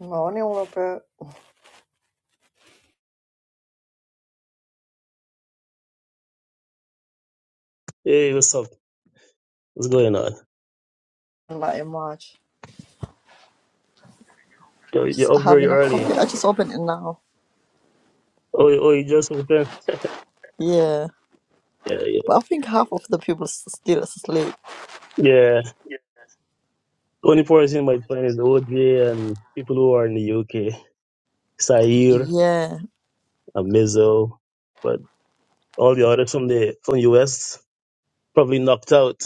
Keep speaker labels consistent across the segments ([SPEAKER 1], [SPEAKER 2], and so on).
[SPEAKER 1] Morning, Robert.
[SPEAKER 2] Hey, what's up? What's going on?
[SPEAKER 1] in much.
[SPEAKER 2] You're, you're
[SPEAKER 1] Just
[SPEAKER 2] up very
[SPEAKER 1] having a coffee.
[SPEAKER 2] early.
[SPEAKER 1] I just opened it now.
[SPEAKER 2] Oh, you- oh, you just opened?
[SPEAKER 1] Yeah.
[SPEAKER 2] Yeah, yeah.
[SPEAKER 1] But I think half of the people s- still asleep.
[SPEAKER 2] Yeah. Only person in my plan is OJ and people who are in the UK, Sair,
[SPEAKER 1] Yeah,
[SPEAKER 2] Amizo, but all the others from the from US probably knocked out.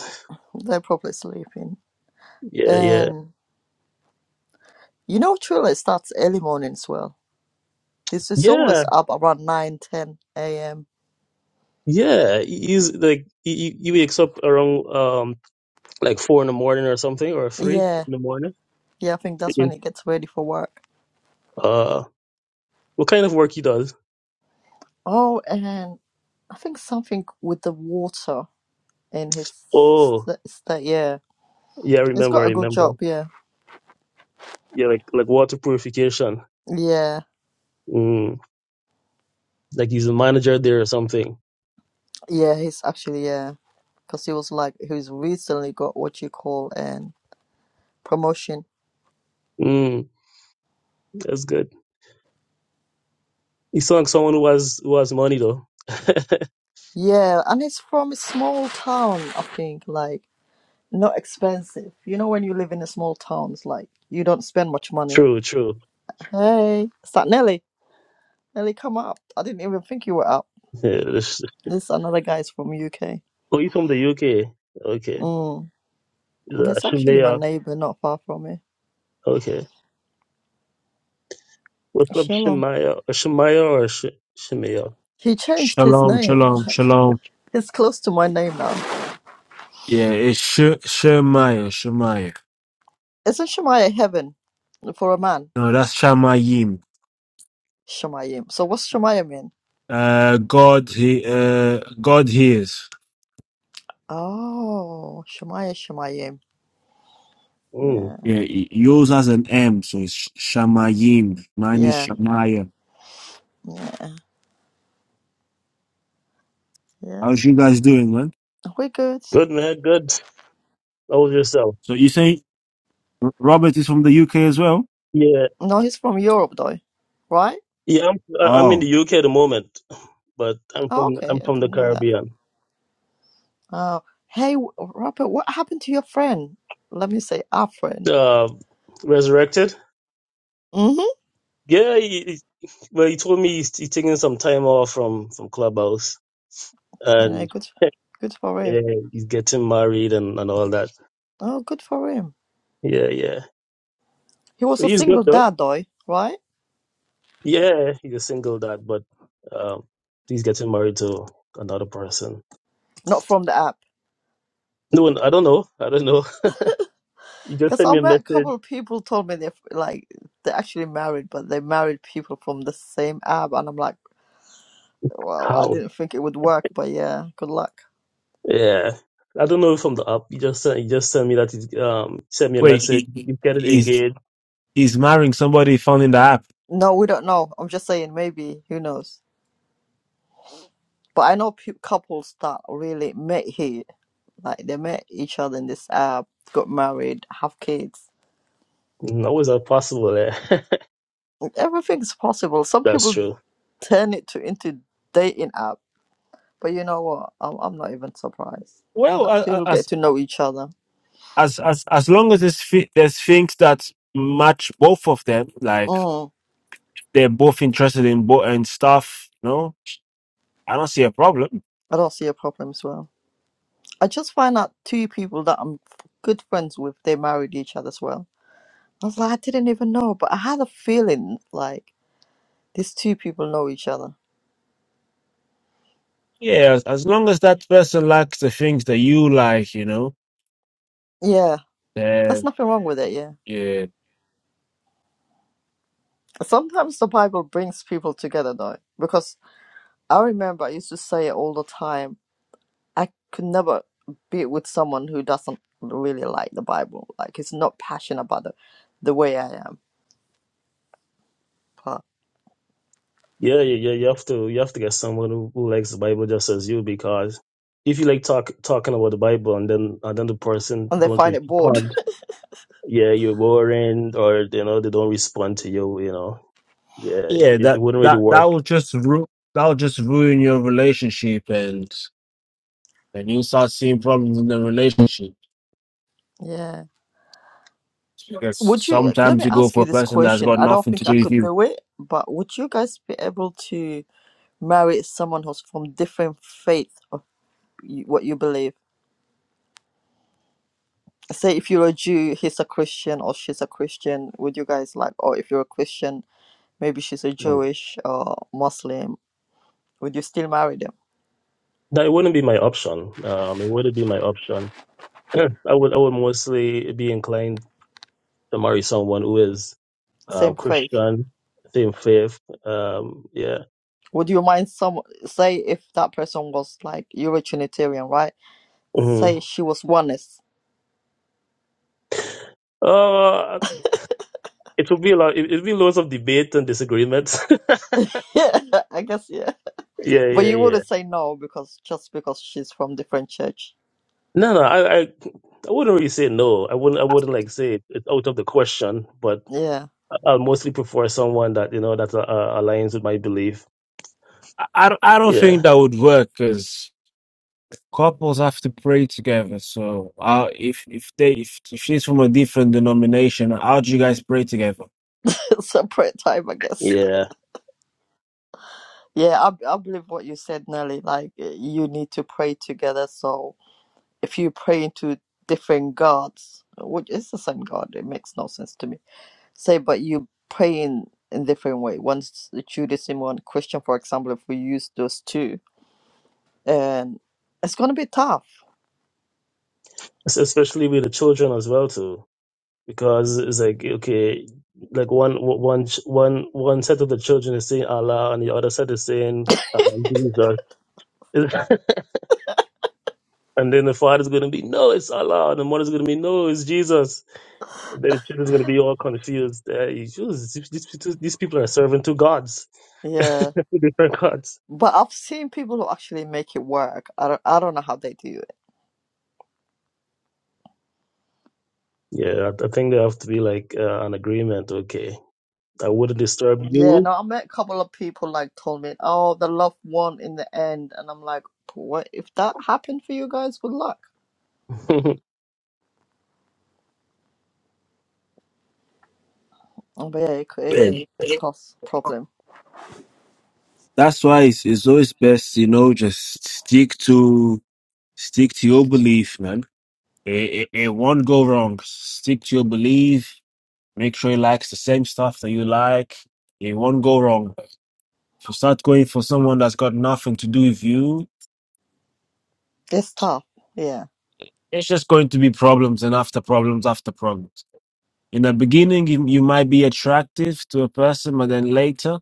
[SPEAKER 1] they're probably sleeping.
[SPEAKER 2] Yeah, yeah,
[SPEAKER 1] And you know, Triller starts early morning as well. It's, it's always
[SPEAKER 2] yeah,
[SPEAKER 1] up around 9 10 a.m.
[SPEAKER 2] yeah. He's like he, he wakes up around um like four in the morning or something or three
[SPEAKER 1] Yeah,
[SPEAKER 2] in the morning.
[SPEAKER 1] yeah, I think that's
[SPEAKER 2] In,
[SPEAKER 1] when it gets ready for work.
[SPEAKER 2] uh, what kind of work he does?
[SPEAKER 1] Oh, and I think something with the water in his
[SPEAKER 2] Oh,
[SPEAKER 1] st- st- yeah.
[SPEAKER 2] yeah, I
[SPEAKER 1] He's
[SPEAKER 2] remember, I
[SPEAKER 1] got a good
[SPEAKER 2] remember.
[SPEAKER 1] job, yeah.
[SPEAKER 2] Yeah, like like water purification.
[SPEAKER 1] Yeah,
[SPEAKER 2] Mm, like he's a manager there or something.
[SPEAKER 1] yeah, he's actually, yeah. because he was like he's recently got what you call an promotion.
[SPEAKER 2] Mm, that's good. He sounds like someone who has who has money though.
[SPEAKER 1] Yeah, and it's from a small town, I think, like not expensive. You know when you live in a small town, it's like you don't spend much money.
[SPEAKER 2] true, true.
[SPEAKER 1] Hey, is that Nelly? Nelly, come up. I didn't even think you were up.
[SPEAKER 2] Yeah, this-
[SPEAKER 1] This another guy's from UK.
[SPEAKER 2] oh, he's from the UK. Okay,
[SPEAKER 1] Mm.
[SPEAKER 2] Is that
[SPEAKER 1] He's actually my
[SPEAKER 2] Shemaya.
[SPEAKER 1] neighbour, not far from me.
[SPEAKER 2] Okay, what's up,
[SPEAKER 1] Shalom.
[SPEAKER 2] Shemaya? Or Shemaya or Sh- Shemaya?
[SPEAKER 1] He changed his
[SPEAKER 3] Shalom,
[SPEAKER 1] name.
[SPEAKER 3] shalom,
[SPEAKER 1] Like
[SPEAKER 3] shalom.
[SPEAKER 1] it's close to my name now.
[SPEAKER 3] Yeah, it's Sh- Shemaiah, Shemaiah.
[SPEAKER 1] Isn't Shemaiah heaven for a man?
[SPEAKER 3] No, that's Shamayim.
[SPEAKER 1] Shemayim. So what's Shemayim mean?
[SPEAKER 3] Uh, God, he, uh, God hears.
[SPEAKER 1] Oh, Shemaya Shemayim.
[SPEAKER 2] Mm,
[SPEAKER 1] Yeah,
[SPEAKER 3] Yeah, y- yours has an M, so it's Sh- Shamayim. Mine is
[SPEAKER 1] yeah,
[SPEAKER 3] Shemaiah.
[SPEAKER 1] yeah, yeah.
[SPEAKER 3] How's you guys doing, man?
[SPEAKER 1] We're good.
[SPEAKER 2] good man, good. How was yourself?
[SPEAKER 3] So you say R- Robert is from the UK as well?
[SPEAKER 2] Yeah,
[SPEAKER 1] No, he's from Europe though, right?
[SPEAKER 2] yeah. I'm I- I'm in
[SPEAKER 3] Oh,
[SPEAKER 2] the UK at the moment, but I'm from
[SPEAKER 1] Oh, okay,
[SPEAKER 2] I'm
[SPEAKER 1] I
[SPEAKER 2] from the
[SPEAKER 1] didn't know that.
[SPEAKER 2] Caribbean.
[SPEAKER 1] Oh, hey, Robert, what happened to your friend? Let me say our friend.
[SPEAKER 2] Uh, resurrected.
[SPEAKER 1] Mm-hmm.
[SPEAKER 2] Yeah, he, he- well, he told me he's, he's taking some time off from from Clubhouse,
[SPEAKER 1] Yeah,
[SPEAKER 2] and
[SPEAKER 1] good, good for him.
[SPEAKER 2] yeah, he's getting married and and all that.
[SPEAKER 1] Oh, good for him.
[SPEAKER 2] Yeah, yeah,
[SPEAKER 1] He was a
[SPEAKER 2] he's good
[SPEAKER 1] single
[SPEAKER 2] though.
[SPEAKER 1] dad though, right?
[SPEAKER 2] Yeah, he's a single dad, but um, he's getting married to another person.
[SPEAKER 1] Not from the app.
[SPEAKER 2] No, I don't know. I don't know. You just
[SPEAKER 1] Because
[SPEAKER 2] sent
[SPEAKER 1] I
[SPEAKER 2] me a
[SPEAKER 1] met a
[SPEAKER 2] message.
[SPEAKER 1] couple of people told me they're like they're actually married, but they married people from the same app, and I'm like. Well, I
[SPEAKER 2] How?
[SPEAKER 1] didn't think it would work, but yeah, good luck.
[SPEAKER 2] Yeah. I don't know from the app. You just sent, you just sent me that. he, Um, sent me a
[SPEAKER 3] wait,
[SPEAKER 2] message.
[SPEAKER 3] he, he-
[SPEAKER 2] You get it
[SPEAKER 3] he's
[SPEAKER 2] engaged.
[SPEAKER 3] he's marrying somebody he found in the app.
[SPEAKER 1] No, we don't know. I'm just saying, maybe, who knows? But I know pe- couples that really met here. Like, they met each other in this app, got married, have kids.
[SPEAKER 2] How is that possible? Eh?
[SPEAKER 1] Everything's possible. Some
[SPEAKER 2] That's
[SPEAKER 1] people
[SPEAKER 2] true.
[SPEAKER 1] turn it to into dating app. But you know what? I'm, I'm not even surprised.
[SPEAKER 3] Well,
[SPEAKER 1] Like,
[SPEAKER 3] a- a-
[SPEAKER 1] people get
[SPEAKER 3] as
[SPEAKER 1] to know each other.
[SPEAKER 3] as as as long as there's, fi- there's things that match both of them, like
[SPEAKER 1] Mm,
[SPEAKER 3] they're both interested in both and stuff. No, I don't see a problem.
[SPEAKER 1] I don't see a problem as well. I just find out two people that I'm f- good friends with, they married each other as well. I was like, I didn't even know, but I had a feeling like these two people know each other.
[SPEAKER 3] Yeah, as, as long as that person likes the things that you like, you know,
[SPEAKER 1] Yeah, there's
[SPEAKER 3] then
[SPEAKER 1] nothing wrong with it. Yeah.
[SPEAKER 3] yeah,
[SPEAKER 1] Sometimes the Bible brings people together though, because I remember I used to say it all the time. I could never be with someone who doesn't really like the Bible, like is not passionate about it the way I am, but,
[SPEAKER 2] Yeah, yeah, yeah. You have to, you have to get someone who, who likes the Bible just as you, because if you like talk talking about the Bible and then and then the person
[SPEAKER 1] and they
[SPEAKER 2] don't
[SPEAKER 1] find it bored.
[SPEAKER 2] respond, yeah, you're boring, or you know they don't respond to you, you know, yeah,
[SPEAKER 3] yeah,
[SPEAKER 2] it, it
[SPEAKER 3] that
[SPEAKER 2] wouldn't really
[SPEAKER 3] that that
[SPEAKER 2] work.
[SPEAKER 3] will just ru- that will just ruin your relationship, and and you start seeing problems in the relationship
[SPEAKER 1] yeah.
[SPEAKER 3] because
[SPEAKER 1] Would you let
[SPEAKER 3] sometimes
[SPEAKER 1] me
[SPEAKER 3] you go
[SPEAKER 1] ask
[SPEAKER 3] for
[SPEAKER 1] you
[SPEAKER 3] a
[SPEAKER 1] this
[SPEAKER 3] person that's
[SPEAKER 1] question?
[SPEAKER 3] got
[SPEAKER 1] I don't
[SPEAKER 3] nothing to
[SPEAKER 1] think I
[SPEAKER 3] do with
[SPEAKER 1] could
[SPEAKER 3] you.
[SPEAKER 1] do it, but would you guys be able to? marry someone who's from different faith of y- what you believe. Say if you're a Jew, he's a Christian or she's a Christian. Would you guys like, or if you're a Christian, maybe she's a Jewish or Muslim. Would you still marry them?
[SPEAKER 2] That it wouldn't be my option. Um, it wouldn't be my option. I would, I would mostly be inclined to marry someone who is um,
[SPEAKER 1] Same faith.
[SPEAKER 2] Christian, same faith. Um, yeah.
[SPEAKER 1] Would you mind some? Say if that person was like you're a Trinitarian, right?
[SPEAKER 2] hmm
[SPEAKER 1] Say she was oneness.
[SPEAKER 2] Uh, It will be a lot. It will be loads of debate and disagreements.
[SPEAKER 1] Yeah, I guess yeah.
[SPEAKER 2] yeah,
[SPEAKER 1] But
[SPEAKER 2] yeah,
[SPEAKER 1] you
[SPEAKER 2] yeah.
[SPEAKER 1] wouldn't say no because just because she's from different church.
[SPEAKER 2] No, no, I, I, I wouldn't really say no. I wouldn't. I wouldn't like say it's out of the question. But
[SPEAKER 1] Yeah,
[SPEAKER 2] I'll mostly prefer someone that you know that uh, uh, aligns with my belief.
[SPEAKER 3] I, I don't I don't
[SPEAKER 2] Yeah,
[SPEAKER 3] think that would work because. couples have to pray together. So, uh, if if they if, if she's from a different denomination, how do you guys pray together?
[SPEAKER 1] separate type, I guess.
[SPEAKER 2] yeah.
[SPEAKER 1] Yeah, I, I believe what you said, Nelly. Like, eh, you need to pray together. So, if you pray into different gods, which is the same God, it makes no sense to me. Say, but you pray in in different way. One's Judaism, one Christian, for example. If we use those two, and it's gonna be tough.
[SPEAKER 2] Es- Especially with the children as well too, because it's like okay, like one one one one set of the children is saying Allah, and the other set is saying um, Jesus. and then the father's going to be no, it's Allah, and the mother's going to be no, it's Jesus. Then the children's going to be all confused. Uh, issues. These, these these people are serving two gods,
[SPEAKER 1] Yeah,
[SPEAKER 2] two different gods.
[SPEAKER 1] but I've seen people who actually make it work. I don't, I don't know how they do it
[SPEAKER 2] Yeah, I, I think there have to be like uh, an agreement. Okay, I wouldn't disturb
[SPEAKER 1] Yeah,
[SPEAKER 2] you.
[SPEAKER 1] no, I met a couple of people like told me, oh, the loved one in the end, and I'm like, what if that happened for you guys? Good luck. Oh, but yeah, it could it could
[SPEAKER 3] Yeah.
[SPEAKER 1] cause problem.
[SPEAKER 3] That's why it's, it's always best, you know, just stick to stick to your belief, man. It, it, it won't go wrong. Stick to your belief. Make sure you likes the same stuff that you like. It won't go wrong. If you start going for someone that's got nothing to do with you,
[SPEAKER 1] It's tough. Yeah,
[SPEAKER 3] it's just going to be problems and after problems after problems. In the beginning, you, you might be attractive to a person, but then later,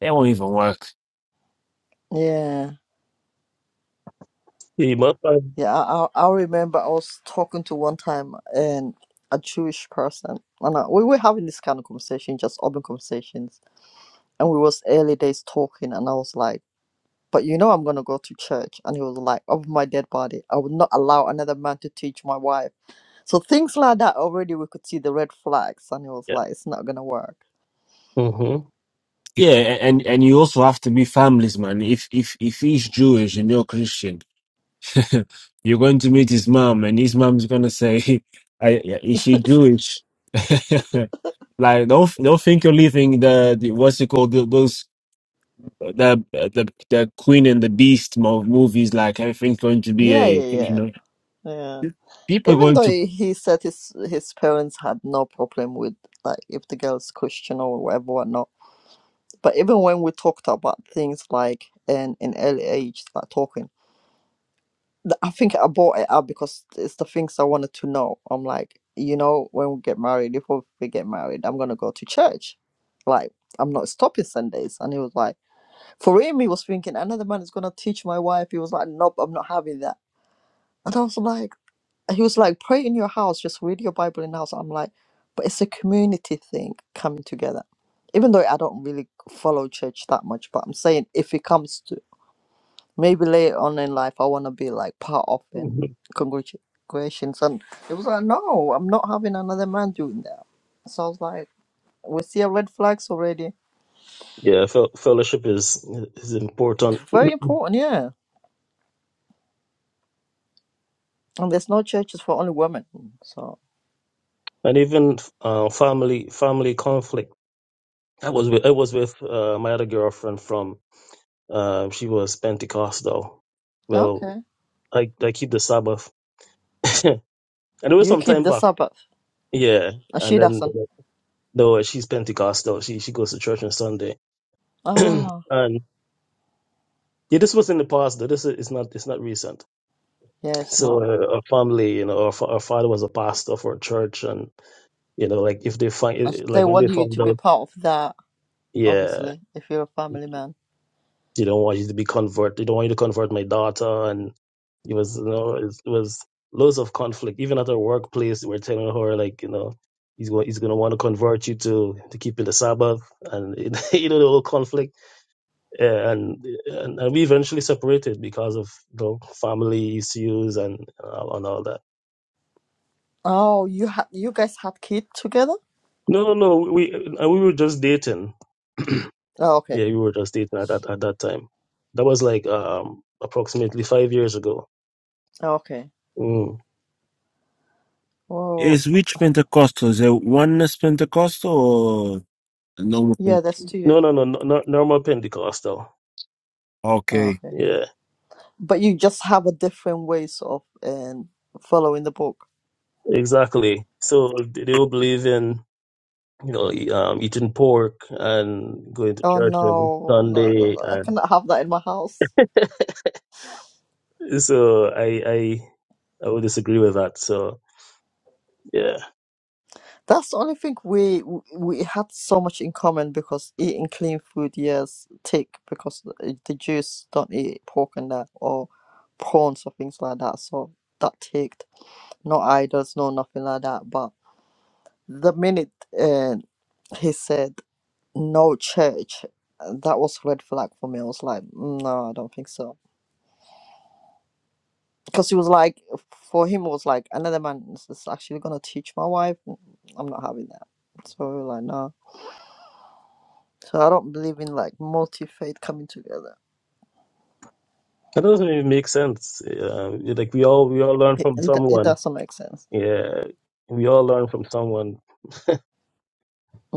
[SPEAKER 3] they won't even work.
[SPEAKER 1] yeah,
[SPEAKER 2] you must find.
[SPEAKER 1] yeah. I I, I remember I was talking to one time and a Jewish person, and I, we were having this kind of conversation, just open conversations, and we was early days talking, and I was like. But you know I'm gonna go to church, and he was like, "Of my dead body, I would not allow another man to teach my wife." So things like that already we could see the red flags, and it was
[SPEAKER 2] Yeah.
[SPEAKER 1] like it's not gonna work.
[SPEAKER 2] hmm
[SPEAKER 3] Yeah, a- and and you also have to be families, man. If if if he's Jewish and you're Christian, you're going to meet his mom, and his mom's gonna say, I, yeah, "Is she Jewish?" like, don't don't think you're leaving the, the what's it called the, those the the the Queen and the Beast mo- movies. Like everything's going to be
[SPEAKER 1] Yeah, yeah,
[SPEAKER 3] a you
[SPEAKER 1] yeah,
[SPEAKER 3] know
[SPEAKER 1] yeah.
[SPEAKER 3] people are
[SPEAKER 1] Even
[SPEAKER 3] going
[SPEAKER 1] though
[SPEAKER 3] to
[SPEAKER 1] he he said his his parents had no problem with like if the girl's Christian or whatever whatnot. But even when we talked about things like in in early age, like talking, th- I think I brought it up because it's the things I wanted to know. I'm like, you know, when we get married, if we get married, I'm gonna go to church. Like I'm not stopping Sundays, and he was like. For him, he was thinking another man is gonna teach my wife. He was like, nope, I'm not having that. And I was like, he was like, pray in your house, just read your Bible in the house. I'm like, but it's a community thing coming together. Even though I don't really follow church that much, but I'm saying if it comes to maybe later on in life, I wanna be like part of
[SPEAKER 2] hmm
[SPEAKER 1] in congregations. And it was like, no, I'm not having another man doing that. So I was like, we see our red flags already.
[SPEAKER 2] Yeah. Fel- fellowship is is important,
[SPEAKER 1] It's very important, yeah. And there's no churches for only women, so.
[SPEAKER 2] and even uh, family family conflict. I was with, I was with uh, my other girlfriend from. Uh, she was Pentecostal. Well,
[SPEAKER 1] Okay.
[SPEAKER 2] I I keep the Sabbath. and it was
[SPEAKER 1] You
[SPEAKER 2] some
[SPEAKER 1] keep
[SPEAKER 2] time
[SPEAKER 1] the
[SPEAKER 2] back.
[SPEAKER 1] Sabbath.
[SPEAKER 2] Yeah,
[SPEAKER 1] And
[SPEAKER 2] and
[SPEAKER 1] she
[SPEAKER 2] then
[SPEAKER 1] doesn't.
[SPEAKER 2] no, she's Pentecostal. She she goes to church on Sunday,
[SPEAKER 1] Ah,
[SPEAKER 2] and yeah, this was in the past though. This is it's not it's not recent.
[SPEAKER 1] yeah, it's
[SPEAKER 2] So
[SPEAKER 1] not.
[SPEAKER 2] uh, our family, you know, our, fa- our father was a pastor for a church, and you know, like if they
[SPEAKER 1] And
[SPEAKER 2] find like
[SPEAKER 1] they
[SPEAKER 2] when they
[SPEAKER 1] want you
[SPEAKER 2] found
[SPEAKER 1] to be
[SPEAKER 2] out,
[SPEAKER 1] part of that,
[SPEAKER 2] yeah,
[SPEAKER 1] obviously, if you're a family man.
[SPEAKER 2] they don't want you to be convert. They don't want you to convert my daughter, and it was you know it was loads of conflict. Even at her workplace, we're telling her like you know. He's going. He's going to want to convert you to to keeping the Sabbath, and you know the whole conflict and, and and we eventually separated because of you know, family issues and uh, and all that.
[SPEAKER 1] Oh, you had you guys had kids together?
[SPEAKER 2] No, no, no. We and we were just dating.
[SPEAKER 1] Oh, okay.
[SPEAKER 2] Yeah, we were just dating at that at that time. That was like um approximately five years ago.
[SPEAKER 1] Okay.
[SPEAKER 2] Mm.
[SPEAKER 1] Well,
[SPEAKER 3] Is which Pentecostal? Is it oneness Pentecostal or normal?
[SPEAKER 1] yeah,
[SPEAKER 3] Pen-
[SPEAKER 1] that's two.
[SPEAKER 2] No, no, no, no, no- normal Pentecostal.
[SPEAKER 1] Oh,
[SPEAKER 3] Okay.
[SPEAKER 1] okay.
[SPEAKER 2] Yeah,
[SPEAKER 1] But you just have a different ways of um, following the book.
[SPEAKER 2] exactly. So they don't believe in you know e- um, eating pork and going to
[SPEAKER 1] Oh
[SPEAKER 2] church every
[SPEAKER 1] no, no, no,
[SPEAKER 2] Sunday,
[SPEAKER 1] no! I
[SPEAKER 2] and
[SPEAKER 1] cannot have that in my house.
[SPEAKER 2] so I I I would disagree with that. So Yeah,
[SPEAKER 1] That's the only thing we we had so much in common because eating clean food, yes, tick because the eh, the Jews don't eat pork and that or prawns or things like that. So that ticked. No idols, no nothing like that. But the minute uh, he said no church, uh, that was red flag for me. I was like, "Mm, no, I don't think so. Because he was like, for him, it was like another man is is actually gonna teach my wife. I'm not having that. So we were like, no. So I don't believe in like multi faith coming together.
[SPEAKER 2] that doesn't even make sense. Uh, like we all we all learn
[SPEAKER 1] It,
[SPEAKER 2] from
[SPEAKER 1] it it
[SPEAKER 2] someone.
[SPEAKER 1] doesn't make sense.
[SPEAKER 2] Yeah, we all learn from someone.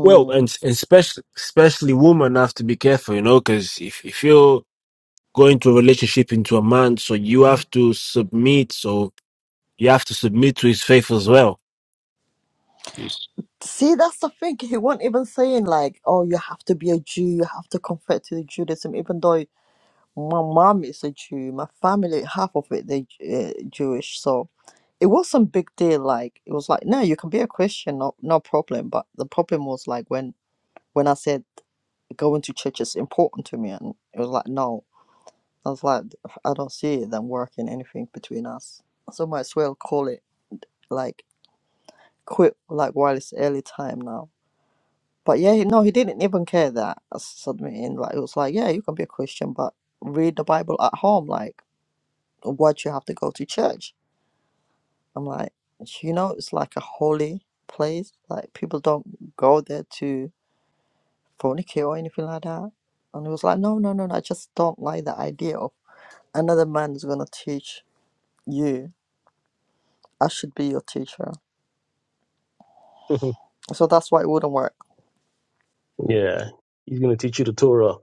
[SPEAKER 3] Well, and, and especially especially women have to be careful, you know, because if if you're going to a relationship into a man, so you have to submit, so you have to submit to his faith as well.
[SPEAKER 1] See, that's the thing. He won't even saying like, "Oh, you have to be a Jew. You have to convert to the Judaism." Even though my mom is a Jew, my family half of it they uh, Jewish, so it wasn't big deal. Like it was like, no, you can be a Christian, no no problem. But the problem was like when when I said going to church is important to me, and it was like, no. I was like, I don't see them working anything between us. So might as well call it like quit, like while it's early time now. But yeah, he- no, he didn't even care that I was submitting. Like it was like, yeah, you can be a Christian, but read the Bible at home. Like, why do you have to go to church? I'm like, you know, it's like a holy place. Like people don't go there to fornicate or anything like that. And he was like, no, no, no, no, I just don't like the idea of another man is gonna teach you I should be your teacher. So that's why it wouldn't work.
[SPEAKER 2] yeah, he's gonna teach you the Torah.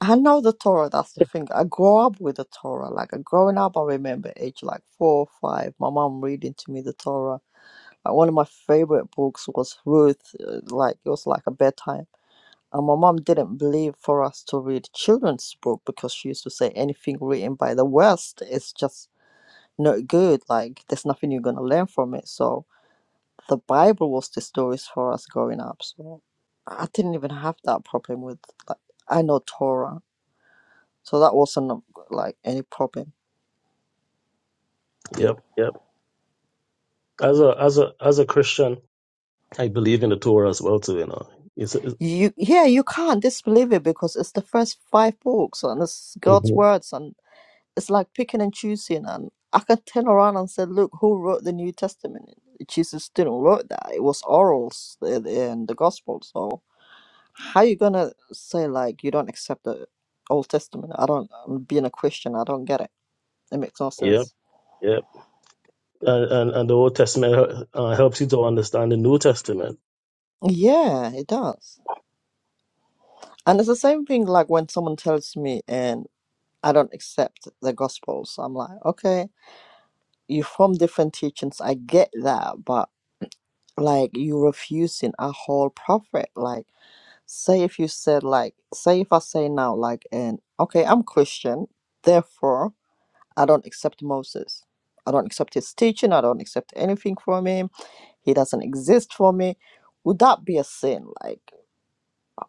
[SPEAKER 1] I know the Torah, that's the thing. I grew up with the Torah. Like I growing up, I remember age like four or five, my mom reading to me the Torah. Like one of my favorite books was Ruth. uh, Like it was like a bedtime. And my mom didn't believe for us to read children's book because she used to say anything written by the West is just not good. Like there's nothing you're gonna learn from it. So the Bible was the stories for us growing up. So I didn't even have that problem with like I know Torah So that wasn't um, like any problem.
[SPEAKER 2] Yep, yep. As a as a as a Christian, I believe in the Torah as well too. You know, it's, it's,
[SPEAKER 1] You yeah, you can't disbelieve it because it's the first five books and it's God's
[SPEAKER 2] Mhm.
[SPEAKER 1] words and it's like picking and choosing and I can turn around and say, look, who wrote the New Testament? Jesus didn't wrote that. It was orals in the Gospel. So how you gonna say like you don't accept the Old Testament? I don't. I'm being a Christian. I don't get it. It makes no
[SPEAKER 2] yep,
[SPEAKER 1] sense.
[SPEAKER 2] yep. And, and and the Old Testament uh, helps you to understand the New Testament.
[SPEAKER 1] Yeah, it does. And it's the same thing like when someone tells me, and. I don't accept the gospel. So I'm like, okay, you from different teachings. I get that, but like you refusing a whole prophet. Like, say if you said like, say if I say now like, and okay, I'm Christian, therefore I don't accept Moses. I don't accept his teaching. I don't accept anything from him. He doesn't exist for me. Would that be a sin? Like,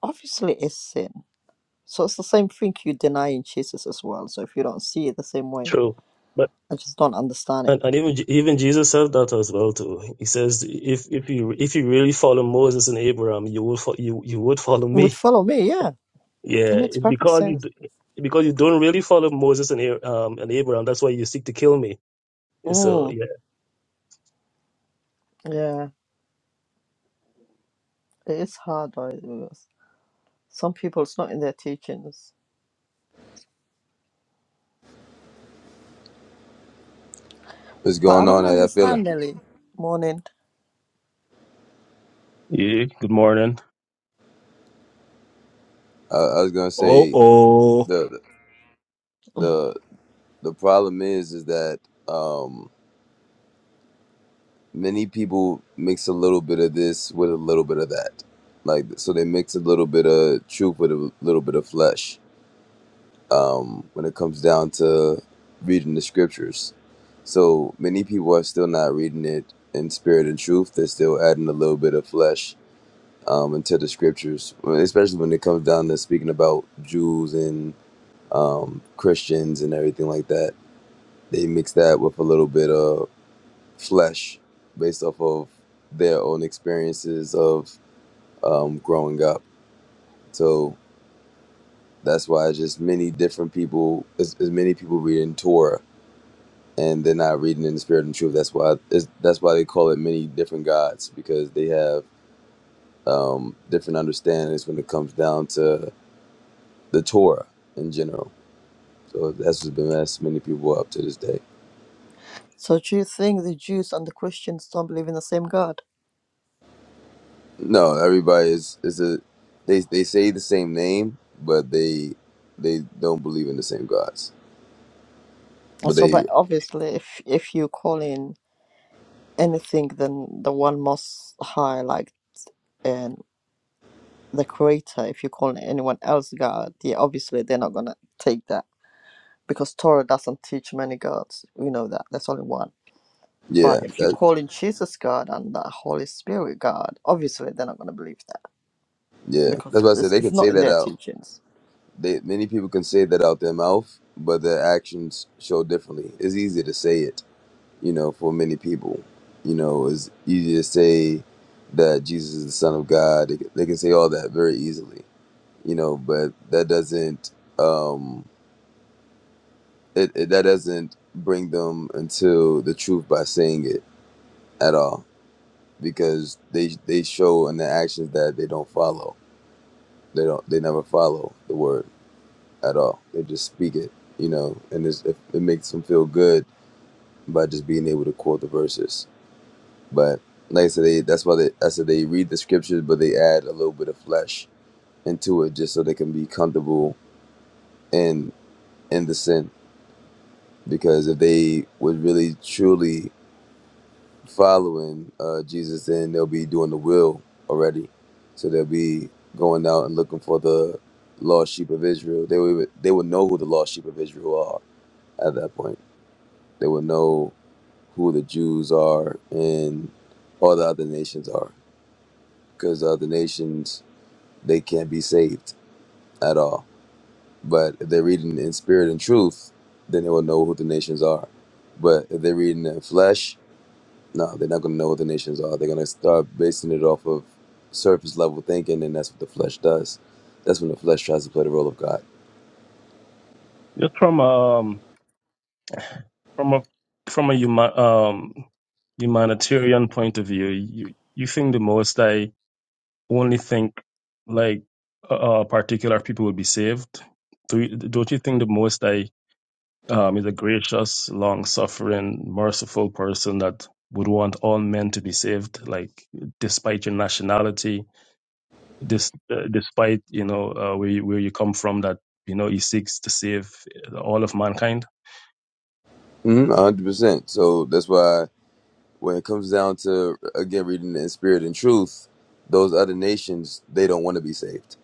[SPEAKER 1] obviously it's sin. So it's the same thing you denying Jesus as well. So if you don't see it the same way,
[SPEAKER 2] True. But
[SPEAKER 1] I just don't understand it.
[SPEAKER 2] and, and even Je- even Jesus says that as well too. He says, if if you if you really follow Moses and Abraham, you will fo- you you would follow me.
[SPEAKER 1] would follow me. Yeah, it
[SPEAKER 2] Yeah,
[SPEAKER 1] makes
[SPEAKER 2] it's
[SPEAKER 1] perfect
[SPEAKER 2] because you
[SPEAKER 1] sense.
[SPEAKER 2] d- because you don't really follow Moses and Ar- um and Abraham. That's why you seek to kill me. And So
[SPEAKER 1] Mm,
[SPEAKER 2] yeah,
[SPEAKER 1] yeah, it is hard though. it is. Some people, it's not in their teachings.
[SPEAKER 4] What's
[SPEAKER 1] But I
[SPEAKER 4] going on?
[SPEAKER 1] don't
[SPEAKER 4] How y'all feeling?
[SPEAKER 1] understand, Nelly. Morning.
[SPEAKER 2] Yeah, good morning.
[SPEAKER 4] I, I was gonna
[SPEAKER 3] Oh,
[SPEAKER 4] say
[SPEAKER 3] oh,
[SPEAKER 4] the
[SPEAKER 1] Mm.
[SPEAKER 4] the the problem is is that um, many people mix a little bit of this with a little bit of that, like so they mix a little bit of truth with a little bit of flesh. Um, when it comes down to reading the scriptures, so many people are still not reading it in spirit and truth. They're still adding a little bit of flesh um, into the scriptures, especially when it comes down to speaking about Jews and. um, Christians and everything like that. They mix that with a little bit of flesh based off of their own experiences of um, growing up. So that's why it's just many different people, as, as many people reading Torah and they're not reading in the spirit and truth. That's why it's, that's why they call it many different gods because they have um, different understandings when it comes down to the Torah in general. So that's what's been messing many people up to this day.
[SPEAKER 1] So do you think the Jews and the Christians don't believe in the same God?
[SPEAKER 4] No, everybody is is a they they say the same name, but they they don't believe in the same gods. But
[SPEAKER 1] So,
[SPEAKER 4] they
[SPEAKER 1] but obviously, if if you call in anything, then the one most high, like um, the Creator, if you call anyone else God, yeah, obviously they're not gonna take that because Torah doesn't teach many gods. We know that. There's only one.
[SPEAKER 4] yeah,
[SPEAKER 1] But if you
[SPEAKER 4] that
[SPEAKER 1] call in Jesus God and the Holy Spirit God, obviously they're not going to believe that
[SPEAKER 4] yeah. That's
[SPEAKER 1] because
[SPEAKER 4] why I said
[SPEAKER 1] it's,
[SPEAKER 4] they
[SPEAKER 1] it's
[SPEAKER 4] can say
[SPEAKER 1] not in
[SPEAKER 4] that
[SPEAKER 1] their
[SPEAKER 4] out.
[SPEAKER 1] teachings.
[SPEAKER 4] They many people can say that out their mouth, but their actions show differently. It's easy to say it, you know, for many people. You know, it's easy to say that Jesus is the Son of God. They, can- they can say all that very easily, you know, but that doesn't. Um, it, it that doesn't bring them into the truth by saying it at all because they they show in their actions that they don't follow they don't they never follow the word at all they just speak it you know and it's, it, it makes them feel good by just being able to quote the verses but like I said they, that's why they I said they read the scriptures but they add a little bit of flesh into it just so they can be comfortable in in the sin because if they would really truly following uh, Jesus, then they'll be doing the will already. So they'll be going out and looking for the lost sheep of Israel. They would they would know who the lost sheep of Israel are at that point. They would know who the Jews are and all the other nations are, because the other nations they can't be saved at all. But if they're reading in spirit and truth, then they will know who the nations are. But if they're reading in flesh, No, they're not going to know what the nations are. They're going to start basing it off of surface level thinking, and that's what the flesh does. That's when the flesh tries to play the role of God.
[SPEAKER 2] Just from um from a from a huma- um humanitarian point of view, you you think the most I only think like uh particular people would be saved. Do you, don't you think the most I um is a gracious, long suffering, merciful person that would want all men to be saved, like despite your nationality, This, uh, despite you know uh, where you, where you come from, that you know he seeks to save uh, all of mankind.
[SPEAKER 4] Mm-hmm, 100%. So that's why when it comes down to, again, reading in spirit and truth, those other nations, they don't want to be saved.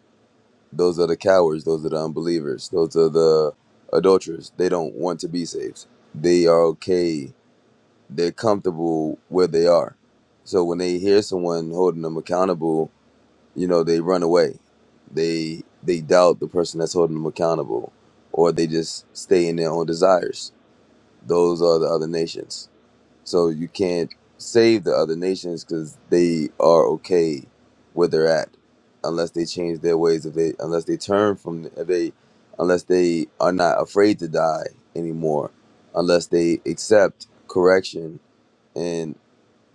[SPEAKER 4] Those are the cowards. Those are the unbelievers. Those are the adulterers. They don't want to be saved. They are okay. They're comfortable where they are. So when they hear someone holding them accountable, you know they run away they they doubt the person that's holding them accountable or they just stay in their own desires those are the other nations so you can't save the other nations because they are okay where they're at unless they change their ways if they unless they turn from if they unless they are not afraid to die anymore unless they accept correction and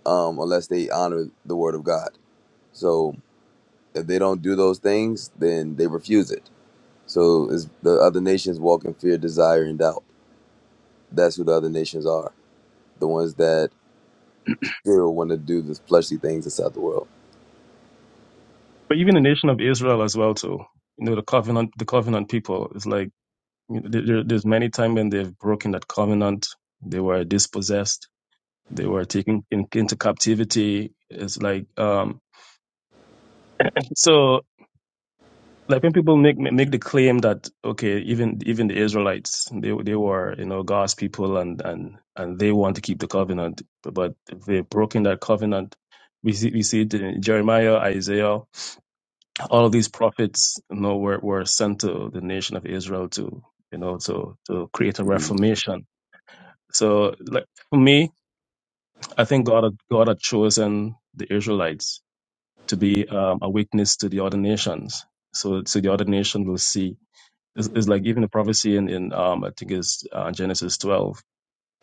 [SPEAKER 4] um unless they honor the word of god so if they don't do those things, then they refuse it. So is the other nations walk in fear, desire, and doubt. That's who the other nations are. The ones that still want to do the fleshly things inside the world.
[SPEAKER 2] but even the nation of Israel as well too. You know the covenant, the covenant people. It's like you know, there, there- there's many times when they've broken that covenant. They were dispossessed. They were taken in, into captivity. It's like um, so. like when people make make the claim that okay even even the israelites they they were you know god's people and and and they want to keep the covenant but they've broken that covenant we see we see it in jeremiah isaiah all of these prophets you know were, were sent to the nation of israel to you know to to create a
[SPEAKER 4] Mhm.
[SPEAKER 2] reformation so like for me i think god had- god had chosen the israelites to be um, a witness to the other nations so so the other nation will see It's, it's like even the prophecy in, in um I think it's uh, Genesis 12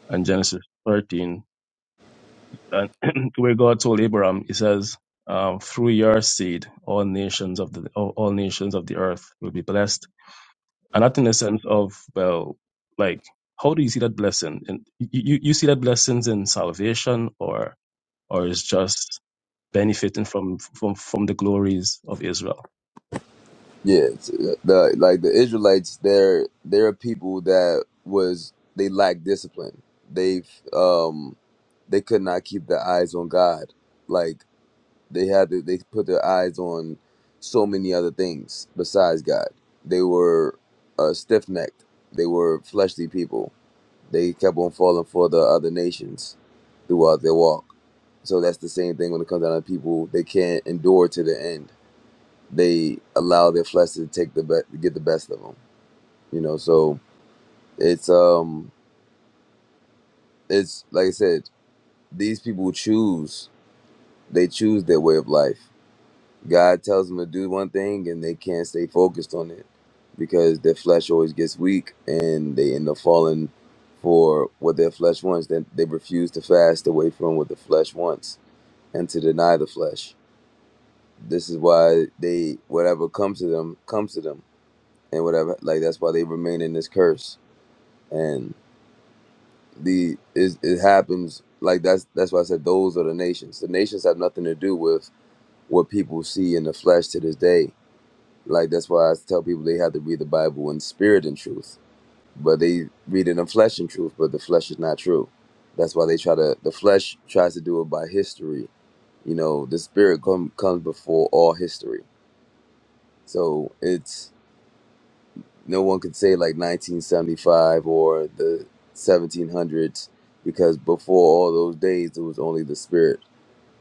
[SPEAKER 2] and Genesis 13, and where God told Abraham, He says, um, "Through your seed, all nations of the all, all nations of the earth will be blessed." And not in the sense of well, like how do you see that blessing? And you, you you see that blessings in salvation, or or is just benefiting from from from the glories of Israel.
[SPEAKER 4] Yeah, it's, uh, the like the Israelites, they're they're a people that was they lack discipline. They've um they could not keep their eyes on God. Like They had to, they put their eyes on so many other things besides God. They were uh, stiff necked. They were fleshly people. They kept on falling for the other nations throughout their walk. So that's the same thing when it comes down to people. They can't endure to the end. They allow their flesh to take the be- get the best of them. You know, so it's um, it's like I said, these people choose. They choose their way of life God tells them to do one thing and they can't stay focused on it because their flesh always gets weak and they end up falling for what their flesh wants. Then they refuse to fast away from what the flesh wants and to deny the flesh. This is why they whatever comes to them comes to them and whatever like that's why they remain in this curse. And the it, it happens like that's that's why I said those are the nations. The nations have nothing to do with what people see in the flesh to this day Like that's why I tell people they have to read the Bible in spirit and truth, but they read it in flesh and truth, but the flesh is not true. That's why they try to. The flesh tries to do it by history. You know, the spirit come, comes before all history. So it's no one could say like 1975 or the 1700s because before all those days it was only the spirit,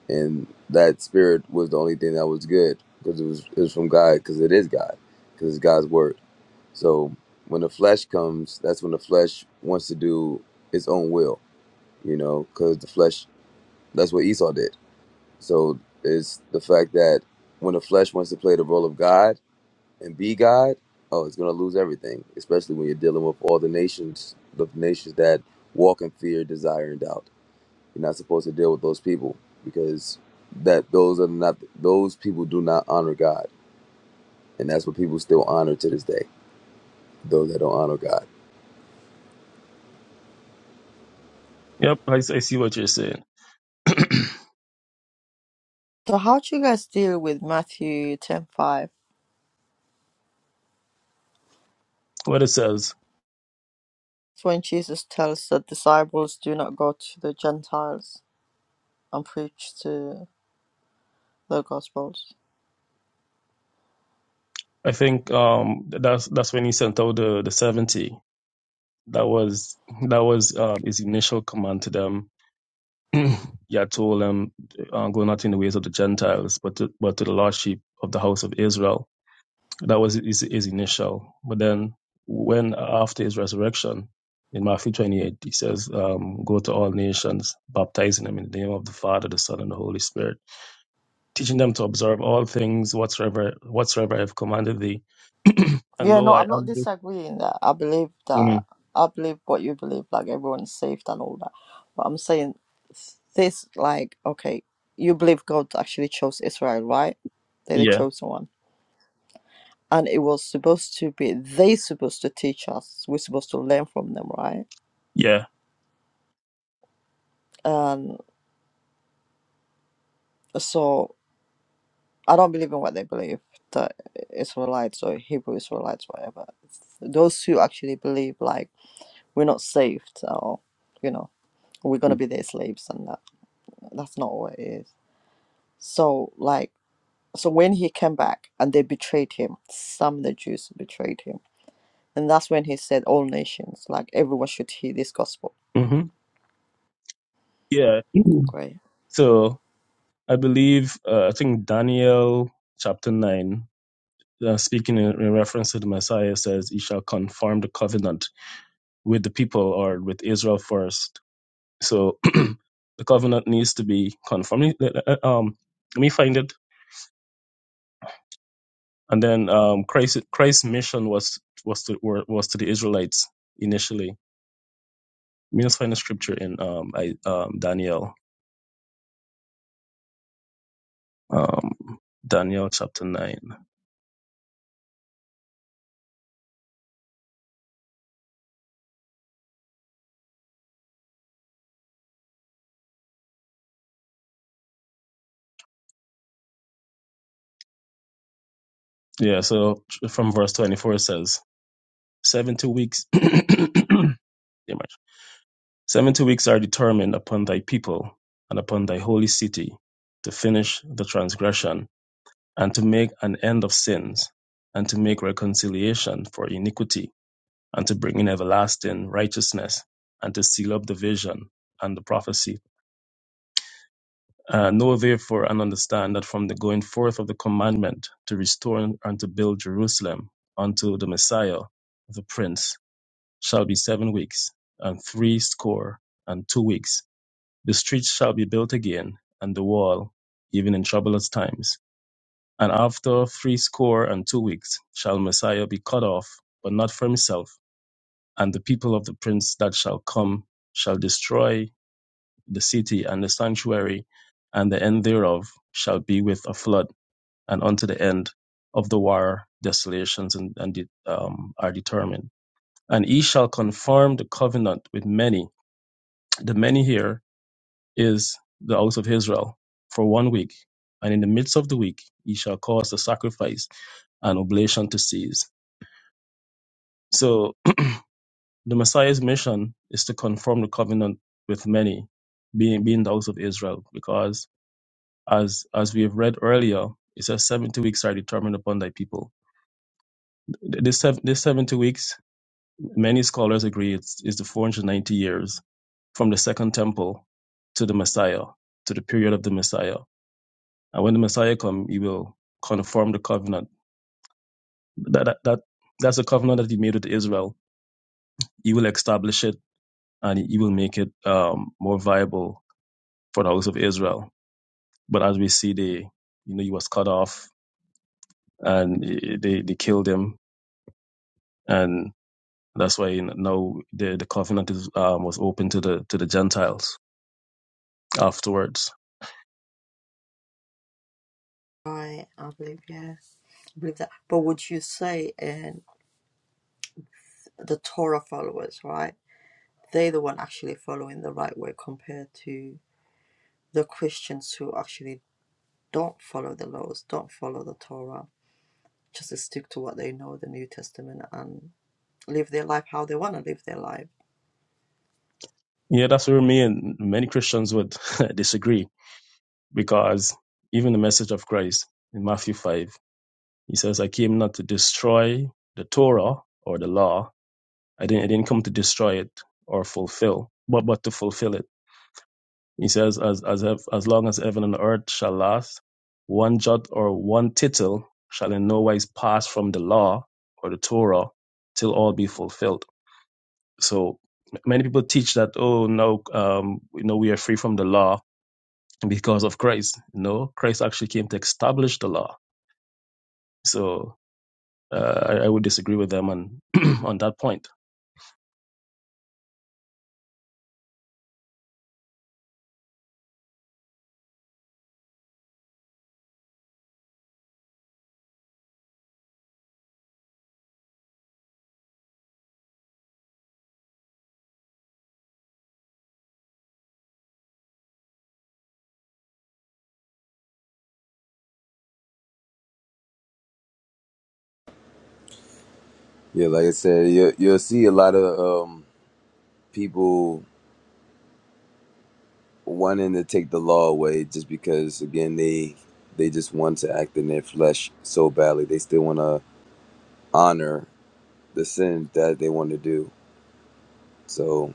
[SPEAKER 4] and that spirit was the only thing that was good because it was it was from God because it is God because it's God's word. So when the flesh comes, that's when the flesh wants to do its own will, you know, because the flesh, that's what Esau did. So it's the fact that when the flesh wants to play the role of God and be God, oh, it's going to lose everything, especially when you're dealing with all the nations, the nations that walk in fear, desire, and doubt. You're not supposed to deal with those people because that those are not those people do not honor God, and that's what people still honor to this day. Those that don't honor God.
[SPEAKER 2] Yep, I, I see what you're saying.
[SPEAKER 1] So how do you guys deal with Matthew ten five?
[SPEAKER 2] What it says.
[SPEAKER 1] It's when Jesus tells the disciples, "Do not go to the Gentiles and preach to the Gospels."
[SPEAKER 2] I think um, that's that's when he sent out the, the seventy. That was that was um, his initial command to them. he had told them, uh, "Go not in the ways of the Gentiles, but to, but to the lost sheep of the house of Israel." That was his, his initial. But then, when after his resurrection in Matthew twenty-eight, he says, um, "Go to all nations, baptizing them in the name of the Father, the Son, and the Holy Spirit, teaching them to observe all things whatsoever whatsoever I have commanded thee." And
[SPEAKER 1] Yeah,
[SPEAKER 2] lo,
[SPEAKER 1] no,
[SPEAKER 2] I
[SPEAKER 1] I'm not
[SPEAKER 2] am with.
[SPEAKER 1] disagreeing that. I believe
[SPEAKER 2] mm,
[SPEAKER 1] that. I believe what you believe, like everyone's saved and all that. But I'm saying this, like, okay, you believe God actually chose Israel, right? They're the
[SPEAKER 2] Yeah.
[SPEAKER 1] chosen one and it was supposed to be they supposed to teach us we're supposed to learn from them right
[SPEAKER 2] Yeah.
[SPEAKER 1] and so i don't believe in what they believe the israelites or hebrew israelites whatever those who actually believe like we're not saved or you know we're gonna be their slaves and that that's not what it is so like so when he came back and they betrayed him some of the jews betrayed him and that's when he said all nations like everyone should hear this gospel
[SPEAKER 2] hmm Yeah.
[SPEAKER 1] Okay,
[SPEAKER 2] So I believe, uh, I think Daniel chapter 9, uh, speaking in, in reference to the Messiah, says, He shall confirm the covenant with the people or with Israel first. So the covenant needs to be confirmed. Let- let- let- Um, let me find it. And then um, Christ, Christ's mission was was to were- was to the Israelites initially. Let me just find the scripture in um, I, um, Daniel, um, Daniel chapter nine. Yeah, so from verse 24 it says, seven two weeks Pretty much. 70 weeks are determined upon thy people and upon thy holy city to finish the transgression and to make an end of sins and to make reconciliation for iniquity and to bring in everlasting righteousness and to seal up the vision and the prophecy. Uh, know therefore and understand that from the going forth of the commandment to restore and to build Jerusalem unto the Messiah, the Prince, shall be seven weeks, and three score and two weeks. The street shall be built again, and the wall, even in troublous times. And after threescore and two weeks shall Messiah be cut off, but not from himself. And the people of the prince that shall come shall destroy the city and the sanctuary, and the end thereof shall be with a flood, and unto the end of the war desolations and, and um, are determined. And he shall confirm the covenant with many The many here is the house of Israel for one week, and in the midst of the week ye shall cause the sacrifice and oblation to cease. So the Messiah's mission is to confirm the covenant with many, being being the house of Israel, because as as we have read earlier, it says seventy weeks are determined upon thy people. Th- This sev- this seventy weeks, many scholars agree, it's, is the four hundred ninety years from the second temple to the Messiah, to the period of the Messiah And when the Messiah comes, he will confirm the covenant. That, that, that That's the covenant that he made with Israel. He will establish it and he will make it um, more viable for the house of Israel. But as we see, they, you know, he was cut off and they, they killed him. And that's why now the, the covenant is, um, was open to the, to the Gentiles afterwards.
[SPEAKER 1] Right, I believe, yeah, I believe that. But would you say, and the Torah followers, right? They're the one actually following the right way compared to the Christians who actually don't follow the laws, don't follow the Torah, just stick to what they know, the New Testament, and live their life how they want to live their life.
[SPEAKER 2] Yeah, that's where me and many Christians would disagree because even the message of Christ in Matthew 5 He says, I came not to destroy the Torah or the law. I didn't, I didn't come to destroy it or fulfill, but, but to fulfill it. He says, as, as, as long as heaven and earth shall last, one jot or one tittle shall in no wise pass from the law or the Torah till all be fulfilled. So many people teach that, oh, no, um, you know, we are free from the law because of Christ. No, Christ actually came to establish the law. So Uh, I, I would disagree with them on on that point.
[SPEAKER 4] Yeah, like I said, you, you'll see a lot of um, people wanting to take the law away just because, again, they they just want to act in their flesh so badly. They still want to honor the sin that they want to do. So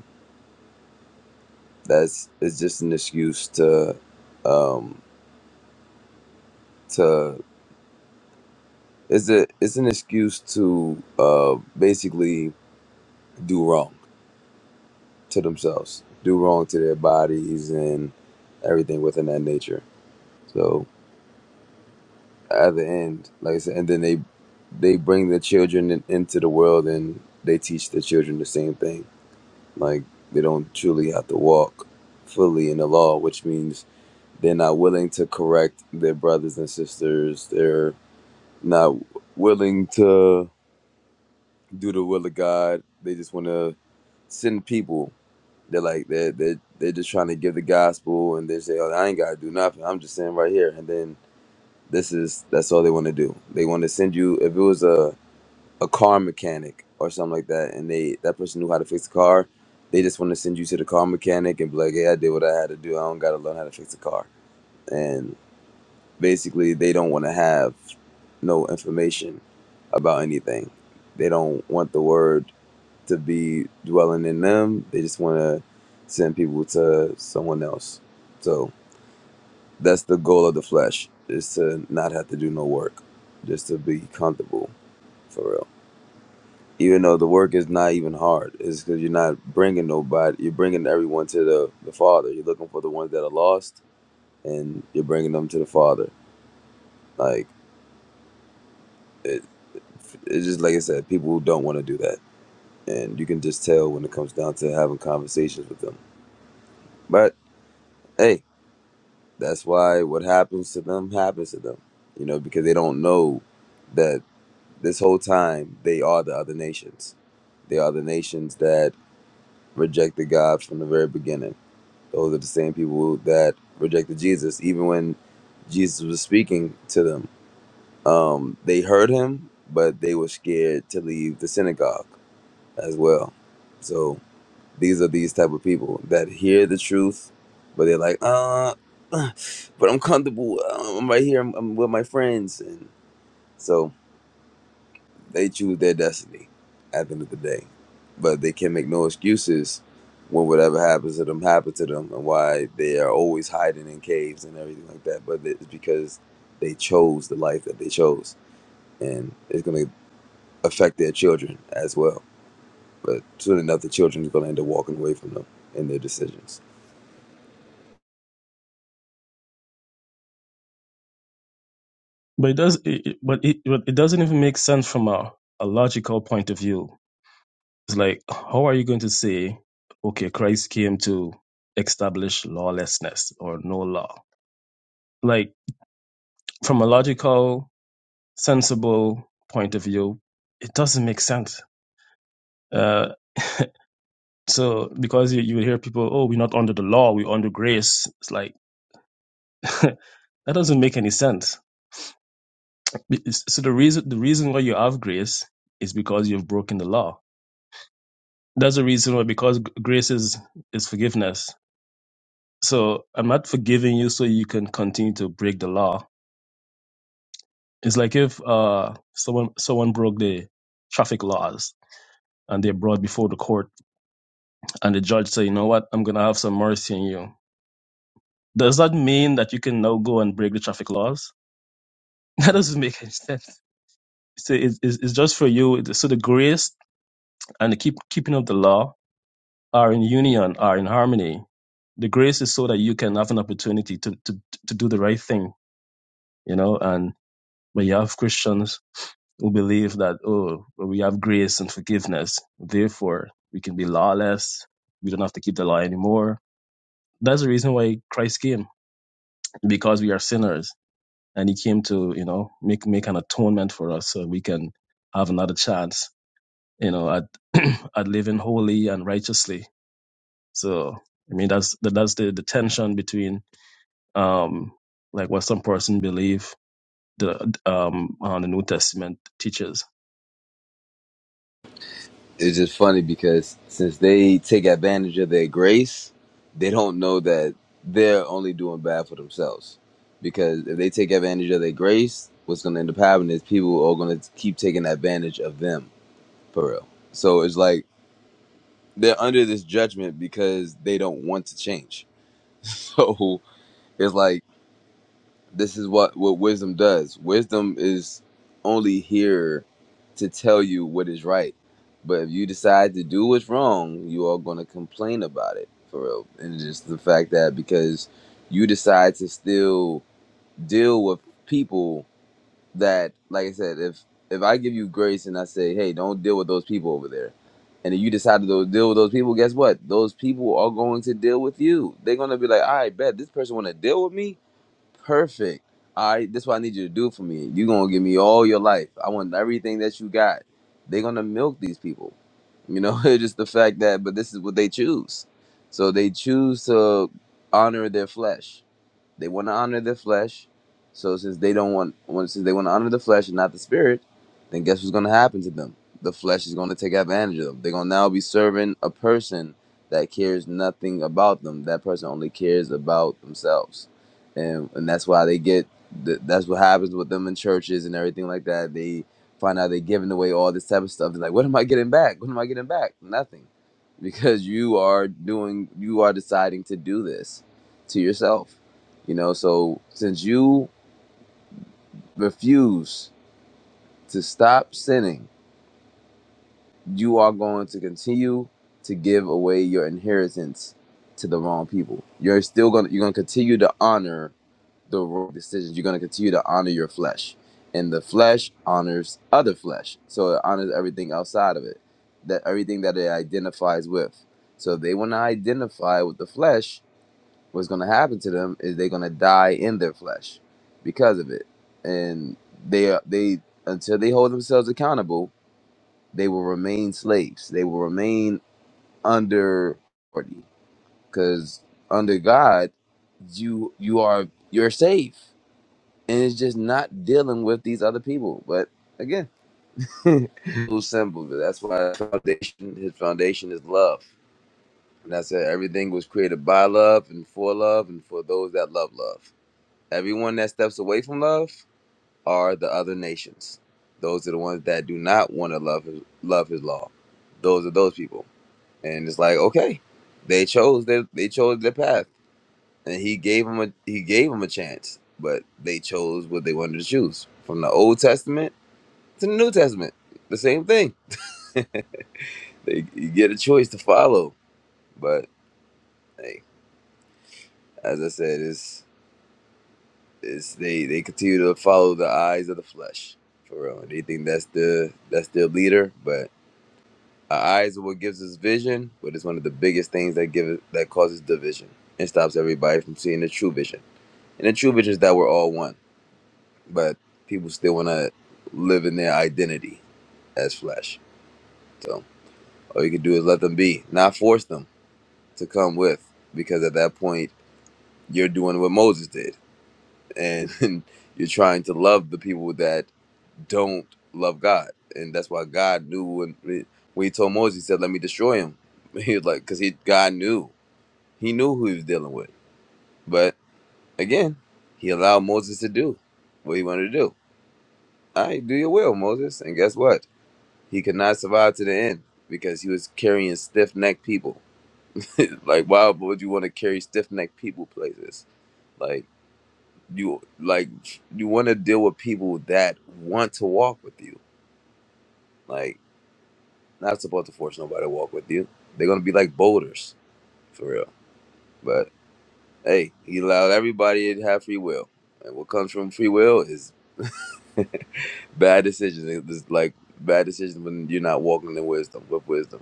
[SPEAKER 4] that's it's just an excuse to um, to it's a it's an excuse to uh, basically do wrong to themselves, do wrong to their bodies and everything within that nature. So. at the end, like I said, and then they they bring the children in, into the world and they teach the children the same thing. Like they don't truly have to walk fully in the law, which means they're not willing to correct their brothers and sisters. They're not willing to do the will of God. They just want to send people. They're like they're, they're they're just trying to give the gospel, and they say, "Oh, I ain't gotta do nothing. I'm just sitting right here." And then this is that's all they want to do. They want to send you. If it was a a car mechanic or something like that, and they that person knew how to fix a car, they just want to send you to the car mechanic and be like, "Hey, I did what I had to do. I don't got to learn how to fix a car." And basically, they don't want to have no information about anything. They don't want the word to be dwelling in them. They just want to send people to someone else. So that's the goal of the flesh: is to not have to do no work, just to be comfortable, for real. even though the work is not even hard it's because you're not bringing nobody you're bringing everyone to the, the father you're looking for the ones that are lost and you're bringing them to the father like it, it's just like i said people who don't want to do that and you can just tell when it comes down to having conversations with them but hey that's why what happens to them happens to them you know because they don't know that this whole time they are the other nations they are the nations that rejected god from the very beginning Those are the same people that rejected Jesus, even when Jesus was speaking to them. Um, they heard him, but they were scared to leave the synagogue as well. So these are these type of people that hear the truth, but they're like, uh, uh, but I'm comfortable. uh, I'm right here. I'm, I'm with my friends, and so they choose their destiny at the end of the day. But they can make no excuses when whatever happens to them happens to them and why they are always hiding in caves and everything like that. But it's because they chose the life that they chose. And it's going to affect their children as well. But soon enough, the children are going to end up walking away from them and their decisions.
[SPEAKER 2] But it does. It, it- but it but it doesn't even make sense from a, a logical point of view. It's like how are you going to say, okay, Christ came to establish lawlessness or no law? Like from a logical, sensible point of view, it doesn't make sense. Uh, So because you, you hear people, oh, we're not under the law, we're under grace. It's like that doesn't make any sense. Be- So the reason the reason why you have grace is because you've broken the law. That's the reason why because g- grace is is forgiveness. So I'm not forgiving you so you can continue to break the law. It's like if uh someone someone broke the traffic laws and they're brought before the court and the judge say, you know what, I'm gonna have some mercy on you. Does that mean that you can now go and break the traffic laws? That doesn't make any sense. So it's, it's, it's just for you. So the grace and the keep, keeping of the law are in union, are in harmony. The grace is so that you can have an opportunity to, to, to do the right thing, you know, and when you have Christians who believe that, oh, well, we have grace and forgiveness, therefore we can be lawless. We don't have to keep the law anymore. That's the reason why Christ came, because we are sinners and he came to, you know, make, make an atonement for us so we can have another chance you know, at at living holy and righteously. So I mean that's that's the, the tension between um like what some person believe the um on the New Testament teaches.
[SPEAKER 4] it's just funny because since they take advantage of their grace, they don't know that they're only doing bad for themselves. Because if they take advantage of their grace, what's going to end up happening is people are going to keep taking advantage of them for real. So it's like they're under this judgment because they don't want to change. So it's like this is what what wisdom does wisdom is only here to tell you what is right but if you decide to do what's wrong you are going to complain about it for real and just the fact that because you decide to still deal with people that like i said if if i give you grace and i say hey don't deal with those people over there and then you decide to go deal with those people guess what those people are going to deal with you they're going to be like all right bet this person want to deal with me perfect. All right, this is what I need you to do for me. you gonna give me all your life. I want everything that you got. They're gonna milk these people. You know, it's just the fact that but this is what they choose. So they choose to honor their flesh they want to honor their flesh. So since they don't want, well, since they want to honor the flesh and not the spirit, then guess what's going to happen to them? The flesh is going to take advantage of them. They're going to now be serving a person that cares nothing about them. That person only cares about themselves, and and that's why they get. th- That's what happens with them in churches and everything like that. They find out they're giving away all this type of stuff. They're like, "What am I getting back? What am I getting back? Nothing." because you are doing you are deciding to do this to yourself you know, so since you refuse to stop sinning, you are going to continue to give away your inheritance to the wrong people. You're still going to you're going to continue to honor the wrong decisions. You're going to continue to honor your flesh. And the flesh honors other flesh. So it honors everything outside of it. That everything that it identifies with. So if they want to identify with the flesh, what's going to happen to them is they're going to die in their flesh because of it and they are they until they hold themselves accountable they will remain slaves they will remain under authority because under god you you are you're safe and it's just not dealing with these other people but again little simple but that's why his foundation his foundation is love and that's it everything was created by love and for love and for those that love love Everyone that steps away from love are the other nations. Those are the ones that do not want to love his, love his law. Those are those people. And it's like, okay, they chose their they chose their path, and he gave them a he gave them a chance, but they chose what they wanted to choose from the Old Testament to the New Testament. The same thing. They, you get a choice to follow, but hey, as I said, it's. It's, they they continue to follow the eyes of the flesh, for real. And they think that's the that's their leader, but our eyes are what gives us vision, but it's one of the biggest things that give it- that causes division and stops everybody from seeing the true vision. And the true vision is that we're all one, but people still want to live in their identity as flesh. So all you can do is let them be, not force them to come with, because at that point you're doing what Moses did, and you're trying to love the people that don't love God, and that's why God knew when when He told Moses, He said, "Let me destroy him." He was like, because he God knew He knew who He was dealing with. But again, He allowed Moses to do what He wanted to do. All right, do your will, Moses. And guess what? He could not survive to the end because he was carrying stiff necked people. like, why would you want to carry stiff necked people places? Like you like you want to deal with people that want to walk with you. Like Not supposed to force nobody to walk with you. They're gonna be like boulders, for real. But hey, he allowed everybody to have free will, and what comes from free will is bad decisions. It's like bad decisions when you're not walking in wisdom with wisdom.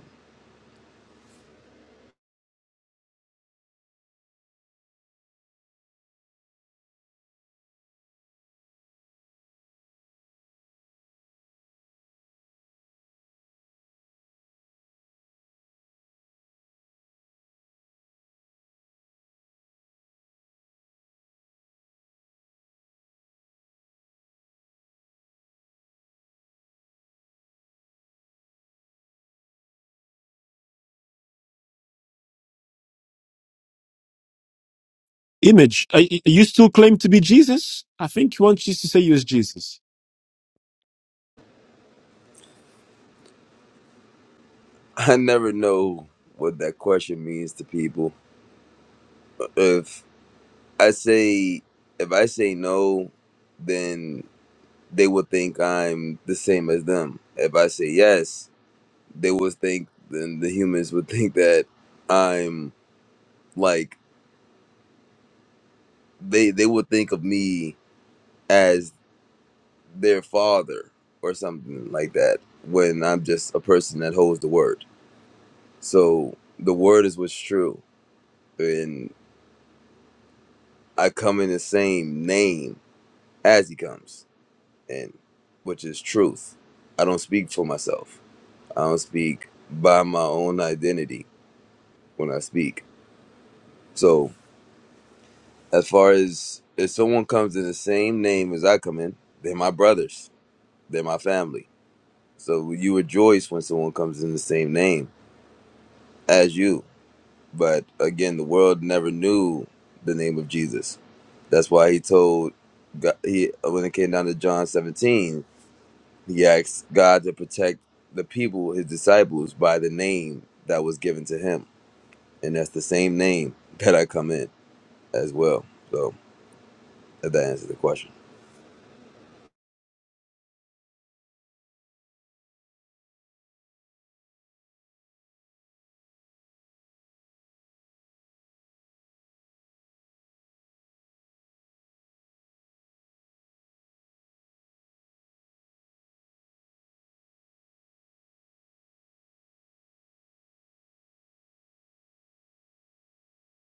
[SPEAKER 3] image. Are, y- you still claim to be Jesus? I think you want Jesus to say you is Jesus.
[SPEAKER 4] I never know what that question means to people. If I say if I say no, then they will think I'm the same as them. If I say yes, they will think then the humans would think that. I'm. Like they they would think of me as their father or something like that when I'm just a person that holds the word. So the word is what's true, and I come in the same name as he comes, and which is truth. I don't speak for myself. I don't speak by my own identity when I speak. So as far as if someone comes in the same name as I come in, they're my brothers. They're my family So you rejoice when someone comes in the same name as you. But again, the world never knew the name of Jesus. That's why he told God, he when it came down to John 17, he asked God to protect the people, his disciples, by the name that was given to him, and that's the same name that I come in as well. So if that answers the question.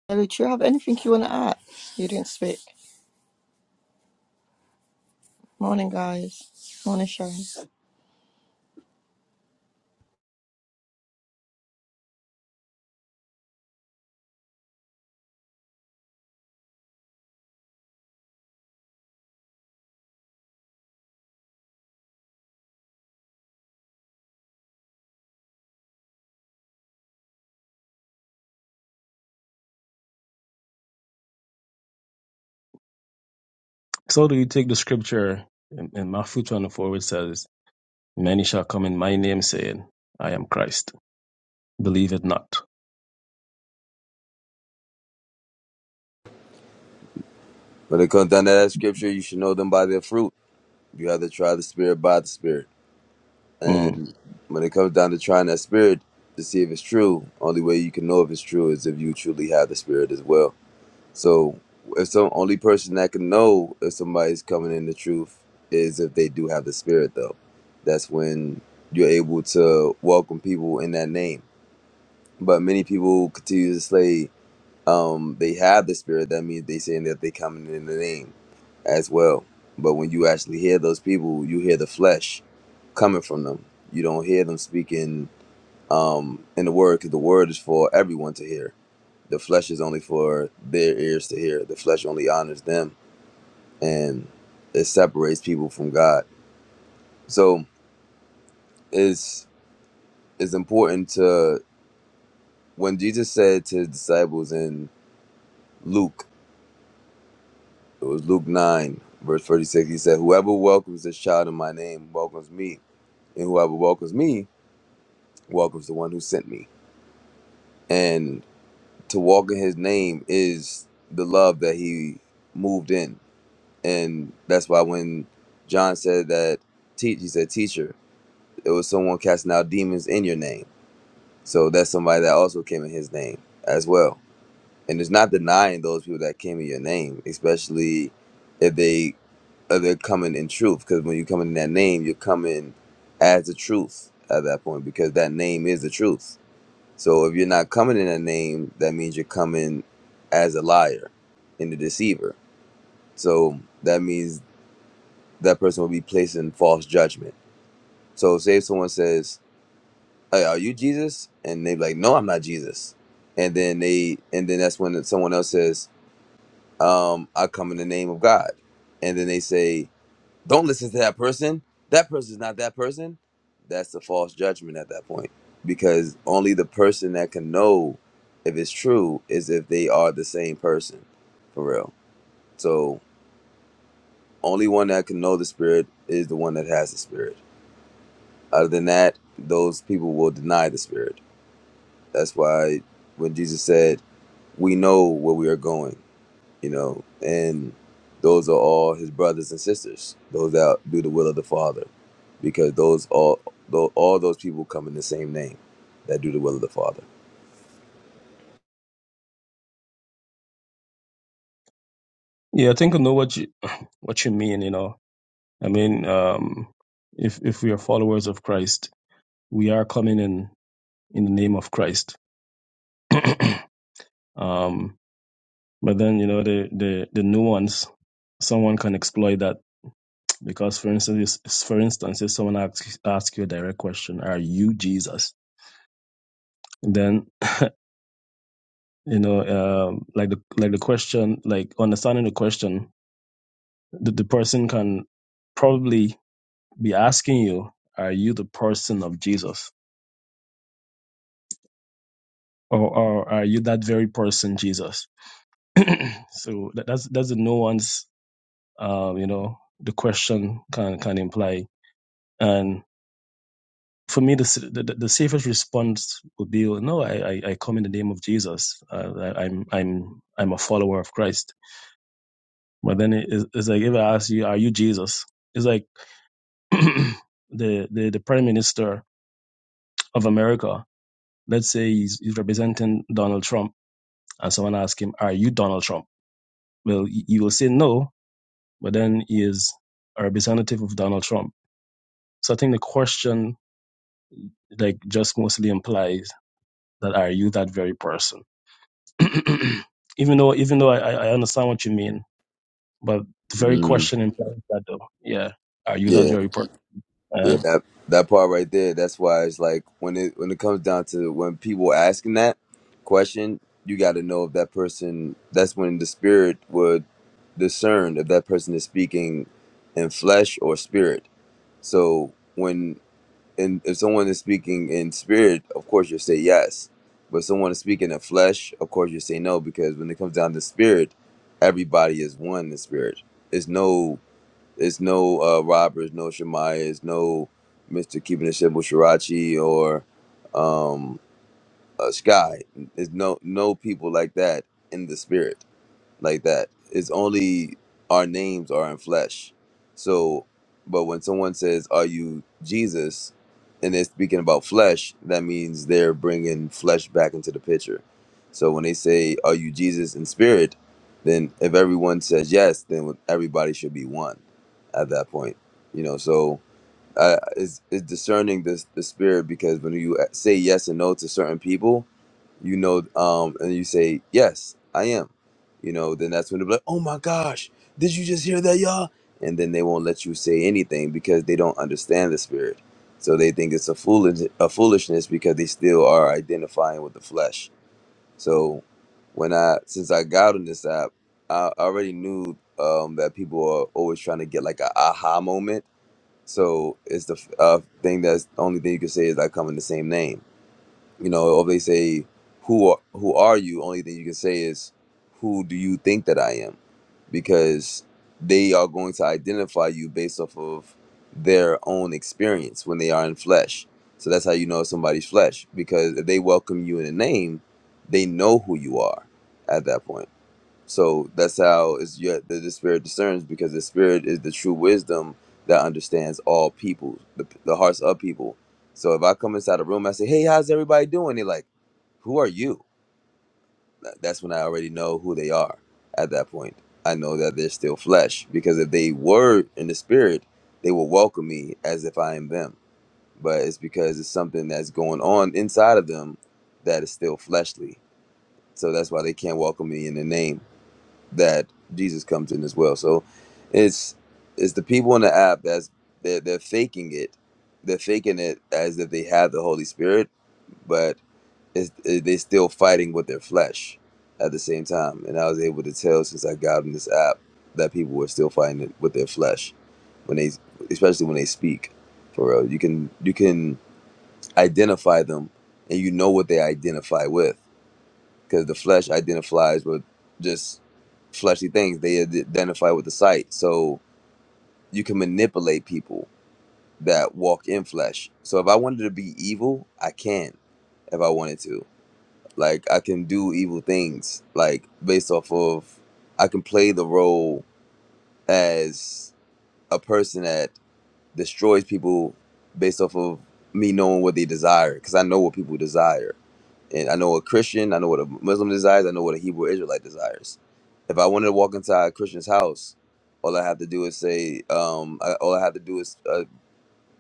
[SPEAKER 1] Ellie, do you have anything you want to add? You didn't speak. Morning, guys. Morning, Sharon.
[SPEAKER 2] So do you take the scripture in, in Matthew twenty four which says, Many shall come in my name saying, I am Christ. Believe it not.
[SPEAKER 4] When it comes down to that scripture, you should know them by their fruit. You have to try the spirit by the spirit.
[SPEAKER 2] Mm.
[SPEAKER 4] And when it comes down to trying that spirit to see if it's true, only way you can know if it's true is if you truly have the spirit as well. So if some only person that can know if somebody's coming in the truth is if they do have the spirit though. That's when you're able to welcome people in that name. But many people continue to say um, they have the spirit, that means they saying that they coming in the name as well. But when you actually hear those people, you hear the flesh coming from them. You don't hear them speaking um, in the word because the word is for everyone to hear. The flesh is only for their ears to hear. The flesh only honors them, and it separates people from God. So it's it's important to when Jesus said to his disciples in Luke, it was Luke nine verse thirty six. He said, "Whoever welcomes this child in my name welcomes me, and whoever welcomes me welcomes the one who sent me." and to walk in his name is the love that he moved in. And that's why when John said that teach he said teacher, it was someone casting out demons in your name. So that's somebody that also came in his name as well. And it's not denying those people that came in your name, especially if they if they're coming in truth. Because when you come in that name, you're coming as the truth at that point, because that name is the truth. So if you're not coming in that name, that means you're coming as a liar and a deceiver. So that means that person will be placing false judgment. So say if someone says, Hey, are you Jesus? And they're like, No, I'm not Jesus. And then they and then that's when someone else says, um, I come in the name of God. And then they say, Don't listen to that person. That person's not that person. That's a false judgment at that point. Because only the person that can know if it's true is if they are the same person. For real. So only one that can know the spirit is the one that has the spirit. Other than that, those people will deny the spirit. That's why when Jesus said, We know where we are going you know, and those are all his brothers and sisters, those that do the will of the Father, because those all tho- all those people come in the same name that do the will of the Father.
[SPEAKER 2] Yeah, I think I know what you what you mean, you know. I mean, um if if we are followers of Christ, we are coming in in the name of Christ. Um, but then you know the the the nuance someone can exploit that because for instance if- for instance if someone asks asks you a direct question, are you Jesus? Then you know um like the like the question like understanding the question the, the person can probably be asking you are you the person of Jesus or, or are you that very person Jesus so that, that's that's the nuance um you know the question can can imply for me, the, the the the safest response would be, well, no, I I, I come in the name of Jesus. Uh, I, I'm I'm I'm a follower of Christ. But then it, it's it's like if I ask you, are you Jesus? It's like the, the the Prime Minister of America. Let's say he's, he's representing Donald Trump, and someone asks him, "Are you Donald Trump?" Well, he he will say no, but then he is a representative of Donald Trump. So I think the question like just mostly implies that are you that very person? even though even though I, I I understand what you mean, but the very
[SPEAKER 4] Mm.
[SPEAKER 2] question implies that though. Yeah. Are you that
[SPEAKER 4] Yeah,
[SPEAKER 2] very person? Uh,
[SPEAKER 4] yeah, that that part right there. That's why it's like when it when it comes down to when people asking that question, you got to know if that person. That's when the spirit would discern if that person is speaking in flesh or spirit. So when and if someone is speaking in spirit, of course you'll say yes. But someone is speaking in flesh, of course you say no, because when it comes down to spirit, everybody is one in spirit. It's no, it's no uh, robbers, no Shemaiah, it's no Mister Keeping It Simple Shirachi or um, uh, Sky. There's no no people like that in the spirit like that. It's only our names are in flesh. So, but when someone says, "Are you Jesus?" and they're speaking about flesh, that means they're bringing flesh back into the picture. So when they say, "Are you Jesus in spirit?" then if everyone says yes, then everybody should be one at that point. You know, so uh, it's, it's discerning this the spirit because when you uh, say yes and no to certain people, you know, um, and you say, Yes, I am, you know, then that's when they'll be like, Oh my gosh, did you just hear that, y'all? And then they won't let you say anything because they don't understand the spirit. So they think it's a foolish a foolishness because they still are identifying with the flesh. So when I since I got on this app, I already knew um, that people are always trying to get like a aha moment. So it's the uh, thing that's the only thing you can say is I come in the same name you know, or they say, "Who are, who are you?" Only thing you can say is, "Who do you think that I am?" Because they are going to identify you based off of their own experience when they are in flesh. So that's how you know somebody's flesh because if they welcome you in a name, they know who you are at that point. So that's how is yet the, the spirit discerns because the spirit is the true wisdom that understands all people, the, the hearts of people. So if I come inside a room, I say, "Hey, how's everybody doing?" They're like, "Who are you?" Th- That's when I already know who they are. At that point, I know that they're still flesh because if they were in the spirit, they will welcome me as if I am them. But it's because it's something that's going on inside of them that is still fleshly. So that's why they can't welcome me in the name that Jesus comes in as well. So it's it's the people in the app that's they're, they're faking it. They're faking it as if they have the Holy Spirit, but it's, it, they're still fighting with their flesh at the same time. And I was able to tell since I got on this app that people were still fighting it with their flesh when they, especially when they speak. For real, you can you can identify them, and you know what they identify with because the flesh identifies with just fleshy things. They identify with the sight. So you can manipulate people that walk in flesh. So if I wanted to be evil, I can if I wanted to. Like I can do evil things. Like based off of, I can play the role as a person that destroys people based off of me knowing what they desire because I know what people desire. and I know what Christian, I know what a Muslim desires, I know what a Hebrew Israelite desires. If I wanted to walk inside a Christian's house, all I have to do is say, um, I, all I have to do is uh,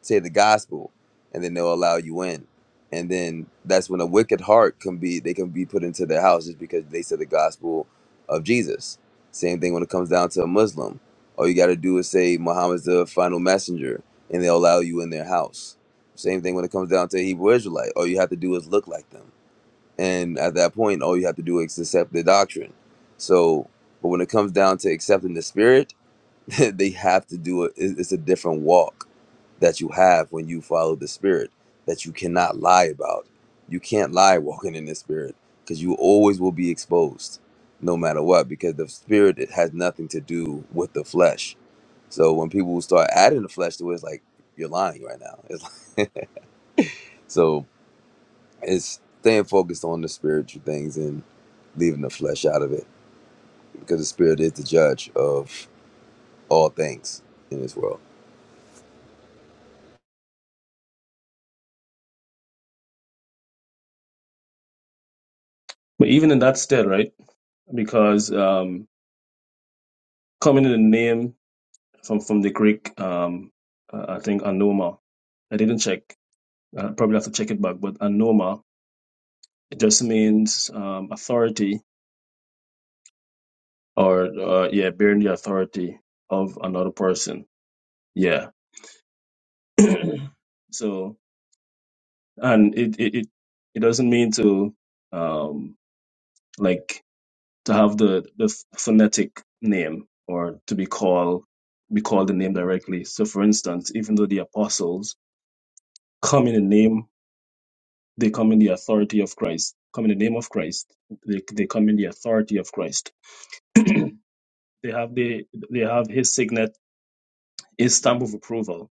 [SPEAKER 4] say the gospel, and then they'll allow you in. And then that's when a wicked heart can be, they can be put into their house just because they said the gospel of Jesus. Same thing when it comes down to a Muslim. All you got to do is say Muhammad's the final messenger, and they'll allow you in their house. Same thing when it comes down to a Hebrew Israelite. All you have to do is look like them and at that point, all you have to do is accept the doctrine. So, but when it comes down to accepting the spirit, they have to do it. It's a different walk that you have when you follow the spirit that you cannot lie about. You can't lie walking in the spirit because you always will be exposed no matter what because the spirit it has nothing to do with the flesh. So when people start adding the flesh to it, it's like you're lying right now. It's like, so it's staying focused on the spiritual things and leaving the flesh out of it, because the spirit is the judge of all things in this world.
[SPEAKER 2] but even in that still, right? Because um coming in the name from from the Greek um uh, I think anoma. I didn't check. I probably have to check it back, but anoma it just means um authority or uh, yeah, bearing the authority of another person. Yeah. so and it it it, it doesn't mean to um like to have the the phonetic name or to be called be called the name directly so for instance even though the apostles come in the name they come in the authority of christ come in the name of christ they, they come in the authority of christ they have the they have his signet his stamp of approval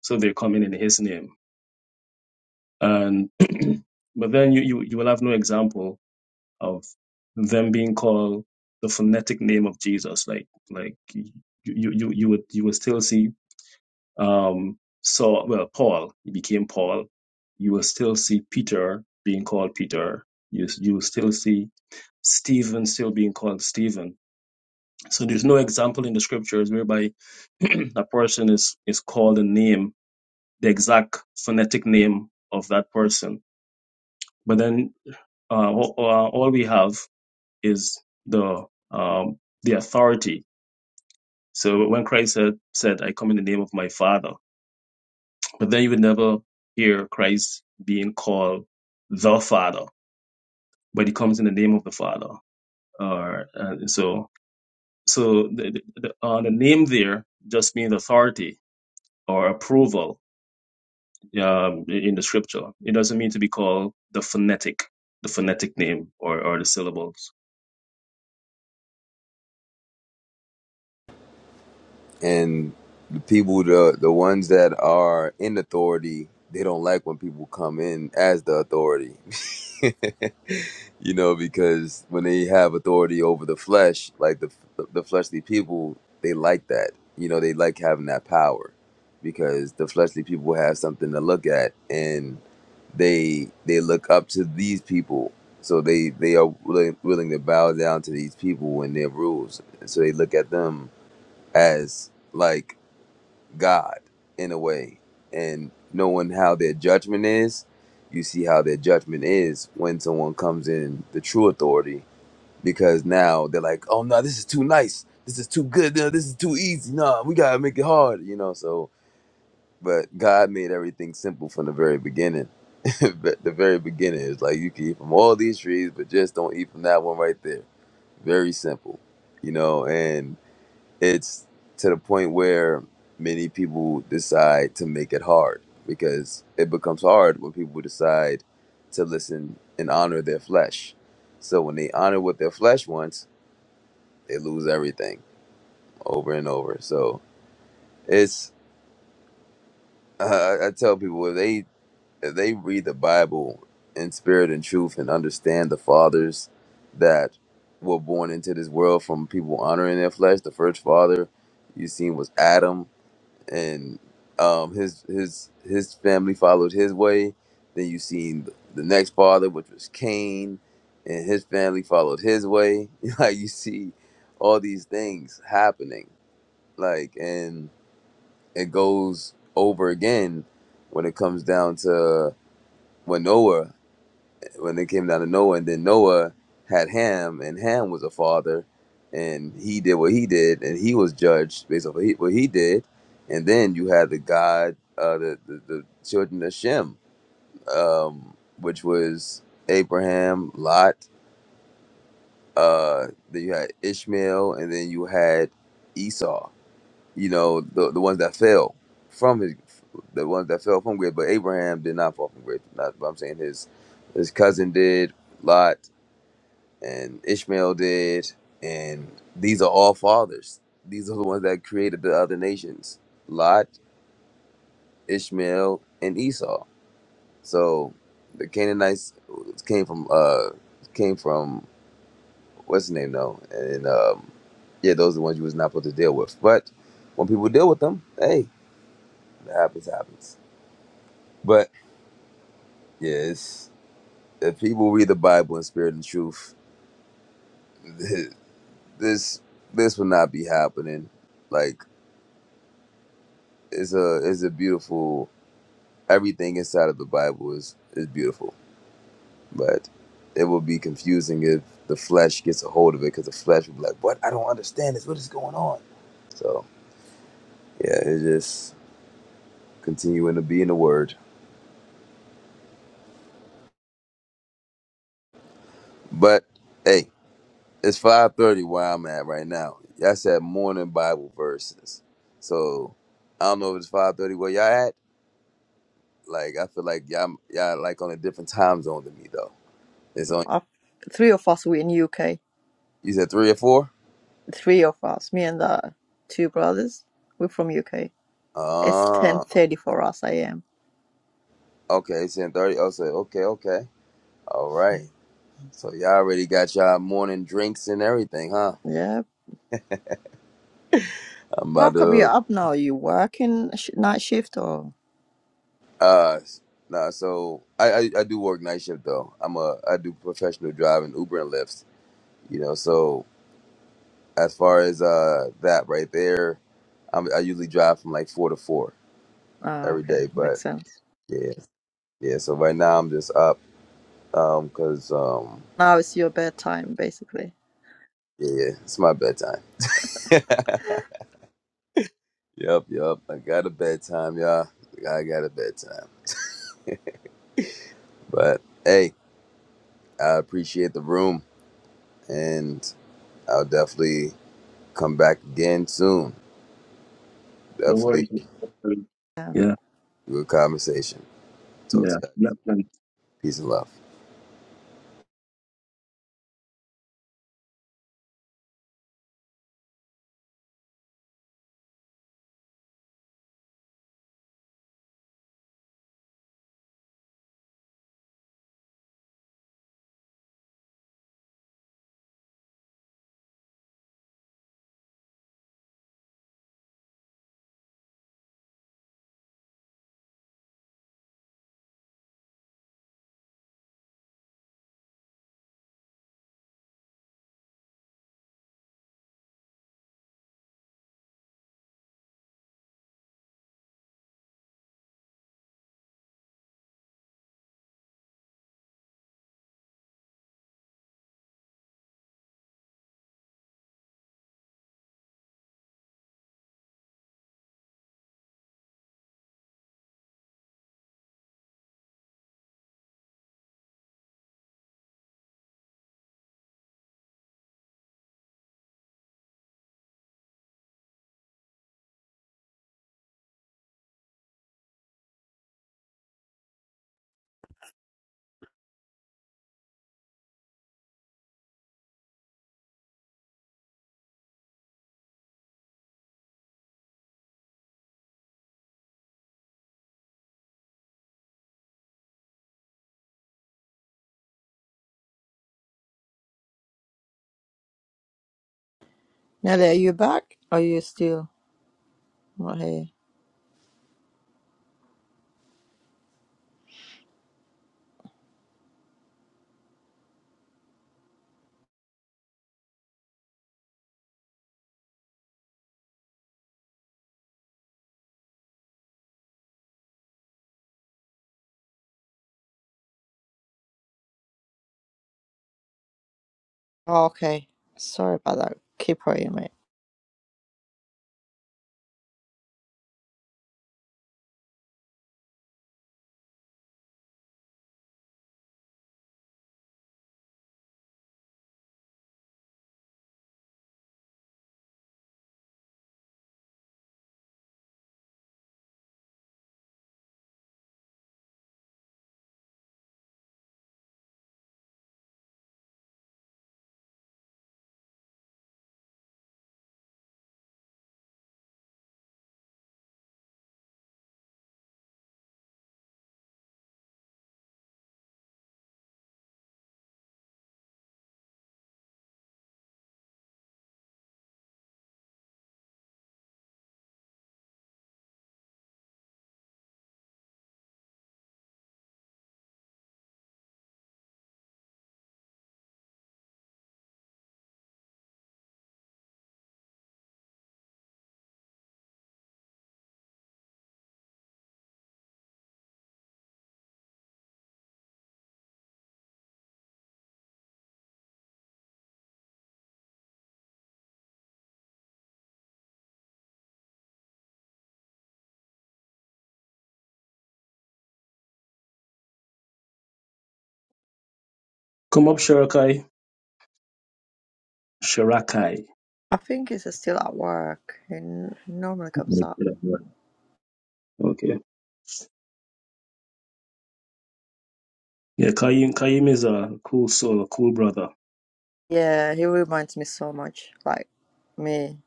[SPEAKER 2] so they're coming in his name and but then you, you you will have no example of them being called the phonetic name of Jesus. Like like you you you, you would you would still see um Saul well Paul he became Paul. You will still see Peter being called Peter. You you will still see Stephen still being called Stephen. So there's no example in the scriptures whereby a person is is called a name, the exact phonetic name of that person. But then uh, all, all we have is the um, the authority. So when Christ said, said, "I come in the name of my Father," but then you would never hear Christ being called the Father, but he comes in the name of the Father. Or uh, so so the, the, uh, the name there just means authority or approval um, in the scripture. It doesn't mean to be called the phonetic, the phonetic name or, or the syllables.
[SPEAKER 4] And the people, the the ones that are in authority, they don't like when people come in as the authority you know, because when they have authority over the flesh, like the the fleshly people, they like that. You know, they like having that power because the fleshly people have something to look at, and they they look up to these people. So they they are willing, willing to bow down to these people and their rules. So they look at them as like God in a way and knowing how their judgment is, you see how their judgment is when someone comes in the true authority because now they're like, oh no, this is too nice. This is too good. No, this is too easy. No, we got to make it hard, you know. So, but God made everything simple from the very beginning. But the very beginning is like you can eat from all these trees, but just don't eat from that one right there. Very simple, you know. and it's to the point where many people decide to make it hard because it becomes hard when people decide to listen and honor their flesh. So when they honor what their flesh wants, they lose everything over and over. So it's uh, I I tell people if they if they read the Bible in spirit and truth and understand the fathers that were born into this world from people honoring their flesh. The first father you seen was Adam and um, his his his family followed his way. Then you seen the next father, which was Cain, and his family followed his way. like you see all these things happening, like and it goes over again when it comes down to when Noah when they came down to Noah, and then Noah had Ham, and Ham was a father, and he did what he did, and he was judged based on what he, what he did, and then you had the God, uh, the, the the children of Shem, um, which was Abraham, Lot, uh, then you had Ishmael, and then you had Esau. You know the the ones that fell from his, the ones that fell from grace, but Abraham did not fall from grace. Not, but I'm saying his his cousin did, Lot and Ishmael did, and these are all fathers. These are the ones that created the other nations: Lot, Ishmael, and Esau. So the Canaanites came from uh came from what's his name though, and um, yeah, those are the ones you was not supposed to deal with. But when people deal with them, hey, it happens, happens. But yes, if people read the Bible in spirit and truth, this this would not be happening. Like it's a it's a beautiful everything inside of the Bible is is beautiful, but it will be confusing if the flesh gets a hold of it because the flesh will be like, "What? I don't understand this. What is going on?" So yeah, it's just continuing to be in the Word. But hey, it's five thirty where I'm at right now. I said morning Bible verses, so I don't know if it's five thirty where y'all at. Like I feel like y'all y'all like on a different time zone than me though. It's on.
[SPEAKER 1] Uh, three of us, we're in UK.
[SPEAKER 4] You said three or four.
[SPEAKER 1] Three of us, me and the two brothers, we're from UK. It's ten
[SPEAKER 4] Ah.
[SPEAKER 1] thirty for us a.m.
[SPEAKER 4] Okay, it's in 30. Oh, so, okay, okay. All right. So y'all already got y'all morning drinks and everything, huh?
[SPEAKER 1] Yeah.
[SPEAKER 4] I'm
[SPEAKER 1] How
[SPEAKER 4] about
[SPEAKER 1] come you're
[SPEAKER 4] to,
[SPEAKER 1] up now? You working sh- night shift or?
[SPEAKER 4] uh, nah, so I, I, I do work night shift though. I'm a, I do professional driving, Uber and Lyft, you know, so as far as, uh, that right there, I'm, I usually drive from like four to four
[SPEAKER 1] Ah,
[SPEAKER 4] every
[SPEAKER 1] okay,
[SPEAKER 4] day, but
[SPEAKER 1] makes sense.
[SPEAKER 4] yeah, yeah. So right now I'm just up, um, cause, um,
[SPEAKER 1] Now it's your bedtime, basically.
[SPEAKER 4] yeah, yeah, it's my bedtime. Yep, yep. I got a bedtime, y'all. I got a bedtime. But hey, I appreciate the room, and I'll definitely come back again soon.
[SPEAKER 2] No worries.
[SPEAKER 4] Definitely
[SPEAKER 1] Yeah.
[SPEAKER 2] Yeah,
[SPEAKER 4] good conversation. Talk
[SPEAKER 2] yeah.
[SPEAKER 4] to you.
[SPEAKER 2] yeah.
[SPEAKER 4] Peace and love.
[SPEAKER 1] Nelly, are you back? Or are you still not here? Oh, okay. Sorry about that. Keep worrying, mate.
[SPEAKER 2] Come up, Sharakai. Shirakai.
[SPEAKER 1] I think he's still at work. He n- normally comes up.
[SPEAKER 2] Okay. Yeah, Kaim Kaim is a cool soul, a cool brother.
[SPEAKER 1] Yeah, he reminds me so much like me.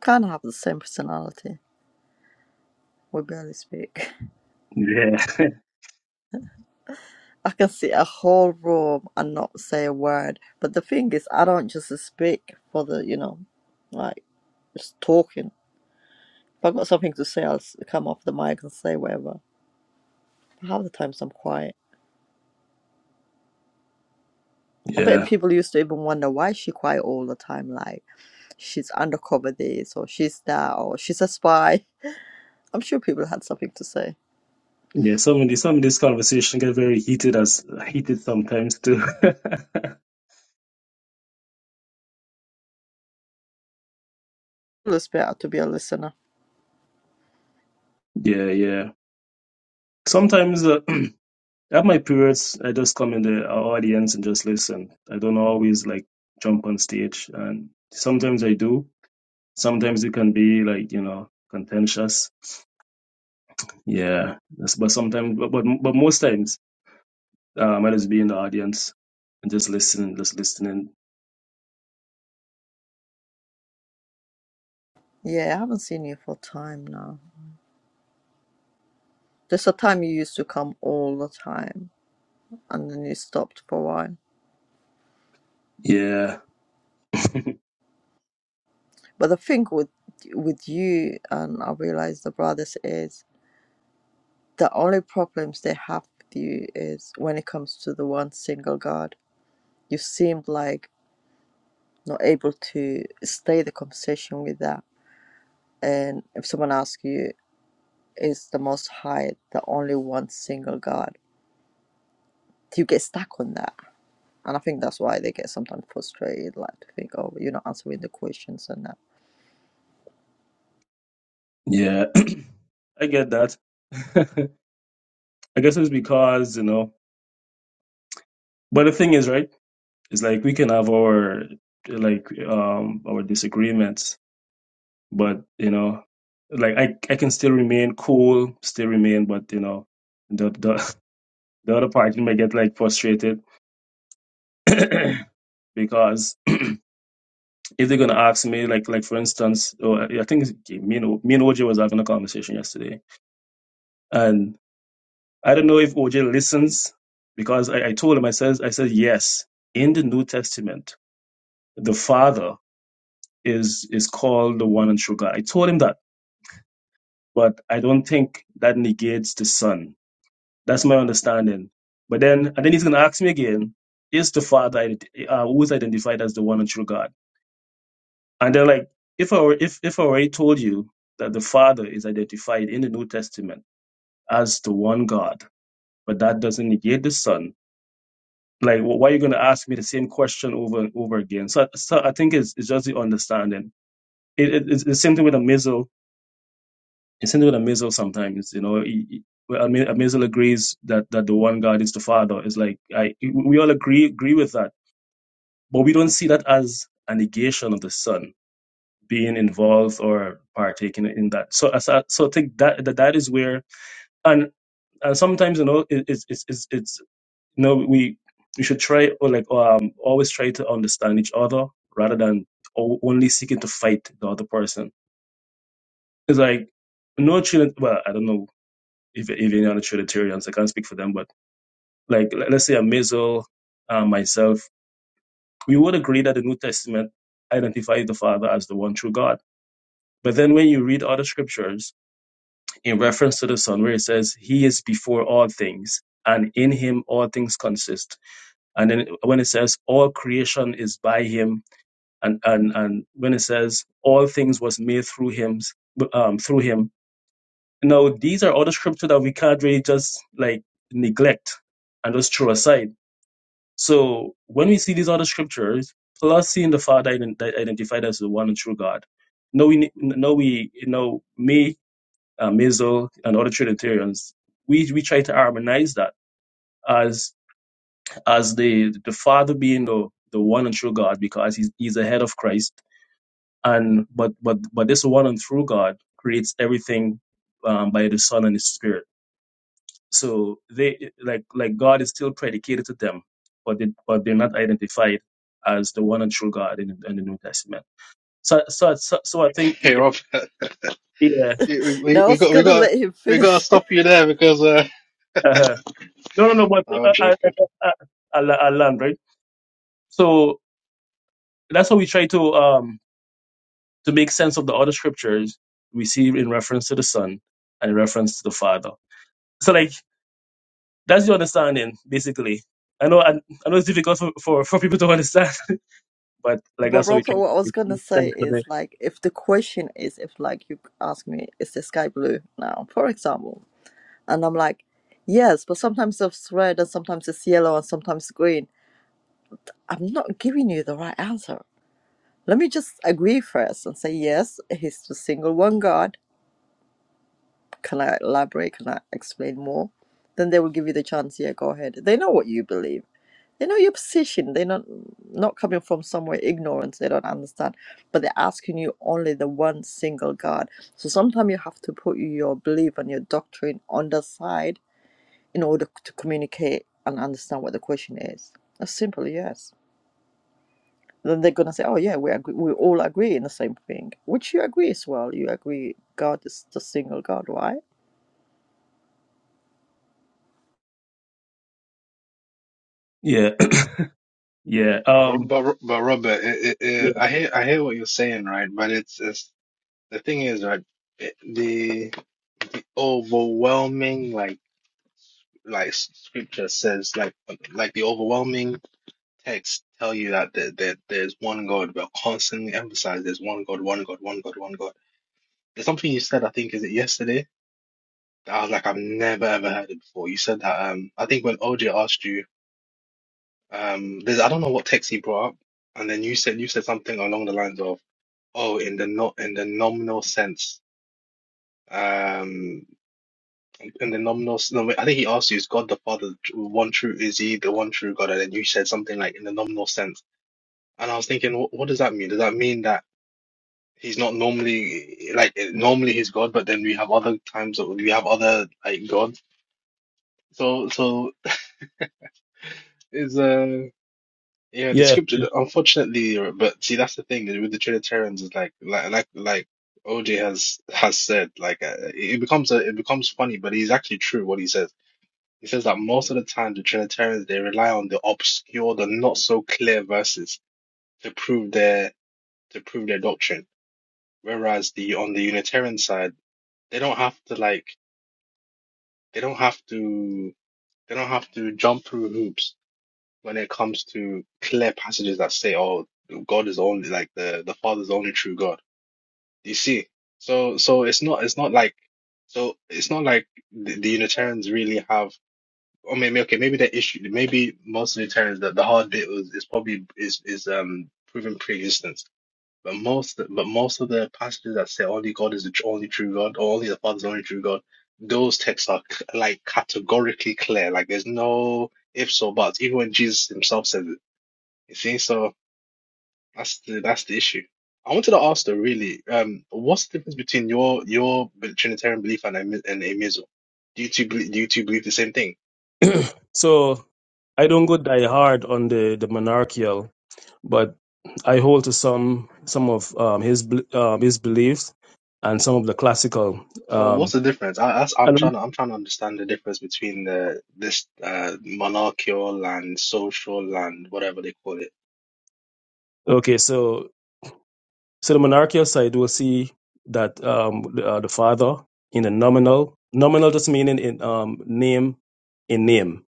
[SPEAKER 1] Kind of have the same personality. We barely speak.
[SPEAKER 2] Yeah.
[SPEAKER 1] I can sit a whole room and not say a word. But the thing is, I don't just speak for the, you know, like just talking. If I've got something to say, I'll s- come off the mic and say whatever. But half the times I'm quiet. I bet
[SPEAKER 2] yeah.
[SPEAKER 1] people used to even wonder why is she quiet all the time. Like she's undercover this, or she's that, or she's a spy. I'm sure people had something to say.
[SPEAKER 2] Yeah. Some of these some of this conversation get very heated as heated sometimes too.
[SPEAKER 1] It's better to be a listener.
[SPEAKER 2] yeah, yeah. Sometimes uh, at my periods I just come in the audience and just listen. I don't always like jump on stage and sometimes I do. Sometimes it can be like, you know, contentious. Yeah. That's, but sometimes but but but most times Um, I just be in the audience and just listening, just listening.
[SPEAKER 1] Yeah, I haven't seen you for time now. There's a time you used to come all the time, and then you stopped for a while.
[SPEAKER 2] Yeah,
[SPEAKER 1] But the thing with with you and I realize the brothers is the only problems they have with you is when it comes to the one single God. You seemed like not able to stay the conversation with that. And if someone asks you, is the most high the only one single God? You get stuck on that. And I think that's why they get sometimes frustrated, like to think, oh, you're not answering the questions and that.
[SPEAKER 2] yeah, I get that. I guess it's because you know. But the thing is, right? It's like we can have our like um our disagreements, but you know, like I I can still remain cool, still remain, but you know, the the the other party might get like frustrated because if they're gonna ask me, like like for instance, oh, I think it's, me and O- me and OJ was having a conversation yesterday And I don't know if OJ listens because I, I told him, I says, I said, yes, in the New Testament, the Father is is called the one and true God. I told him that, but I don't think that negates the Son. That's my understanding. But then, and then he's gonna ask me again, is the Father ident- uh, who's identified as the one and true God? And they're like, if I were- if if I already told you that the Father is identified in the New Testament as the one God, but that doesn't negate the Son Like, wh- why are you going to ask me the same question over and over again? So, so I think it's, it's just the understanding. It, it, it's the same thing with a missile. It's the same thing with a missile sometimes, you know. He- he- well, I mean, a missile agrees that, that the one God is the Father. It's like, I, we all agree, agree with that. But we don't see that as a negation of the Son being involved or partaking in that. So, so, so I think that, that that is where, and and sometimes you know it, it's it's it's it's you know we we should try or like um always try to understand each other rather than o- only seeking to fight the other person it's like no trinit well i don't know if, if any other trinitarians i can't speak for them but like le- let's say a missile uh, myself we would agree that the new testament identifies the father as the one true god but then when you read other scriptures in reference to the son where it says he is before all things and in him all things consist and then when it says all creation is by him and and and when it says all things was made through him um through him now these are other scripture that we can't really just like neglect and just throw aside so when we see these other scriptures plus seeing the father ident- that identified as the one and true god no we ne- no we you know me uh, Mizzle, and other trinitarians we we try to harmonize that as as the the father being the the one and true god because he's he's the head of christ and but but but this one and true God creates everything um, by the Son and the Spirit. So they like like God is still predicated to them, but they, but they're not identified as the one and true God in, in the New Testament. So so so, so I think
[SPEAKER 5] Hey,
[SPEAKER 2] it-
[SPEAKER 5] Rob,
[SPEAKER 2] yeah
[SPEAKER 5] we we
[SPEAKER 1] Now I
[SPEAKER 5] we
[SPEAKER 1] was
[SPEAKER 5] got we
[SPEAKER 1] gonna
[SPEAKER 5] got
[SPEAKER 1] let him
[SPEAKER 5] we got to
[SPEAKER 1] finish.
[SPEAKER 5] stop you there because uh,
[SPEAKER 2] uh no no no but
[SPEAKER 5] no, I'm
[SPEAKER 2] uh, I,
[SPEAKER 5] joking.
[SPEAKER 2] I, I, I land right. So that's how we try to um to make sense of the other scriptures we see in reference to the Son and in reference to the Father. So like That's the understanding, basically. I know, I, I know it's difficult for, for, for people to understand, but like
[SPEAKER 1] But
[SPEAKER 2] that's how we
[SPEAKER 1] Robert,
[SPEAKER 2] try to
[SPEAKER 1] what I was gonna
[SPEAKER 2] make
[SPEAKER 1] say
[SPEAKER 2] sense of
[SPEAKER 1] is
[SPEAKER 2] it.
[SPEAKER 1] like if the question is if like you ask me, is the sky blue now, for example, and I'm like, yes, but sometimes it's red and sometimes it's yellow and sometimes green. I'm not giving you the right answer. Let me just agree first and say yes, he's the single one God. Can I elaborate? Can I explain more? Then they will give you the chance. Yeah, go ahead. They know what you believe They know your position. They're not not coming from somewhere ignorance. They don't understand, but they're asking you only the one single God. So sometimes you have to put your belief and your doctrine on the side in order to communicate and understand what the question is. As simple, yes. Then they're gonna say, "Oh yeah, we agree. We all agree in the same thing," which you agree as well. You agree God is the single God, right?
[SPEAKER 2] Yeah, yeah,
[SPEAKER 5] But
[SPEAKER 2] um,
[SPEAKER 5] but, but Robert, it, it, it,
[SPEAKER 2] yeah,
[SPEAKER 5] I hear I hear what you're saying, right? But it's, it's the thing is, right? It, the overwhelming like like scripture says like like the overwhelming text tell you that there, there there's one God. We're constantly emphasized there's one God, one God, one God, one God. There's something you said, I think, is it yesterday? that I was like, I've never ever heard it before. You said that um, I think when OJ asked you. Um, there's I don't know what text he brought up, and then you said you said something along the lines of, "Oh, in the not in the nominal sense, um, in the nominal s- no, I think he asked you, is God the Father tr- one true? Is he the one true God?" And then you said something like, "In the nominal sense," and I was thinking, what, what does that mean? Does that mean that he's not normally like eh, normally he's God, but then we have other times that we have other like gods? So so is uh. Yeah, the
[SPEAKER 2] yeah.
[SPEAKER 5] scripture, unfortunately, but see, that's the thing with the Trinitarians is like, like, like, like OJ has has said, like, uh, it it becomes a, it becomes funny, but he's actually true what he says. He says that most of the time the Trinitarians they rely on the obscure, the not so clear verses to prove their to prove their doctrine, whereas the on the Unitarian side they don't have to like they don't have to they don't have to jump through hoops when it comes to clear passages that say, "Oh, God is only like the the Father is the only true God." You see, so so it's not it's not like so it's not like the, the Unitarians really have. Or maybe okay, maybe the issue, maybe most Unitarians that the hard bit was is probably is is um proving pre-existence. But most but most of the passages that say only God is the tr- only true God or only the Father is the only true God, those texts are c- like categorically clear. Like there's no ifs or buts. Even when Jesus himself says it. You see, so that's the that's the issue. I wanted to ask though, really, um, what's the difference between your your Trinitarian belief and Ami- and Amism? Do you two believe, do you two believe the same thing?
[SPEAKER 2] So I don't go die hard on the, the monarchical, but I hold to some some of um, his bel- um, his beliefs and some of the classical.
[SPEAKER 5] So what's
[SPEAKER 2] Um,
[SPEAKER 5] the difference? I, that's, I'm
[SPEAKER 2] and
[SPEAKER 5] trying to I'm trying to understand the difference between the this uh monarchical and social and whatever they call it.
[SPEAKER 2] okay, so So the monarchical side will see that um, the, uh, the father in the nominal, nominal just meaning in um, name, in name,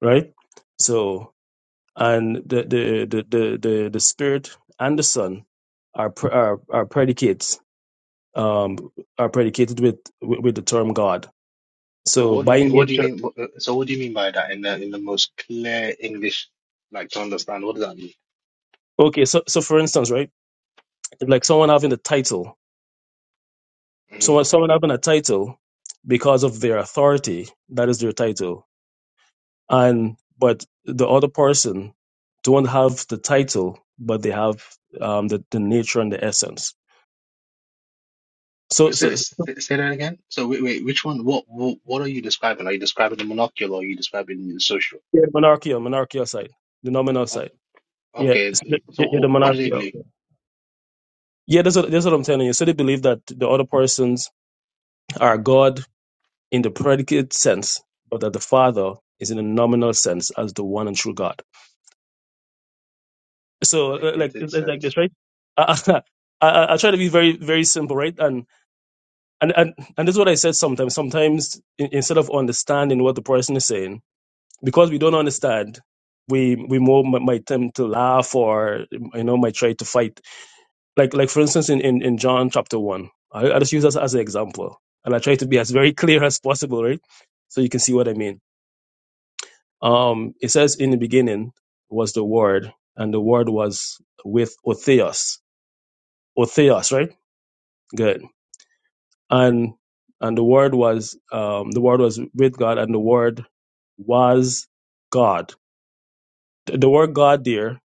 [SPEAKER 2] right? So and the the the the the, the spirit and the son are pre- are, are predicates um, are predicated with, with with the term God.
[SPEAKER 5] So
[SPEAKER 2] So
[SPEAKER 5] what do you
[SPEAKER 2] by
[SPEAKER 5] mean? What do you
[SPEAKER 2] nature,
[SPEAKER 5] mean? what- uh, So what do you mean by that in the in the most clear English, like to understand? What does that mean?
[SPEAKER 2] okay. So so for instance, right, like someone having a title,
[SPEAKER 5] Mm-hmm.
[SPEAKER 2] someone someone having a title because of their authority, that is their title and but the other person don't have the title but they have um, the, the nature and the essence so
[SPEAKER 5] Wait, So
[SPEAKER 2] so
[SPEAKER 5] it's, say that again. So wait, wait, which one? What, what, what are you describing? Are you describing the monocular? Or are you describing the social?
[SPEAKER 2] yeah, monarchical monarchical side the nominal
[SPEAKER 5] O-
[SPEAKER 2] side yeah,
[SPEAKER 5] Okay.
[SPEAKER 2] it's the- yeah
[SPEAKER 5] So
[SPEAKER 2] yeah, the
[SPEAKER 5] wh- what do they
[SPEAKER 2] monarchical
[SPEAKER 5] believe?
[SPEAKER 2] yeah that's what, that's what i'm telling you so they believe that the other persons are god in the predicate sense but that the father is in a nominal sense as the one and true god so uh, like
[SPEAKER 5] Predicated
[SPEAKER 2] like this
[SPEAKER 5] sense.
[SPEAKER 2] right I, I, I I try to be very very simple right and and and this is what I said sometimes. Sometimes in, instead of understanding what the person is saying, because we don't understand, we we more mi- might tend to laugh or you know might try to fight. Like like for instance in in, in John chapter one, I, I just use this as an example, and I try to be as very clear as possible, right? So you can see what I mean. Um, it says in the beginning was the word, and the word was with Otheos. Otheos, right? Good and and the word was um, the word was with God, and the word was God. The, the word God there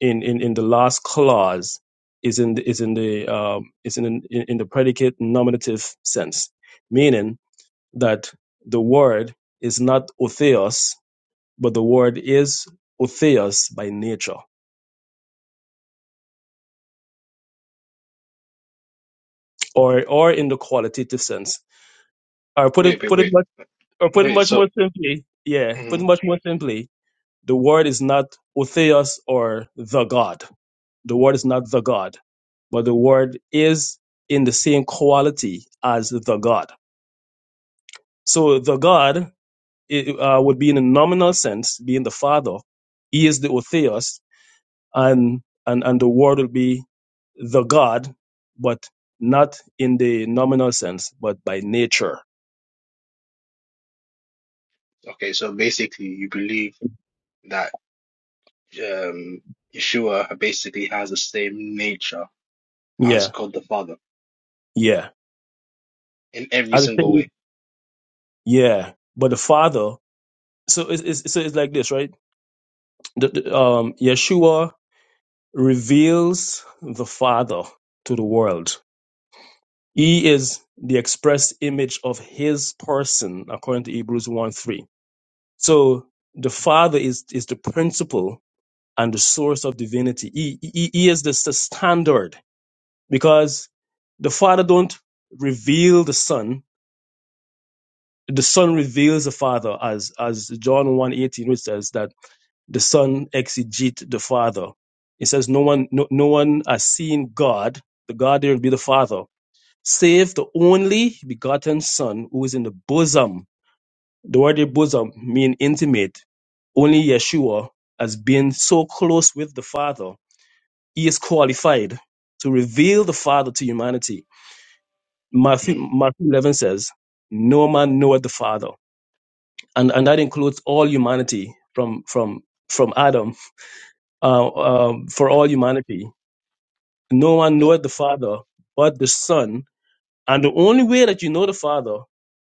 [SPEAKER 2] in, in, in the last clause is in the, is in the um, is in, in in the predicate nominative sense, meaning that the word is not otheos, but the word is otheos by nature, or or in the qualitative sense. Or put
[SPEAKER 5] Wait,
[SPEAKER 2] it
[SPEAKER 5] wait,
[SPEAKER 2] put it
[SPEAKER 5] wait,
[SPEAKER 2] much or put it
[SPEAKER 5] wait.
[SPEAKER 2] much
[SPEAKER 5] So
[SPEAKER 2] more simply, yeah, put it
[SPEAKER 5] mhm.
[SPEAKER 2] much more simply, The word is not Otheos or the God. The word is not the God, but the word is in the same quality as the God. So the God it, uh, would be in a nominal sense, being the Father. He is the Otheos, and, and, and the word would be the God, but not in the nominal sense, but by nature.
[SPEAKER 5] okay. So basically, you believe that um Yeshua basically has the same nature as
[SPEAKER 2] Yeah,
[SPEAKER 5] God the Father
[SPEAKER 2] yeah.
[SPEAKER 5] in every
[SPEAKER 2] I
[SPEAKER 5] single
[SPEAKER 2] think,
[SPEAKER 5] way.
[SPEAKER 2] yeah. But the Father, so it's, it's, so it's like this, right? The, the, um, Yeshua reveals the Father to the world. He is the express image of his person, according to Hebrews 1 3. So the Father is, is the principle and the source of divinity. He, he, he is the standard because the Father don't reveal the Son. The Son reveals the Father, as as John one eighteen, which says that the son exegete the father. It says no one no, no one has seen God, the God there will be the Father, save the only begotten Son who is in the bosom. The word there, bosom mean intimate. Only Yeshua has been so close with the Father. He is qualified to reveal the Father to humanity. Matthew
[SPEAKER 5] hmm
[SPEAKER 2] Matthew eleven says, No man knoweth the Father. And and that includes all humanity from from from Adam uh, um, for all humanity. No one
[SPEAKER 5] So
[SPEAKER 2] knoweth the Father but the Son. And the only way that you know the Father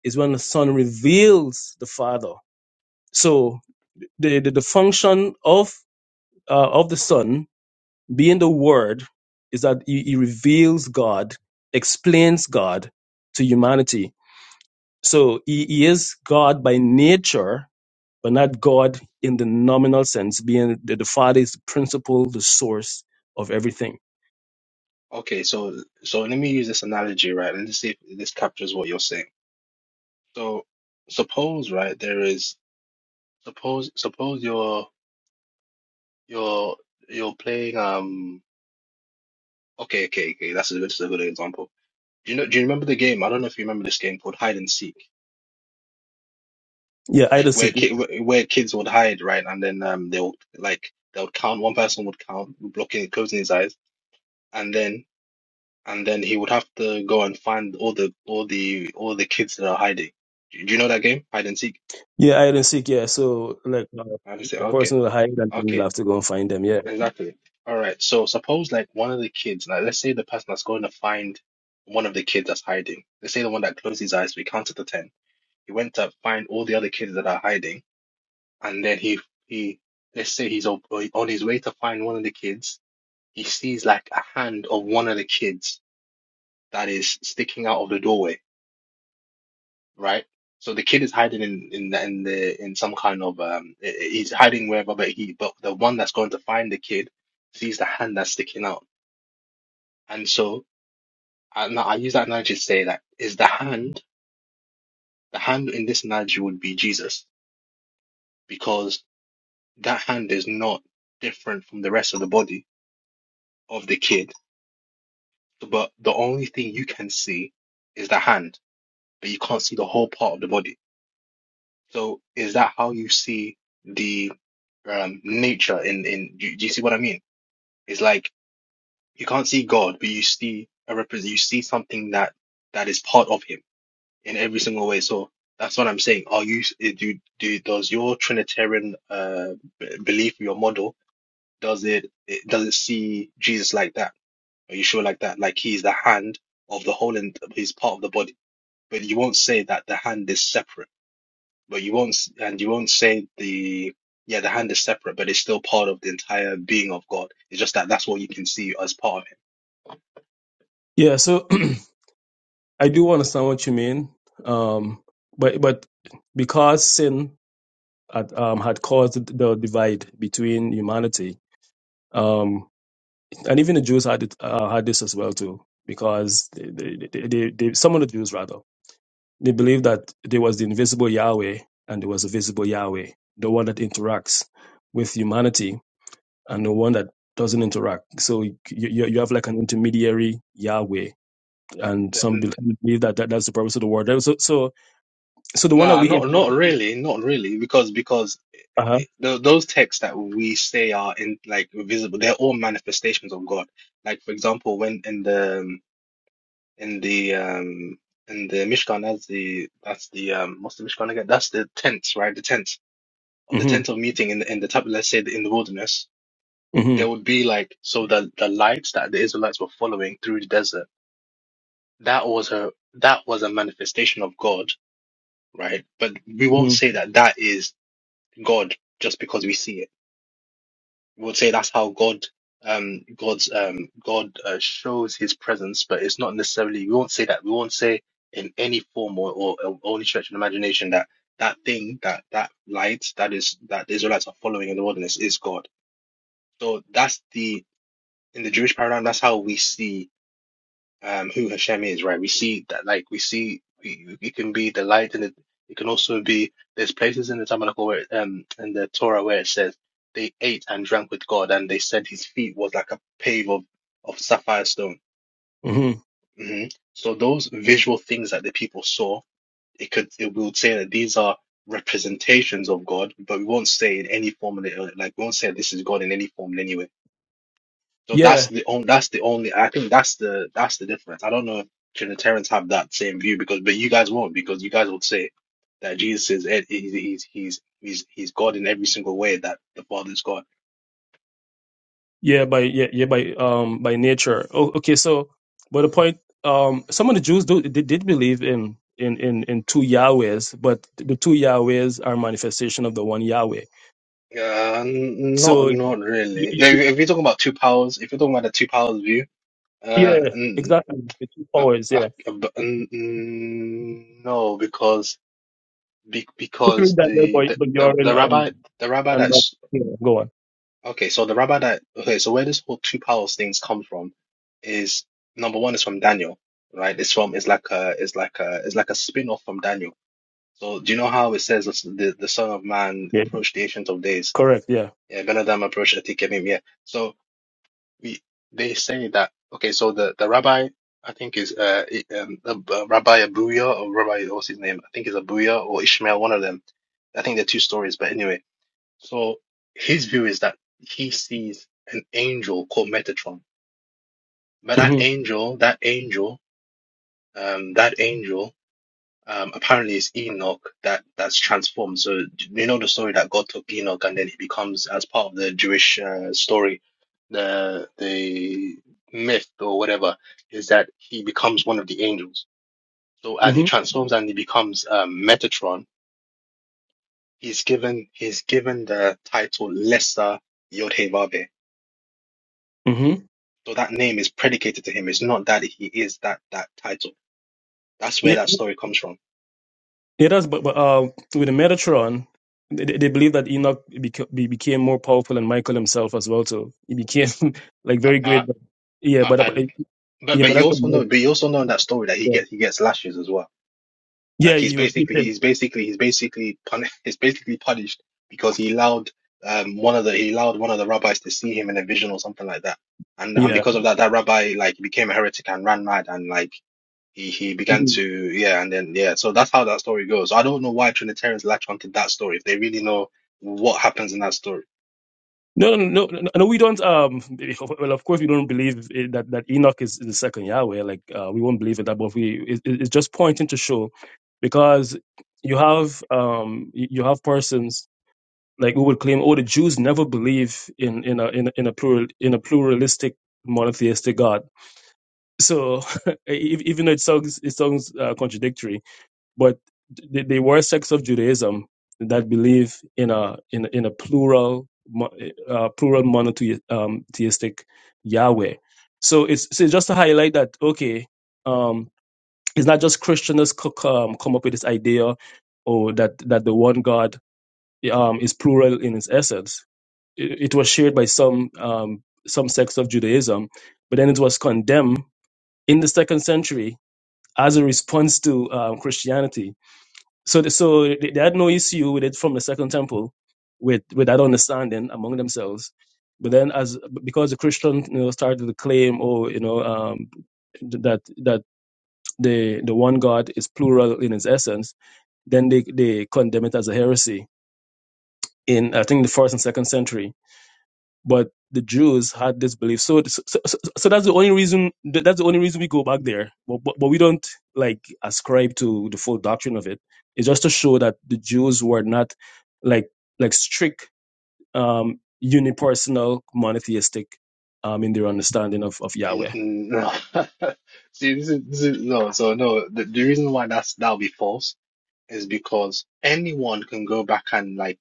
[SPEAKER 2] is when the Son reveals the Father. So the, the, the function of, uh, of the Son being the Word is that he, he reveals God, explains God to humanity. So he, he is God by nature, but not God in the nominal sense, being that the Father is the principle, the source of everything.
[SPEAKER 5] okay. So so let me use this analogy, right? And let's see if this captures what you're saying. So suppose, right, there is. Suppose suppose you're you're you're playing um okay okay okay that's a good that's a good example. Do you know do you remember the game? I don't know if you remember this game called Hide and Seek.
[SPEAKER 2] Yeah, I
[SPEAKER 5] Like where
[SPEAKER 2] just
[SPEAKER 5] ki where where kids would hide, right? And then um they would like they would count one person would count blocking closing his eyes and then and then he would have to go and find all the all the all the kids that are hiding. Do you know that game? Hide and Seek?
[SPEAKER 2] Yeah, hide and seek. Yeah, so like uh,
[SPEAKER 5] I just say
[SPEAKER 2] the
[SPEAKER 5] okay.
[SPEAKER 2] person will hide, and then you'll
[SPEAKER 5] okay.
[SPEAKER 2] have to go and find them. Yeah,
[SPEAKER 5] Exactly. All right. So suppose like one of the kids, like let's say the person that's going to find one of the kids that's hiding. Let's say the one that closed his eyes. We counted to ten. He went to find all the other kids that are hiding, and then he he let's say he's on on his way to find one of the kids. He sees like a hand of one of the kids that is sticking out of the doorway, right? So the kid is hiding in in the, in the in some kind of um he- he's hiding wherever, but he but the one that's going to find the kid sees the hand that's sticking out. And so And I use that analogy to say that is the hand, the hand in this analogy would be Jesus, because that hand is not different from the rest of the body of the kid. But the only thing you can see is the hand, but you can't see the whole part of the body. So is that how you see the um, nature in, in, do, do you see what I mean? It's like you can't see God, but you see a represent, you see something that, that is part of him in every single way. So that's what I'm saying. Are you do do does your Trinitarian uh b- belief, your model, does it, it does it see Jesus like that? Are you sure like that? Like he's the hand of the whole and he's part of the body, but you won't say that the hand is separate. But you won't s- and you won't say the yeah the hand is separate, but it's still part of the entire being of God. It's just that that's what you can see as part of him.
[SPEAKER 2] yeah. So I do understand what you mean, um, but but because sin had, um, had caused the divide between humanity, um, and even the Jews had it, uh, had this as well too, because they, they, they, they, they, some of the Jews rather they believed that there was the invisible Yahweh and there was a visible Yahweh, the one that interacts with humanity and the one that doesn't interact. So you, you, you have like an intermediary Yahweh, and some bel- believe that, that that's the purpose of the word. So so so the one that
[SPEAKER 5] Nah,
[SPEAKER 2] we
[SPEAKER 5] not not
[SPEAKER 2] interact with.
[SPEAKER 5] really, not really, because because
[SPEAKER 2] Uh huh.
[SPEAKER 5] it, th those texts that we say are in like visible, they're all manifestations of God. Like for example, when in the um, in the um in the Mishkan, that's the that's the um what's the Mishkan again? That's the tents, right? The tents of the tent
[SPEAKER 2] Mm-hmm,
[SPEAKER 5] of meeting in the, in the tabernacle, let's say in the wilderness.
[SPEAKER 2] mm-hmm,
[SPEAKER 5] there would be like so the the lights that the Israelites were following through the desert that was a that was a manifestation of God right but we won't
[SPEAKER 2] mm-hmm,
[SPEAKER 5] say that that is God just because we see it we would say that's how God um God's um God uh, shows his presence but it's not necessarily we won't say that we won't say in any form or or, or any stretch of imagination that that thing that that light that is that the Israelites are following in the wilderness is God so that's the in the Jewish paradigm that's how we see um, who Hashem is, right? We see that, like, we see we- it can be the light, and it, it can also be there's places in the Tabernacle where, um, in the Torah where it says they ate and drank with God, and they said his feet was like a pave of of sapphire stone.
[SPEAKER 2] mm-hmm.
[SPEAKER 5] hmm So those visual things that the people saw, it could it we would say that these are representations of God, but we won't say in any form, like we won't say this is God in any form, in any way. So
[SPEAKER 2] Yeah,
[SPEAKER 5] that's the only that's the only I think that's the that's the difference. I don't know if Trinitarians have that same view because but you guys won't because you guys would say that Jesus is it, he's he's he's he's he's God in every single way that the Father is God.
[SPEAKER 2] yeah, by yeah, yeah, by um by nature. Oh, okay. So, but the point, um, some of the Jews do they did believe in. In, in, in two Yahwehs, but the two Yahwehs are manifestation of the one Yahweh.
[SPEAKER 5] Uh, n- not
[SPEAKER 2] So, you,
[SPEAKER 5] not really. If,
[SPEAKER 2] you, you-
[SPEAKER 5] if you're talking about two powers, if you're talking about the two powers view, uh,
[SPEAKER 2] yeah,
[SPEAKER 5] n-
[SPEAKER 2] exactly. The two
[SPEAKER 5] uh,
[SPEAKER 2] powers, yeah.
[SPEAKER 5] uh, but, n- n- no, because be,
[SPEAKER 2] between
[SPEAKER 5] because
[SPEAKER 2] Daniel
[SPEAKER 5] the,
[SPEAKER 2] Boy,
[SPEAKER 5] the the the
[SPEAKER 2] Bajoran and
[SPEAKER 5] rabbi the rabbi
[SPEAKER 2] and
[SPEAKER 5] that
[SPEAKER 2] but yeah, go on.
[SPEAKER 5] Okay, so the rabbi that okay, so where this whole two powers things comes from is number one is from Daniel, right? It's from it's like a it's like a it's like a spin-off from Daniel. So do you know how it says the the, the Son of Man
[SPEAKER 2] Yeah,
[SPEAKER 5] approached the Ancient of Days?
[SPEAKER 2] correct. Yeah.
[SPEAKER 5] Yeah, Ben Adam approached Atikanim. Yeah, so we they say that okay, so the the rabbi I think is uh i- um, Ab- uh, Rabbi Abuya or Rabbi what's his name? I think it's Abuya or Ishmael, one of them. I think they're two stories, but anyway. So his view is that he sees an angel called Metatron, but that
[SPEAKER 2] hmm
[SPEAKER 5] angel, that angel, um, that angel, um, apparently is Enoch that that's transformed. So you know the story that God took Enoch and then he becomes as part of the Jewish uh, story, the the myth or whatever is that he becomes one of the angels. So as he
[SPEAKER 2] hmm
[SPEAKER 5] transforms and he becomes um, Metatron, he's given he's given the title Lesser Yod Heh Vav Heh.
[SPEAKER 2] hmm
[SPEAKER 5] So that name is predicated to him. It's not that he is that that title. That's where
[SPEAKER 2] Yeah,
[SPEAKER 5] that story comes from.
[SPEAKER 2] it does. But, but uh, with the Metatron, they, they they believe that Enoch beca- be, became more powerful than Michael himself as well. So he became like
[SPEAKER 5] Uh,
[SPEAKER 2] very
[SPEAKER 5] uh,
[SPEAKER 2] great. But, yeah,
[SPEAKER 5] uh,
[SPEAKER 2] but uh,
[SPEAKER 5] and but
[SPEAKER 2] yeah,
[SPEAKER 5] but
[SPEAKER 2] but
[SPEAKER 5] you
[SPEAKER 2] that's
[SPEAKER 5] also
[SPEAKER 2] what,
[SPEAKER 5] know but you also know in that story that he
[SPEAKER 2] yeah,
[SPEAKER 5] gets he gets lashes as well. Like
[SPEAKER 2] yeah,
[SPEAKER 5] he's
[SPEAKER 2] he was. He
[SPEAKER 5] basically
[SPEAKER 2] said,
[SPEAKER 5] he's basically he's basically pun he's basically punished because he allowed um one of the he allowed one of the rabbis to see him in a vision or something like that. And and
[SPEAKER 2] yeah.
[SPEAKER 5] because of that, that rabbi like became a heretic and ran mad and like he he began to yeah and then yeah so that's how that story goes So i don't know why trinitarians latch onto that story if they really know what happens in that story
[SPEAKER 2] No, no, no, no, no. We don't. Um, well, of course, we don't believe i- that that Enoch is, is the second Yahweh. Like, uh, we won't believe in that. But we, it, it- it's just pointing to show, because you have um, you you have persons like who would claim, oh, the Jews never believe in in a in a, in a plural in a pluralistic monotheistic God. So e- even though it sounds it sounds uh, contradictory, but th- they were sects of Judaism that believe in a in a- in a plural mo- eh, uh, plural monotheistic um, theistic Yahweh. So it's so just to highlight that okay, um, it's not just Christians that's co- um, come up with this idea or that that the one God um, is plural in its essence. It, it was shared by some um, some sects of Judaism, but then it was condemned in the second century as a response to um, Christianity so the, so they they had no issue with it from the second temple with with that understanding among themselves but then as because the christian you know started to claim oh you know um th- that that the the one god is plural in its essence then they they condemn it as a heresy in i think the first and second century but the Jews had this belief. So, so, so, so so that's the only reason. That's the only reason we go back there. But, but, but we don't like ascribe to the full doctrine of it. It's just to show that the Jews were not like like strict, um, unipersonal, monotheistic um, in their understanding of, of
[SPEAKER 5] Mm,
[SPEAKER 2] Yahweh.
[SPEAKER 5] mm, no see this is, this is no so no the, the reason why that's that'll be false is because anyone can go back and like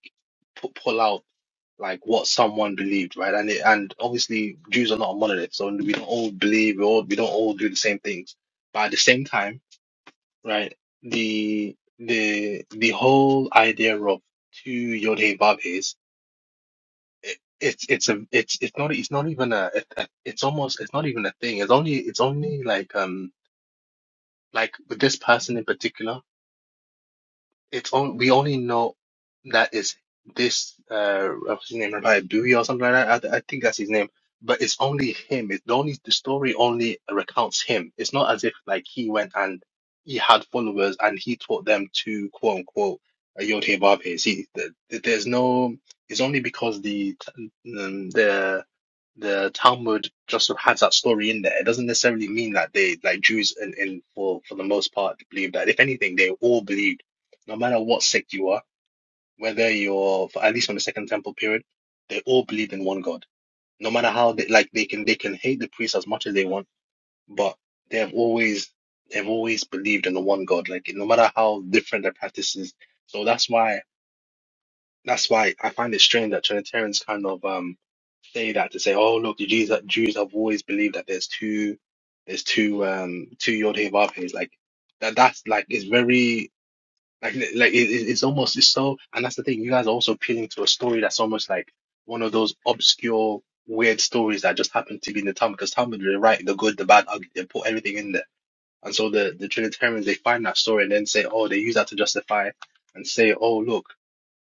[SPEAKER 5] pu- pull out like what someone believed right and it, and obviously jews are not a monolith so we don't all believe we all we don't all do the same things but at the same time right? The the the whole idea of two Yodhe Babes, it, it's it's a it's it's not it's not even a, it- it- it's almost it's not even a thing. It's only it's only like um like with this person in particular. it's on, we only know that it's this uh what's his name Rabbi Bui or something like that. I, I think that's his name. But it's only him. It's only the story only recounts him. It's not as if like he went and he had followers and he taught them to quote unquote uh, Yod He Vav He. See, th- th- there's no. It's only because the um, the the Talmud just sort of has that story in there. It doesn't necessarily mean that they like Jews and in, in for for the most part believe that. If anything, they all believed, no matter what sect you are, whether you're for, at least from the Second Temple period, they all believed in one God. No matter how they like they can they can hate the priests as much as they want, but they have always they've always believed in the one God. Like no matter how different their practices. So that's why that's why I find it strange that Trinitarians kind of um say that to say, oh look, the Jews Jews have always believed that there's two there's two um two Yod Heh Vav Hehs. Like that that's like it's very like like it, it- it's almost it's so and that's the thing you guys are also appealing to a story that's almost like one of those obscure weird stories that just happened to be in the Talmud because Talmud they write the good the bad ugly they put everything in there and so the the Trinitarians they find that story and then say oh they use that to justify and say oh look.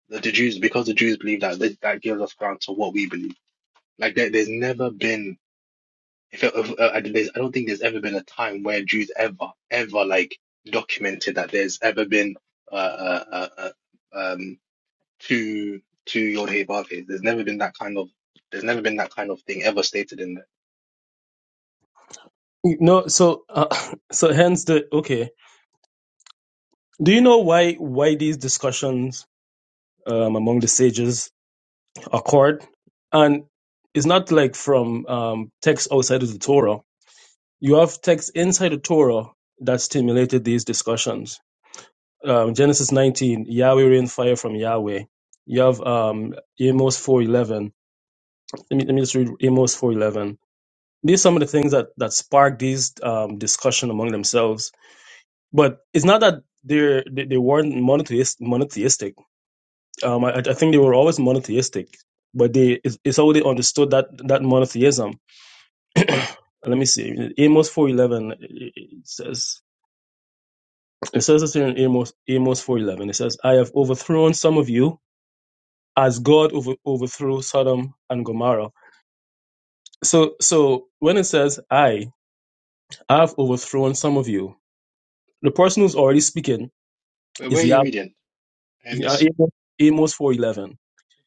[SPEAKER 5] The, the Jews, because the Jews believe that, that that gives us ground to what we believe. Like there, there's never been, if, it- if uh, I, there's, I don't think there's ever been a time where Jews ever, ever like documented that there's ever been uh, uh, uh, uh, um two two Yod Hey Hey. There's never been that kind of, there's never been that kind of thing ever stated in there.
[SPEAKER 2] No, so uh, so hence the okay. Do you know why why these discussions um, among the sages occurred? And it's not like from um, texts outside of the Torah you have texts inside the Torah that stimulated these discussions. Um, Genesis 19, Yahweh rained fire from Yahweh. You have um, Amos 4:11. Let me, let me just read Amos 4:11. These are some of the things that that sparked these um, discussion among themselves. But it's not that they're, they they weren't monotheist, monotheistic. Um, I, I think they were always monotheistic, but they it's, it's how they understood that that monotheism. let me see. Amos 4:11 says It says this here in Amos, Amos 4.11. It says, I have overthrown some of you as God over, overthrew Sodom and Gomorrah. So, so when it says, I, have overthrown some of you, the person who's already speaking
[SPEAKER 5] Where, where
[SPEAKER 2] is
[SPEAKER 5] are you
[SPEAKER 2] Yahweh.
[SPEAKER 5] reading,
[SPEAKER 2] Yeah,
[SPEAKER 5] Amos?
[SPEAKER 2] Amos, Amos 4.11.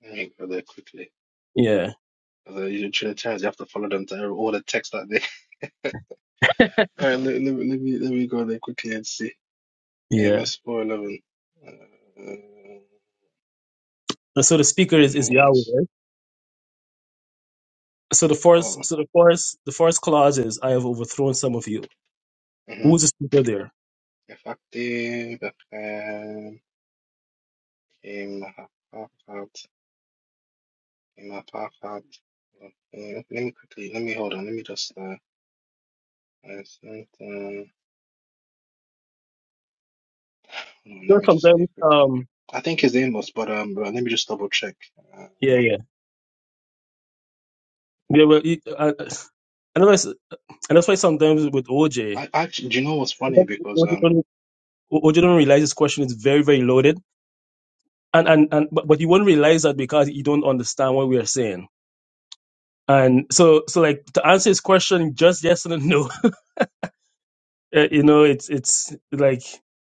[SPEAKER 5] Let me go there quickly.
[SPEAKER 2] Yeah,
[SPEAKER 5] 'Cause, uh, you Trinitarians, you have to follow them to all the texts that they. All right, let, let, me- let me let me go there quickly and see.
[SPEAKER 2] yeah.
[SPEAKER 5] Amos four eleven. Uh,
[SPEAKER 2] And so the speaker is, is Yahweh.
[SPEAKER 5] anonymous.
[SPEAKER 2] right? So the
[SPEAKER 5] Oh,
[SPEAKER 2] first, so the first, the first clause is, I have overthrown some of you.
[SPEAKER 5] mhm.
[SPEAKER 2] Who's the speaker there?
[SPEAKER 5] Yakati Bethlehem Kimahaphat Kimahaphat. Okay, let let me quickly. Let me hold on. Let me just. Uh, I sent. Um, hold on, let
[SPEAKER 2] So
[SPEAKER 5] me just see
[SPEAKER 2] Sometimes,
[SPEAKER 5] quickly.
[SPEAKER 2] um,
[SPEAKER 5] I think it's Amos, but um, but let me just double check. Uh,
[SPEAKER 2] yeah, yeah. Yeah, well, it- I- I- and that's and that's why sometimes with OJ,
[SPEAKER 5] I actually, do you know what's
[SPEAKER 2] And
[SPEAKER 5] funny?
[SPEAKER 2] then
[SPEAKER 5] Because
[SPEAKER 2] What you
[SPEAKER 5] um,
[SPEAKER 2] don't, what you don't realize this question is very, very loaded. And, and, and, but, but you won't realize that because you don't understand what we are saying. And so, so like to answer his question, just yes and no, Uh, you know, it's, it's like,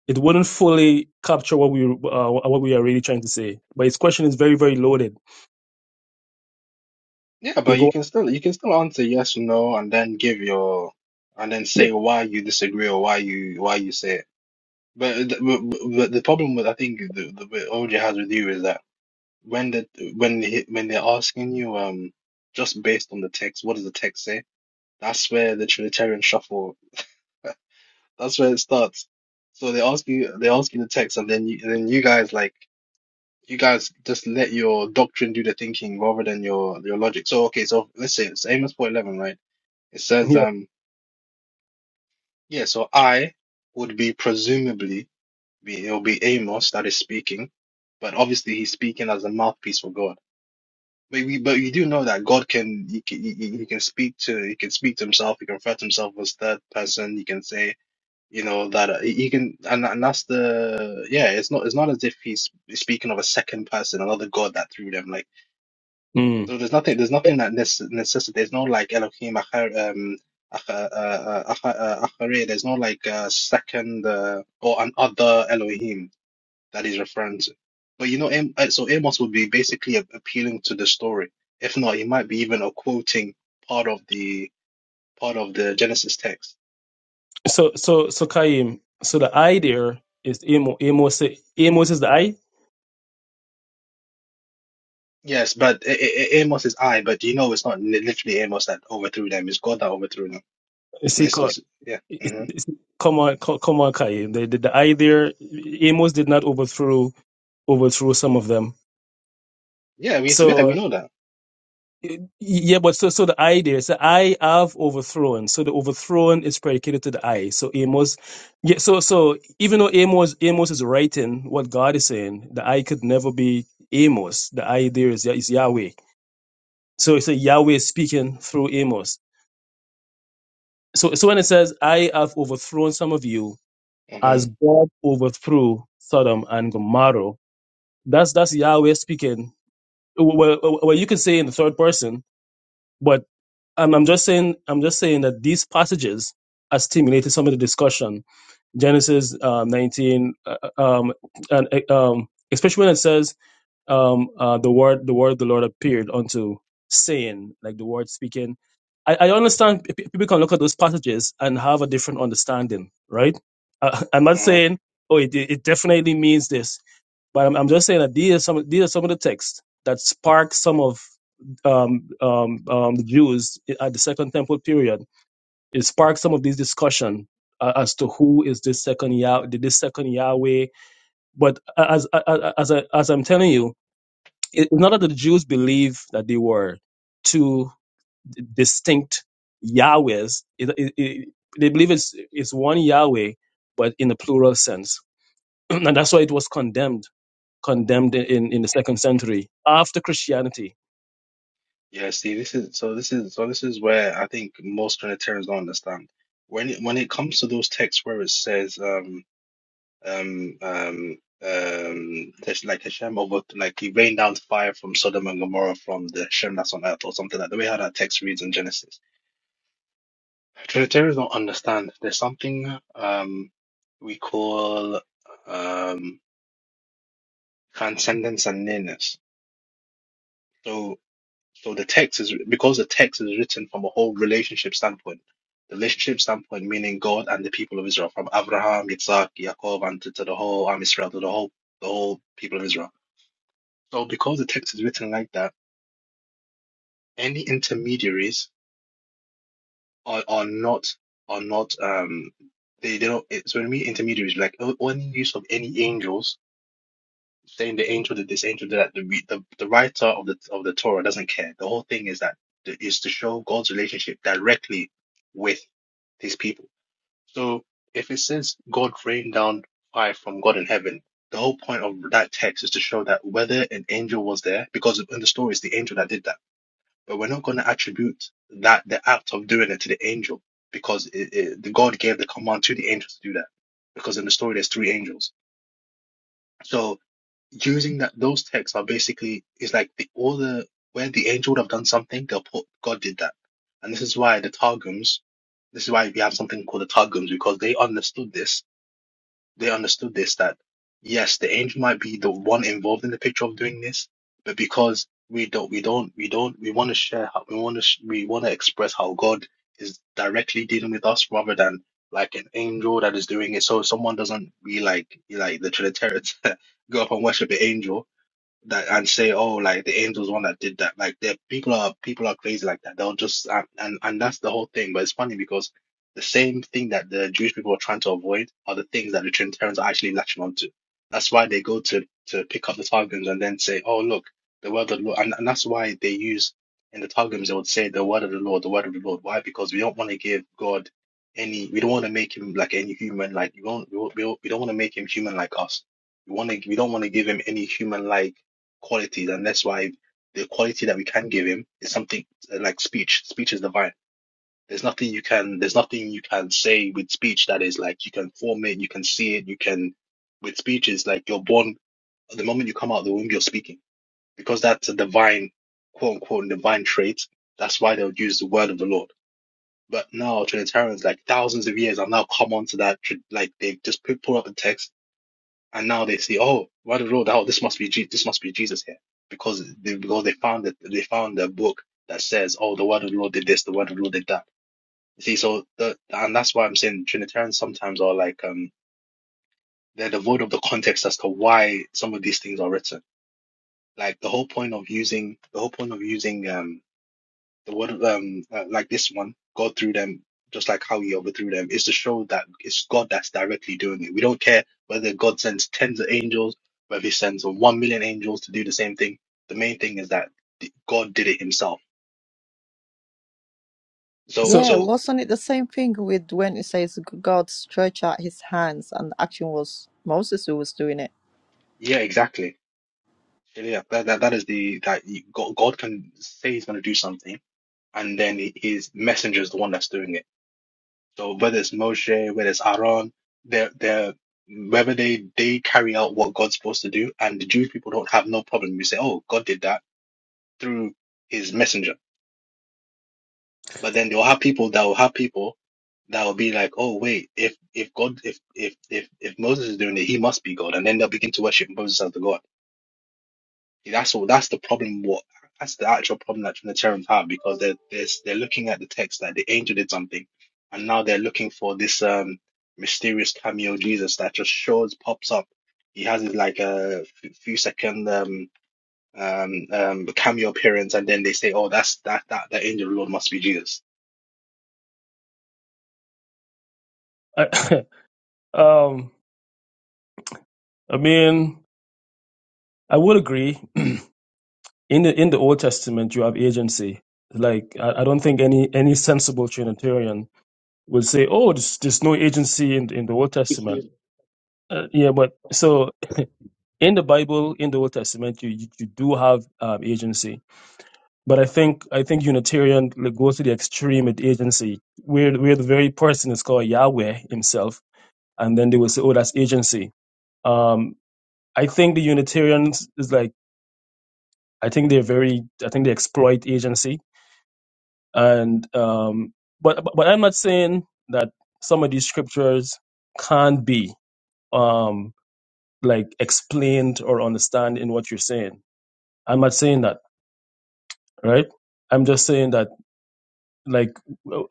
[SPEAKER 2] it wouldn't fully capture what we, uh, what we are really trying to say. But his question is very, very loaded.
[SPEAKER 5] yeah, but
[SPEAKER 2] You
[SPEAKER 5] you
[SPEAKER 2] go,
[SPEAKER 5] can still you can still answer yes, or no, and then give your and then
[SPEAKER 2] yeah,
[SPEAKER 5] say why you disagree or why you why you say it. But, th- but but the problem with I think the, the with OJ has with you is that when the when he, when they're asking you um just based on the text, what does the text say? That's where the Trinitarian shuffle. That's where it starts. So they ask you they ask you the text, and then you and then you guys like you guys just let your doctrine do the thinking rather than your your logic. So okay, so let's say it's Amos four eleven, right? It says
[SPEAKER 2] yeah.
[SPEAKER 5] um yeah, so I would be presumably. be it'll be Amos that is speaking, but obviously he's speaking as a mouthpiece for God. But we but we do know that God can he can he, he he can speak to he can speak to himself. He can refer to himself as third person. He can say you know that uh, he he can and and that's the yeah. It's not it's not as if he's speaking of a second person, another God that through them. Like
[SPEAKER 2] Mm.
[SPEAKER 5] so, there's nothing there's nothing that necess- necessitates. There's no like Elohim achar, um ach- uh, uh, uh, ach- uh, achare. There's no like uh, second uh, or an other Elohim that he's referring to. But you know, Am- uh, so Amos would be basically a- appealing to the story. If not, he might be even a quoting part of the part of the Genesis text.
[SPEAKER 2] So, so, so Kaim, so the I there is Amos, Amos, Amos is the I?
[SPEAKER 5] Yes, but A- A- A- Amos is I. But you know, it's not li- literally Amos that overthrew them. It's God that overthrew them.
[SPEAKER 2] Is
[SPEAKER 5] It's not.
[SPEAKER 2] he
[SPEAKER 5] It's,
[SPEAKER 2] called?
[SPEAKER 5] it's yeah.
[SPEAKER 2] It's-
[SPEAKER 5] hmm
[SPEAKER 2] it's- Come on, co- come on, Kai. The, the, the eye there, Amos did not overthrow overthrow some of them.
[SPEAKER 5] Yeah, we yeah we
[SPEAKER 2] So
[SPEAKER 5] know that.
[SPEAKER 2] y- yeah, but so so the eye there, so I have overthrown. So the overthrown is predicated to the I. So Amos, yeah. So so even though Amos Amos is writing what God is saying, the I could never be Amos. The I there is is Yahweh. So it's a Yahweh speaking through Amos. So so when it says I have overthrown some of you,
[SPEAKER 5] hmm
[SPEAKER 2] as God overthrew Sodom and Gomorrah. That's that's Yahweh speaking. Well, well, well, well, you could say in the third person, but I'm, I'm just saying I'm just saying that these passages have stimulated some of the discussion. Genesis um, 19, uh, uh, um, and uh, um, especially when it says um uh the word the word of the Lord appeared unto saying, like the word speaking. I, I understand p- people can look at those passages and have a different understanding, right? Uh, I'm not
[SPEAKER 5] hmm
[SPEAKER 2] saying oh it it definitely means this, but I'm, I'm just saying that these are some these are some of the texts that spark some of um, um, um, the Jews at the Second Temple period. It sparked some of these discussion uh, as to who is this second Yah, this second Yahweh. But as as as, I, as I'm telling you, it- it's not that the Jews believe that they were two d- distinct Yahwehs. It, it, it, they believe it's it's one Yahweh, but in the plural sense, and that's why it was condemned condemned in in the second century after Christianity.
[SPEAKER 5] Yeah. See, this is so. This is so. This is where I think most Trinitarians don't understand. When it, when it comes to those texts where it says um um, um, um, Hesh- like Hashem over, like he rained down fire from Sodom and Gomorrah from the Hashem that's on earth or something like the way how that text reads in Genesis. Trinitarians don't understand. There's something um we call um transcendence and nearness. So so the text is because the text is written from a whole relationship standpoint. The relationship standpoint meaning God and the people of Israel, from Abraham, Yitzhak, Yaakov, and to, to the whole Am Israel, to the whole the whole people of Israel So because the text is written like that, any intermediaries are, are not are not um they, they don't it's when we intermediaries like o- any use of any angels saying the angel did this angel did that the re- the, the writer of the of the Torah doesn't care. The whole thing is that is to show God's relationship directly with his people. So if it says God rained down fire from God in heaven, the whole point of that text is to show that whether an angel was there, because in the story it's the angel that did that but we're not going to attribute that the act of doing it to the angel because it, it, the God gave the command to the angels to do that because in the story there's three angels. So using that those texts are basically is like the all the where the angel would have done something they'll put God did that, and this is why the Targums. This is why we have something called the Targums because they understood this they understood this that yes, the angel might be the one involved in the picture of doing this, but because we don't, we don't, we don't, we want to share how we want to, sh- we want to express how God is directly dealing with us rather than like an angel that is doing it. So someone doesn't be like like the Trinitarians go up and worship the angel that and say, "Oh, like the angels one that did that." Like there, people are people are crazy like that. They'll just and, and and that's the whole thing. But it's funny because the same thing that the Jewish people are trying to avoid are the things that the Trinitarians are actually latching onto. That's why they go to to pick up the Targums and then say, "Oh, look, the word of the Lord," and, and that's why they use in the Targums they would say, "The word of the Lord, the word of the Lord." Why? Because we don't want to give God any. We don't want to make him like any human. Like you don't. We don't. We don't want to make him human like us. We want to. We don't want to give him any human like qualities, and that's why the quality that we can give him is something uh, like speech. Speech is divine. There's nothing you can there's nothing you can say with speech that is like you can form it, you can see it, you can with speech is like you're born the moment you come out of the womb, you're speaking because that's a divine quote unquote divine trait. That's why they would use the word of the Lord. But now Trinitarians, like thousands of years, have now come onto that. Like they've just put, pulled up the text and now they see, oh, right road, oh, this must be Je- this must be Jesus here, because they because they found it, they found a book that says, oh, the word of the Lord did this, the word of the Lord did that. You see, so the and that's why I'm saying Trinitarians sometimes are like um they're devoid of the context as to why some of these things are written. Like the whole point of using the whole point of using um the word um uh, like this one god through them just like how he overthrew them is to show that it's god that's directly doing it we don't care whether god sends tens of angels whether he sends one million angels to do the same thing the main thing is that th- god did it himself so
[SPEAKER 2] So,
[SPEAKER 1] Yeah,
[SPEAKER 5] so
[SPEAKER 1] wasn't it the same thing with when it says God stretched out his hands and the action was Moses who was doing it?
[SPEAKER 5] yeah exactly So, yeah that, that, that is the that you- god, god can say he's going to do something and then his messenger is the one that's doing it So whether it's Moshe, whether it's Aaron, they're they're whether they they carry out what God's supposed to do, and the Jewish people don't have no problem. We say, oh, God did that through His messenger, but then they'll have people that will have people that will be like, oh, wait, if if God, if if if if Moses is doing it, he must be God, and then they'll begin to worship Moses as the God. That's all. That's the problem. What that's the actual problem that Trinitarians have because they're they're, they're looking at the text that the angel did something, and now they're looking for this um mysterious cameo Jesus that just shows pops up. He has his like a f- few second um um um cameo appearance, and then they say, "Oh, that's that that the angel of the Lord must be Jesus."
[SPEAKER 2] I, um, I mean, I would agree. In the in the Old Testament, you have agency. Like, I, I don't think any any sensible Trinitarian will say, "Oh, there's, there's no agency in in the Old Testament." Uh, yeah, but so in the Bible, in the Old Testament, you, you, you do have um, agency. But I think I think Unitarian like, goes to the extreme with agency, where where the very person is called Yahweh himself, and then they will say, "Oh, that's agency." Um, I think the Unitarians is like I think they're very I think they exploit agency, and um, but but I'm not saying that some of these scriptures can't be um, like explained or understand in what you're saying. I'm not saying that right? I'm just saying that like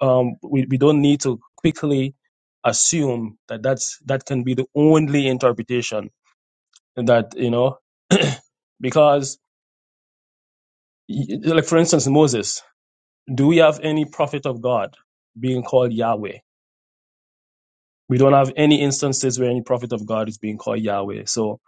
[SPEAKER 2] um, we we don't need to quickly assume that that's that can be the only interpretation that you know because y- like for instance Moses, do we have any prophet of God being called Yahweh? We don't have any instances where any prophet of God is being called Yahweh. So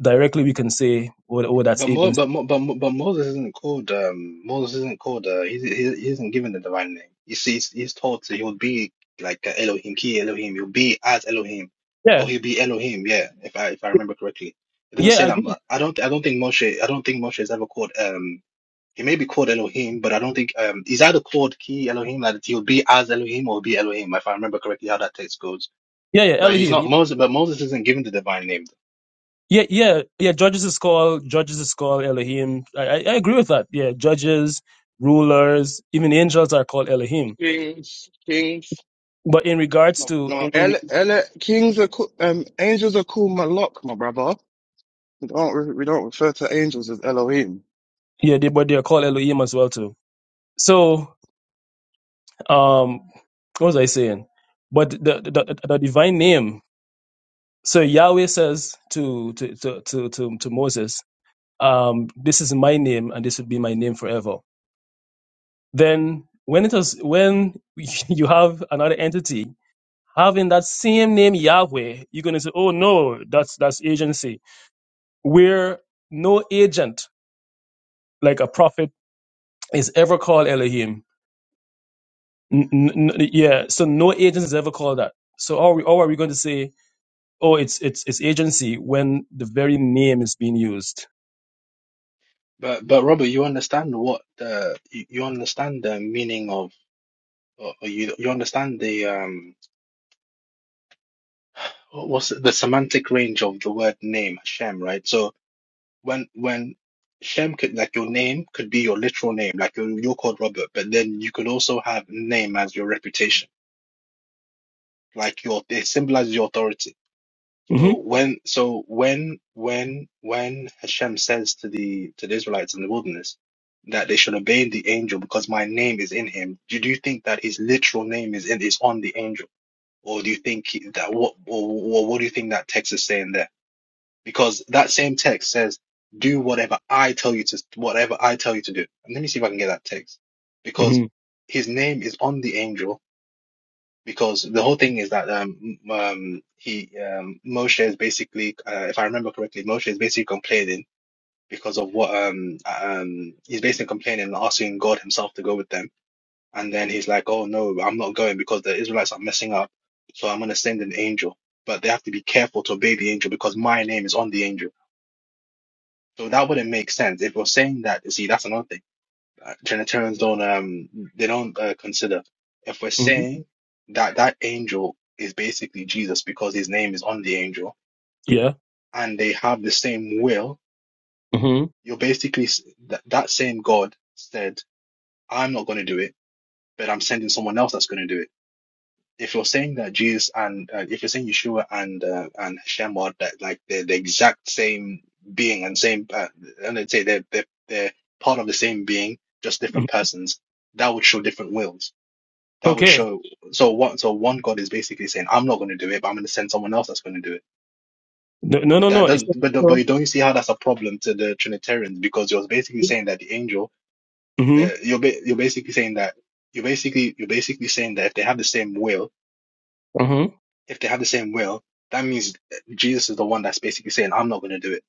[SPEAKER 2] directly we can say, oh, oh that's
[SPEAKER 5] But Mo,
[SPEAKER 2] Abel's.
[SPEAKER 5] but Mo, but Mo, but Moses isn't called um Moses isn't called uh he, he, he isn't given the divine name. He's he's, he's told to he'll be like a Elohim, key Elohim. He'll be as Elohim, or
[SPEAKER 2] Yeah,
[SPEAKER 5] he'll be Elohim. Yeah, if I if I remember correctly, it doesn't
[SPEAKER 2] yeah, I
[SPEAKER 5] say that.
[SPEAKER 2] agree.
[SPEAKER 5] mu- I don't I don't think Moshe I don't think Moshe is ever called um he may be called Elohim, but I don't think um he's either called key Elohim like he'll be as Elohim or be Elohim if I remember correctly how that text goes.
[SPEAKER 2] Yeah, yeah,
[SPEAKER 5] But he's
[SPEAKER 2] Elohim.
[SPEAKER 5] not Moses. But Moses isn't given the divine name.
[SPEAKER 2] Yeah, yeah, yeah. Judges is called judges is called Elohim. I, I I agree with that. Yeah, judges, rulers, even angels are called Elohim.
[SPEAKER 6] Kings, kings.
[SPEAKER 2] But in regards
[SPEAKER 6] No,
[SPEAKER 2] to in,
[SPEAKER 6] no,
[SPEAKER 2] in
[SPEAKER 6] ele, ele, kings are called, um, angels are called Malak, my brother. We don't, re- we don't refer to angels as Elohim.
[SPEAKER 2] yeah, they but they are called Elohim as well too. So um, what was I saying? But the the, the, the divine name. So Yahweh says to to to to to, to Moses, um, this is my name and this will be my name forever. Then when it was when you have another entity having that same name Yahweh, you're gonna say, "Oh no, that's that's agency." Where no agent, like a prophet, is ever called Elohim. N- n- n- yeah, so no agent is ever called that. So how are we? Or are we going to say, "Oh, it's it's it's agency" when the very name is being used?
[SPEAKER 5] But but Robert, you understand what the you, you understand the meaning of or or you you understand the um what- what's the, the semantic range of the word name Shem, right? So when when Shem could like your name could be your literal name, like you're, you're called Robert, but then you could also have name as your reputation, like your it symbolizes your authority.
[SPEAKER 2] hmm
[SPEAKER 5] So when so when when when Hashem says to the to the Israelites in the wilderness that they should obey the angel because my name is in him, do do you think that his literal name is in is on the angel, or do you think he- that what or, or what do you think that text is saying there? Because that same text says, "Do whatever I tell you to whatever I tell you to do." And let me see if I can get that text because
[SPEAKER 2] hmm
[SPEAKER 5] his name is on the angel because the whole thing is that um, um he um Moshe is basically uh, if I remember correctly Moshe is basically complaining because of what um um he's basically complaining and asking God himself to go with them and then he's like oh no I'm not going because the Israelites are messing up so I'm gonna send an angel but they have to be careful to obey the angel because my name is on the angel so that wouldn't make sense if you're saying that you see that's another thing uh, Trinitarians don't um they don't uh, consider if we're
[SPEAKER 2] hmm
[SPEAKER 5] saying that that angel is basically Jesus because his name is on the angel
[SPEAKER 2] Yeah.
[SPEAKER 5] and they have the same will,
[SPEAKER 2] hmm
[SPEAKER 5] you're basically s- that that same God said, "I'm not going to do it, but I'm sending someone else that's going to do it." If you're saying that Jesus and uh, if you're saying Yeshua and uh, and Hashem are that like they're the exact same being and same uh, and they'd say they're they're they're part of the same being, just
[SPEAKER 2] hmm
[SPEAKER 5] different persons, that would show different wills That would
[SPEAKER 2] Okay.
[SPEAKER 5] show. So what? So one God is basically saying, "I'm not going to do it, but I'm going to send someone else that's going to do it."
[SPEAKER 2] No, no,
[SPEAKER 5] But
[SPEAKER 2] no.
[SPEAKER 5] that
[SPEAKER 2] no.
[SPEAKER 5] does.
[SPEAKER 2] It's
[SPEAKER 5] But
[SPEAKER 2] not.
[SPEAKER 5] but don't you see how that's a problem to the Trinitarians because you're basically saying that the angel,
[SPEAKER 2] hmm
[SPEAKER 5] the, you're ba- you're basically saying that you're basically you're basically saying that if they have the same will,
[SPEAKER 2] hmm
[SPEAKER 5] if they have the same will, that means Jesus is the one that's basically saying, "I'm not going to do it,"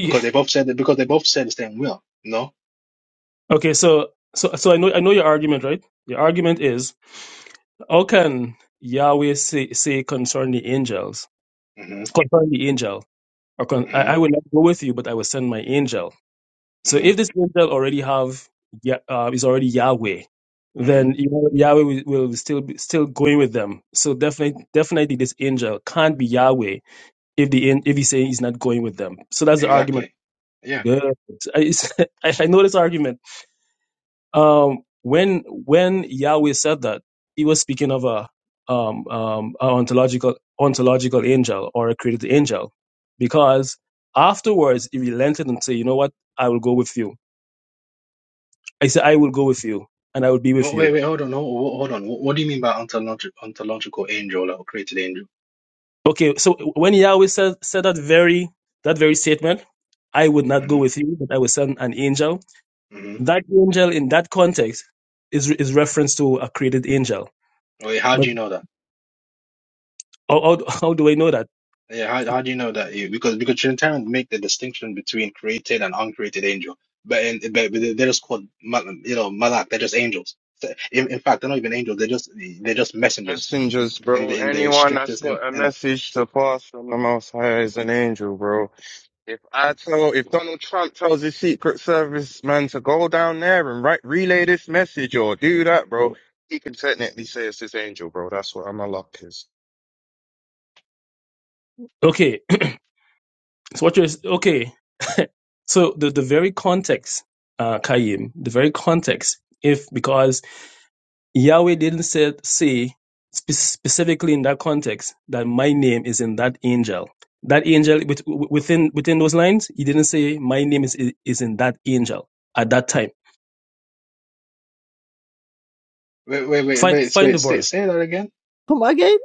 [SPEAKER 5] because they both said that because they both said the same will. No.
[SPEAKER 2] okay. So so so I know I know your argument, right? Your argument is How can Yahweh say, say concern the angels,
[SPEAKER 5] Mm-hmm.
[SPEAKER 2] concern the angel, or con- I,
[SPEAKER 5] hmm
[SPEAKER 2] I will not go with you, but I will send my angel. So
[SPEAKER 5] hmm
[SPEAKER 2] if this angel already have Ya- uh, is already Yahweh,
[SPEAKER 5] hmm
[SPEAKER 2] then you know, Yahweh will, will still be still going with them. So definitely, definitely, this angel can't be Yahweh if the an- if he's saying he's not going with them. So that's the argument.
[SPEAKER 5] Exactly. Yeah.
[SPEAKER 2] Good. I, I, I know this argument. um, when when Yahweh said that, he was speaking of a um, um, a ontological ontological angel or a created angel, because afterwards he relented and said, "You know what? I will go with you." I said, "I will go with you, and I will be with
[SPEAKER 5] Oh, wait,
[SPEAKER 2] you."
[SPEAKER 5] wait, hold on, hold, hold on. What, what do you mean by ontological, ontological angel like, or created angel?
[SPEAKER 2] Okay, so when Yahweh said said that very that very statement, "I would not go
[SPEAKER 5] hmm
[SPEAKER 2] with you, but I will send an angel."
[SPEAKER 5] hmm
[SPEAKER 2] That angel in that context is is reference to a created angel.
[SPEAKER 5] Wait, how
[SPEAKER 2] But
[SPEAKER 5] do you know that?
[SPEAKER 2] how, how, how do I know that?
[SPEAKER 5] Yeah, how, how do you know that? Yeah, because because Trinitarians make the distinction between created and uncreated angel, but in, but, but they're just called mal- you know malak. They're just angels. So, In, in fact, they're not even angels. They're just they're just messengers
[SPEAKER 6] Messengers,
[SPEAKER 5] in
[SPEAKER 6] bro.
[SPEAKER 5] the in the
[SPEAKER 6] Anyone that's
[SPEAKER 5] strictest and
[SPEAKER 6] got a
[SPEAKER 5] and
[SPEAKER 6] message to pass from the Most High is an angel, bro. If I tell, if Donald Trump tells his Secret Service man to go down there and write, relay this message or do that, bro, he can technically say it's his angel, bro. That's what a Malak is.
[SPEAKER 2] Okay, So what you're okay. So the, the very context, uh Kayim, the very context, if because Yahweh didn't say, say spe- specifically in that context that my name is in that angel. That angel with, within within those lines, he didn't say my name is is in that angel at that time.
[SPEAKER 5] wait wait wait
[SPEAKER 2] Find
[SPEAKER 5] wait
[SPEAKER 2] find the
[SPEAKER 5] wait say
[SPEAKER 2] verse.
[SPEAKER 5] say that again.
[SPEAKER 1] Come again?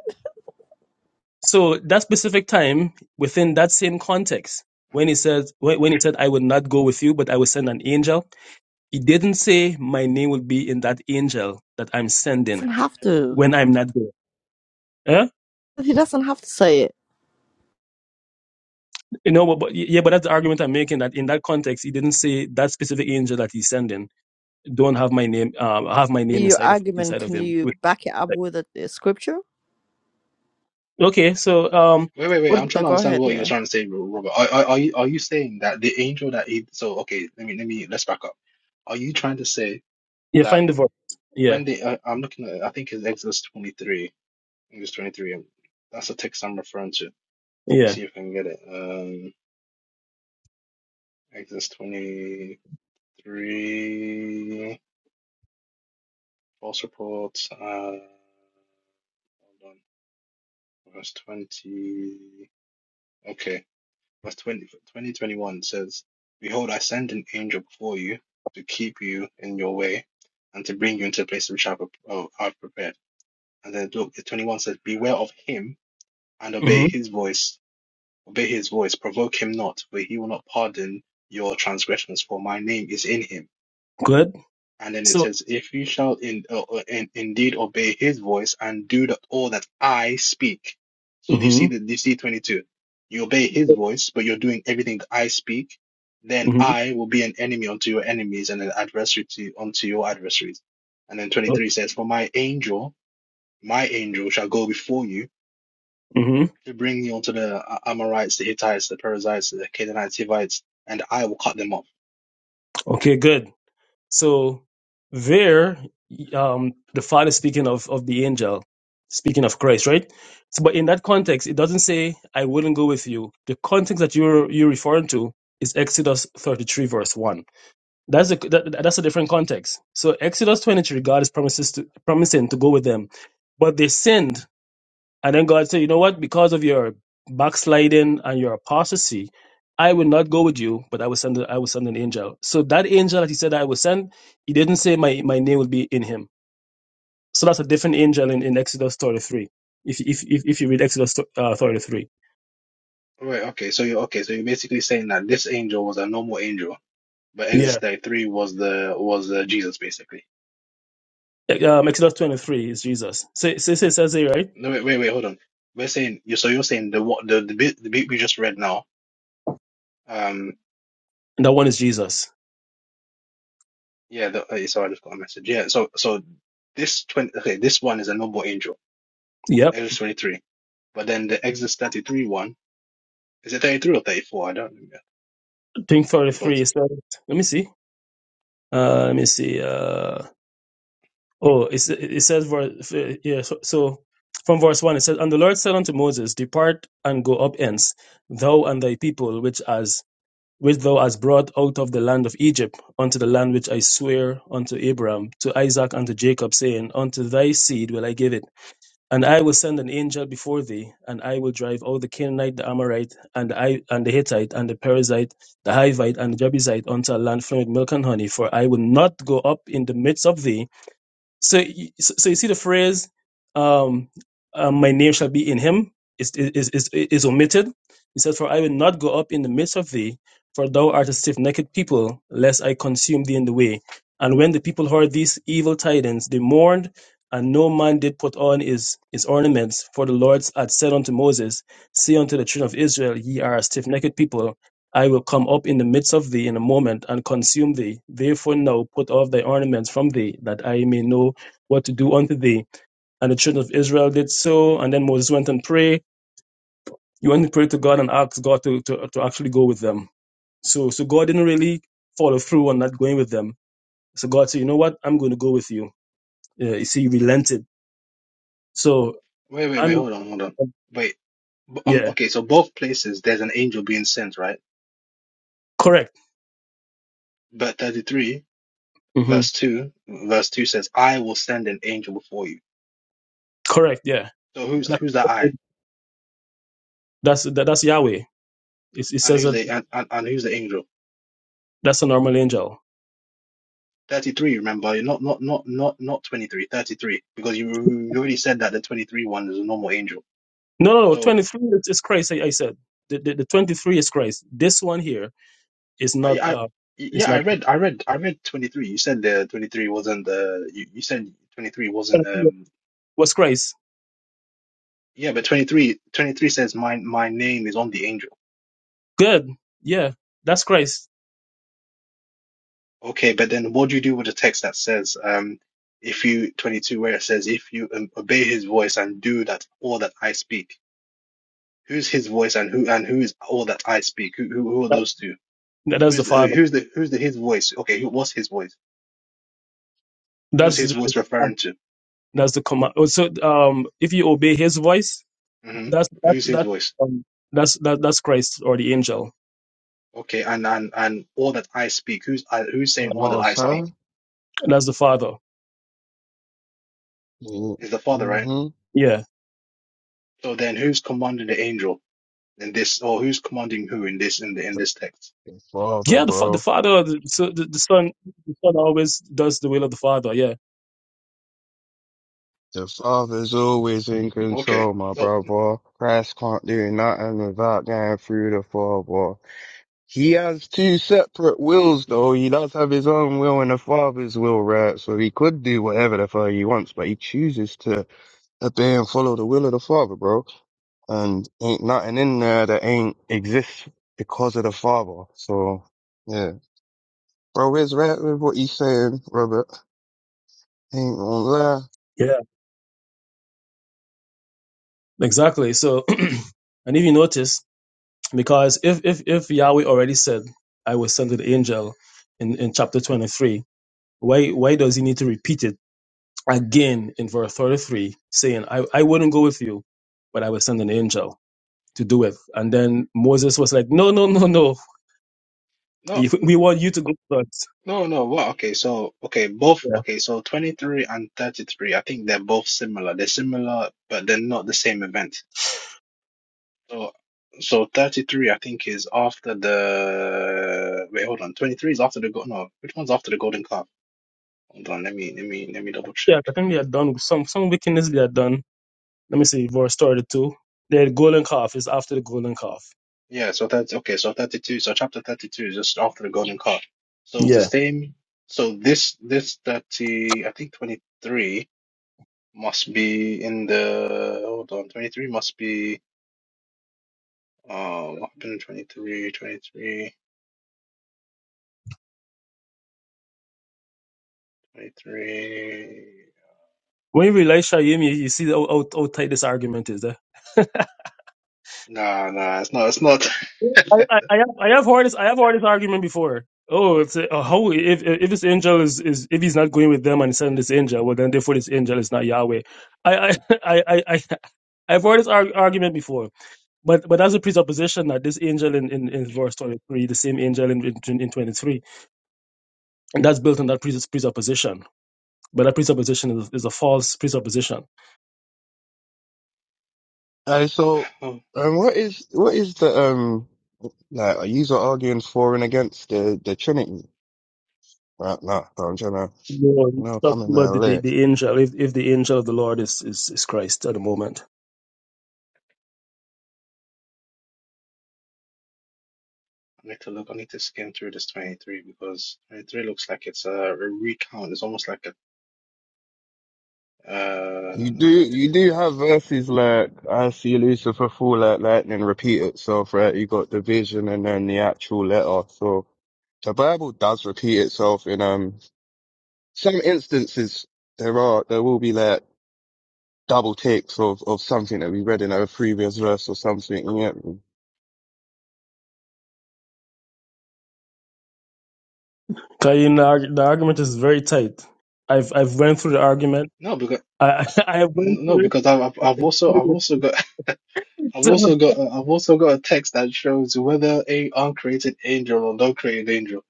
[SPEAKER 2] So that specific time within that same context, when he said when, when he said I will not go with you, but I will send an angel He didn't say my name will be in that angel that I'm
[SPEAKER 1] He
[SPEAKER 2] sending
[SPEAKER 1] Doesn't have to.
[SPEAKER 2] when I'm not there. Huh?
[SPEAKER 1] He doesn't have to say it.
[SPEAKER 2] You know, but, but yeah, but that's the argument I'm making. That in that context, he didn't say that specific angel that he's sending don't have my name, um, have my name
[SPEAKER 1] Your
[SPEAKER 2] inside of
[SPEAKER 1] argument,
[SPEAKER 2] inside of
[SPEAKER 1] can
[SPEAKER 2] him.
[SPEAKER 1] you
[SPEAKER 2] With-
[SPEAKER 1] back it up
[SPEAKER 2] like,
[SPEAKER 1] with a, a scripture?
[SPEAKER 2] Okay, so um,
[SPEAKER 5] Wait, wait, wait.
[SPEAKER 2] what?
[SPEAKER 5] I'm
[SPEAKER 1] Yeah,
[SPEAKER 5] trying to
[SPEAKER 1] go
[SPEAKER 5] understand
[SPEAKER 1] ahead.
[SPEAKER 5] what you're
[SPEAKER 1] Yeah.
[SPEAKER 5] trying to say, Ro- Robert. Are, are, are you are you saying that the angel that he so okay, let me let me let's back up. Are you trying to say
[SPEAKER 2] Yeah,
[SPEAKER 5] that
[SPEAKER 2] find the verse. Yeah,
[SPEAKER 5] when they I, I'm looking at I think it's Exodus 23, Exodus 23. um, That's the text I'm referring to. Let me
[SPEAKER 2] yeah.
[SPEAKER 5] see if I can get it. Um, Exodus 23, false reports. Uh, hold on, verse 20. Okay. Verse 20 20 21 says, Behold, I send an angel before you to keep you in your way and to bring you into a place which I've, uh, I've prepared. And then look, 21 says, Beware of him and obey
[SPEAKER 2] hmm
[SPEAKER 5] his voice. Obey his voice. Provoke him not, for he will not pardon your transgressions, for my name is in him.
[SPEAKER 2] Good.
[SPEAKER 5] And then it
[SPEAKER 2] So,
[SPEAKER 5] says, If you shall in, uh, uh, in, indeed obey his voice and do the, all that I speak. So do you see
[SPEAKER 2] hmm
[SPEAKER 5] the do you see 22? You obey his voice, but you're doing everything I speak. Then
[SPEAKER 2] hmm
[SPEAKER 5] I will be an enemy unto your enemies and an adversary to, unto your adversaries. And then 23 says, For my angel, my angel shall go before you
[SPEAKER 2] hmm
[SPEAKER 5] to bring you unto the uh, Amorites, the Hittites, the Perizzites, the Canaanites, Hivites, and I will cut them off.
[SPEAKER 2] Okay, good. So there, um, the Father speaking of of the angel, speaking of Christ, right? So, but in that context, it doesn't say I wouldn't go with you. The context that you're you're referring to is Exodus 33 verse one. That's a that, that's a different context. So Exodus 23, God is promises to, promising to go with them, but they sinned and then God said, You know what? Because of your backsliding and your apostasy, I will not go with you, but I will send I will send an angel. So that angel that he said I will send, he didn't say my, my name will be in him. So that's a different angel in, in Exodus 33. If, if if if you read Exodus uh, 33.
[SPEAKER 5] Right, okay, so you're okay, so you're basically saying that this angel was a normal angel But Exodus
[SPEAKER 2] Yeah.
[SPEAKER 5] 33 was the was uh, Jesus basically.
[SPEAKER 2] Um, Exodus 23 is Jesus. So, so, so it says there, right?
[SPEAKER 5] No, wait, wait, wait, hold on. We're saying you. So you're saying the what the the bit the bit we just read now. Um,
[SPEAKER 2] And that one is Jesus.
[SPEAKER 5] yeah. The, uh, so I just got a message. Yeah. So so this twenty. Okay, this one is a noble angel.
[SPEAKER 2] Yep.
[SPEAKER 5] Exodus 23. But then the Exodus 33 one is it 33 or 34? I don't remember.
[SPEAKER 2] I think
[SPEAKER 5] We
[SPEAKER 2] 33
[SPEAKER 5] got-
[SPEAKER 2] is let me see. Uh, let me see. Uh, Oh, it's, it says verse yeah. So, so from verse one it says, "And the Lord said unto Moses, Depart and go up hence, thou and thy people, which as which thou hast brought out of the land of Egypt, unto the land which I swear unto Abraham, to Isaac, and to Jacob, saying, Unto thy seed will I give it. And I will send an angel before thee, and I will drive out the Canaanite, the Amorite, and the I, and the Hittite, and the Perizzite, the Hivite, and the Jebusite unto a land flowing with milk and honey. For I will not go up in the midst of thee." so you- so so you see the phrase um, uh, my name shall be in him is is is, is omitted he said for i will not go up in the midst of thee for thou art a stiff-necked people lest i consume thee in the way and when the people heard these evil tidings they mourned and no man did put on his, his ornaments for the lord had said unto moses say unto the children of israel ye are a stiff-necked people I will come up in the midst of thee in a moment and consume thee. Therefore now put off thy ornaments from thee, that I may know what to do unto thee. And the children of Israel did so. And then Moses went and prayed. He went and prayed to God and asked God to, to, to actually go with them. So, so God didn't really follow through on not going with them. So God said, you know what? I'm going to go with you. Yeah, you see, he relented. So
[SPEAKER 5] Wait, wait, wait.
[SPEAKER 2] I'm,
[SPEAKER 5] Hold on, hold on. Wait. b- Um.
[SPEAKER 2] yeah,
[SPEAKER 5] Okay. So both places there's an angel being sent, right?
[SPEAKER 2] correct.
[SPEAKER 5] But 33
[SPEAKER 2] hmm
[SPEAKER 5] verse two verse two says, "I will send an angel before you."
[SPEAKER 2] Correct. Yeah.
[SPEAKER 5] So who's
[SPEAKER 2] That-
[SPEAKER 5] who's that I?
[SPEAKER 2] that's, that, that's Yahweh. It, it
[SPEAKER 5] And
[SPEAKER 2] says
[SPEAKER 5] who's
[SPEAKER 2] that
[SPEAKER 5] the and, and, and who's the angel?
[SPEAKER 2] that's a normal angel.
[SPEAKER 5] 33, remember, not not not not not 23, 33. because you, you already said that the 23 one is a normal angel.
[SPEAKER 2] No, no, no.
[SPEAKER 5] So
[SPEAKER 2] 23 is, is Christ. I, I said the, the, the 23 is Christ. This one here is
[SPEAKER 5] I
[SPEAKER 2] not.
[SPEAKER 5] I
[SPEAKER 2] Uh, it's
[SPEAKER 5] yeah,
[SPEAKER 2] not.
[SPEAKER 5] I read I read I read 23. You said the 23 wasn't the you, you said 23 wasn't
[SPEAKER 2] 23
[SPEAKER 5] um
[SPEAKER 2] Was Christ
[SPEAKER 5] yeah, but 23 23 says my my name is on the angel.
[SPEAKER 2] good? Yeah, that's Christ.
[SPEAKER 5] Okay, but then what do you do with the text that says um if you 22 where it says if you um, obey his voice and do that all that I speak? Who's his voice and who and who is all that I speak? Who who, who are
[SPEAKER 2] That,
[SPEAKER 5] those two?
[SPEAKER 2] that- that's the
[SPEAKER 5] Who's the
[SPEAKER 2] Father.
[SPEAKER 5] who's the who's the his voice? Okay, who what's his voice? Who's
[SPEAKER 2] That's
[SPEAKER 5] his
[SPEAKER 2] the,
[SPEAKER 5] voice referring to?
[SPEAKER 2] that's the command. Oh, So, um, if you obey His voice,
[SPEAKER 5] hmm
[SPEAKER 2] that's that
[SPEAKER 5] Who's his
[SPEAKER 2] that
[SPEAKER 5] voice?
[SPEAKER 2] um, that's that that's Christ or the angel.
[SPEAKER 5] Okay, and and and all that I speak. Who's I, who's saying all that
[SPEAKER 6] Hello,
[SPEAKER 5] I
[SPEAKER 6] sir.
[SPEAKER 5] speak?
[SPEAKER 2] That's the Father.
[SPEAKER 5] Is the Father, right?
[SPEAKER 6] Mm-hmm.
[SPEAKER 2] Yeah,
[SPEAKER 5] So then, who's commanding the angel in this, or who's commanding who in this in the in this text?
[SPEAKER 6] The father,
[SPEAKER 2] yeah. The fa- the
[SPEAKER 6] bro.
[SPEAKER 2] Father. the- So the, the Son. The Son always does the will of the Father. Yeah,
[SPEAKER 6] The father's always in
[SPEAKER 5] Okay,
[SPEAKER 6] control, my
[SPEAKER 5] so
[SPEAKER 6] brother. Christ can't do nothing without going through the father. He has two separate wills, though. He does have his own will and the father's will, right? So he could do whatever the fuck he wants, but he chooses to obey and follow the will of the father, bro. And ain't nothing in there that ain't exists because of the father. So, yeah. Bro, is right with what he's saying, Robert. Ain't gonna lie.
[SPEAKER 2] yeah. Exactly. So, and if you notice Because if, if, if Yahweh already said, I will send an angel in, in chapter 23, why, why does he need to repeat it again in verse 33, saying, I, I wouldn't go with you, but I will send an angel to do it? And then Moses was like, No, no, no, no.
[SPEAKER 5] no,
[SPEAKER 2] If- We want you to go first.
[SPEAKER 5] no, no. Well, okay, so okay, both
[SPEAKER 2] Yeah.
[SPEAKER 5] okay, so twenty three and thirty three. I think they're both similar. They're similar, but they're not the same event So, so 33, I think, is after the. Wait, hold on. 23 is after the gold. No, which one's after the golden calf? Hold on. Let me, let me, let me double check.
[SPEAKER 2] Yeah, I think they had done some, some wickedness they had done. Let me see, verse 32. The golden calf is after the golden calf.
[SPEAKER 5] Yeah, so that's okay. So 32, so chapter 32 is just after the golden calf. So it's the
[SPEAKER 2] Yeah.
[SPEAKER 5] same. So this, this 30, I think 23 must be in the. Hold on. 23 must be. Uh, what happened in 23, 23, 23.
[SPEAKER 2] When you realize Shayim, you, you see how, how, how tight this argument is. Eh?
[SPEAKER 5] Nah, nah, it's not, it's not.
[SPEAKER 2] I, I, I have I have heard this I have heard this argument before. Oh, it's a, a how if if this angel is, is if he's not going with them and sending this angel, well then therefore this angel is not Yahweh. I I I I, I I've heard this arg- argument before, but but that's a presupposition that this angel in, in, in verse twenty three, the same angel in in, in twenty three, and that's built on that pres- presupposition. But that presupposition is, is a false presupposition.
[SPEAKER 6] Uh, so, um, what is what is the um like? Are you arguing for and against the the Trinity? Right now, so I'm trying to
[SPEAKER 2] No,
[SPEAKER 6] you
[SPEAKER 2] it's
[SPEAKER 6] know come
[SPEAKER 2] talking
[SPEAKER 6] in there
[SPEAKER 2] about the, the,
[SPEAKER 6] late.
[SPEAKER 2] the angel, if, if the angel of the Lord is, is, is Christ at the moment.
[SPEAKER 5] I need to look. I need to skim through this 23 because 23 looks like it's a recount. It's almost like a uh
[SPEAKER 6] You do
[SPEAKER 5] 20,
[SPEAKER 6] you do have verses like I see Lucifer fall like lightning, repeat itself. Right, you got the vision and then the actual letter. So the Bible does repeat itself in um some instances. There are there will be like double takes of of something that we read in a previous verse or something. Yeah,
[SPEAKER 2] Kayin, the arg- the argument is very tight. I've I've went through the argument.
[SPEAKER 5] no because
[SPEAKER 2] I I have went
[SPEAKER 5] no
[SPEAKER 2] through
[SPEAKER 5] because I've I've I've also I've
[SPEAKER 2] it.
[SPEAKER 5] also got I've also got a, I've also got a text that shows whether a uncreated angel or not created angel.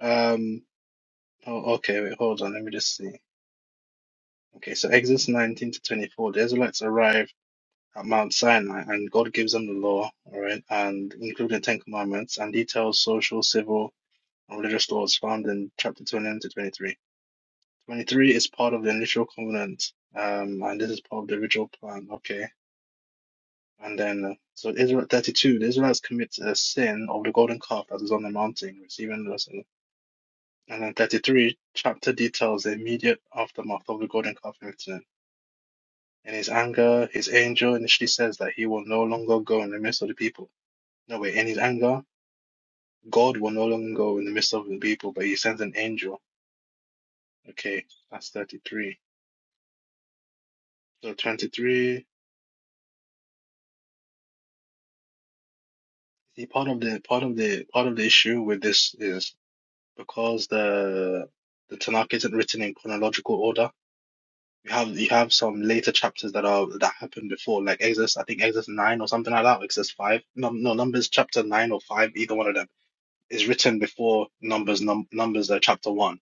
[SPEAKER 5] Um. Oh, okay. Wait. Hold on. Let me just see. Okay. So Exodus 19 to 24. The Israelites arrive at Mount Sinai, and God gives them the law. All right, and including the Ten Commandments and details social, civil and religious laws found in chapter 29 to 23. 23 is part of the initial covenant, um, and this is part of the original plan. Okay. And then, uh, so Israel 32, the Israelites commit a sin of the golden calf that is on the mountain, receiving the And then 33, chapter details the immediate aftermath of the golden calf incident. In his anger, his angel initially says that he will no longer go in the midst of the people. No, wait, in his anger, God will no longer go in the midst of the people, but he sends an angel. Okay, that's 33. So 23, see, part of the part of the part of the issue with this is because the the Tanakh isn't written in chronological order. You have you have some later chapters that are that happened before, like Exodus, I think Exodus nine or something like that, or Exodus five. No, no, Numbers chapter nine or five, either one of them is written before Numbers num Numbers uh, chapter one.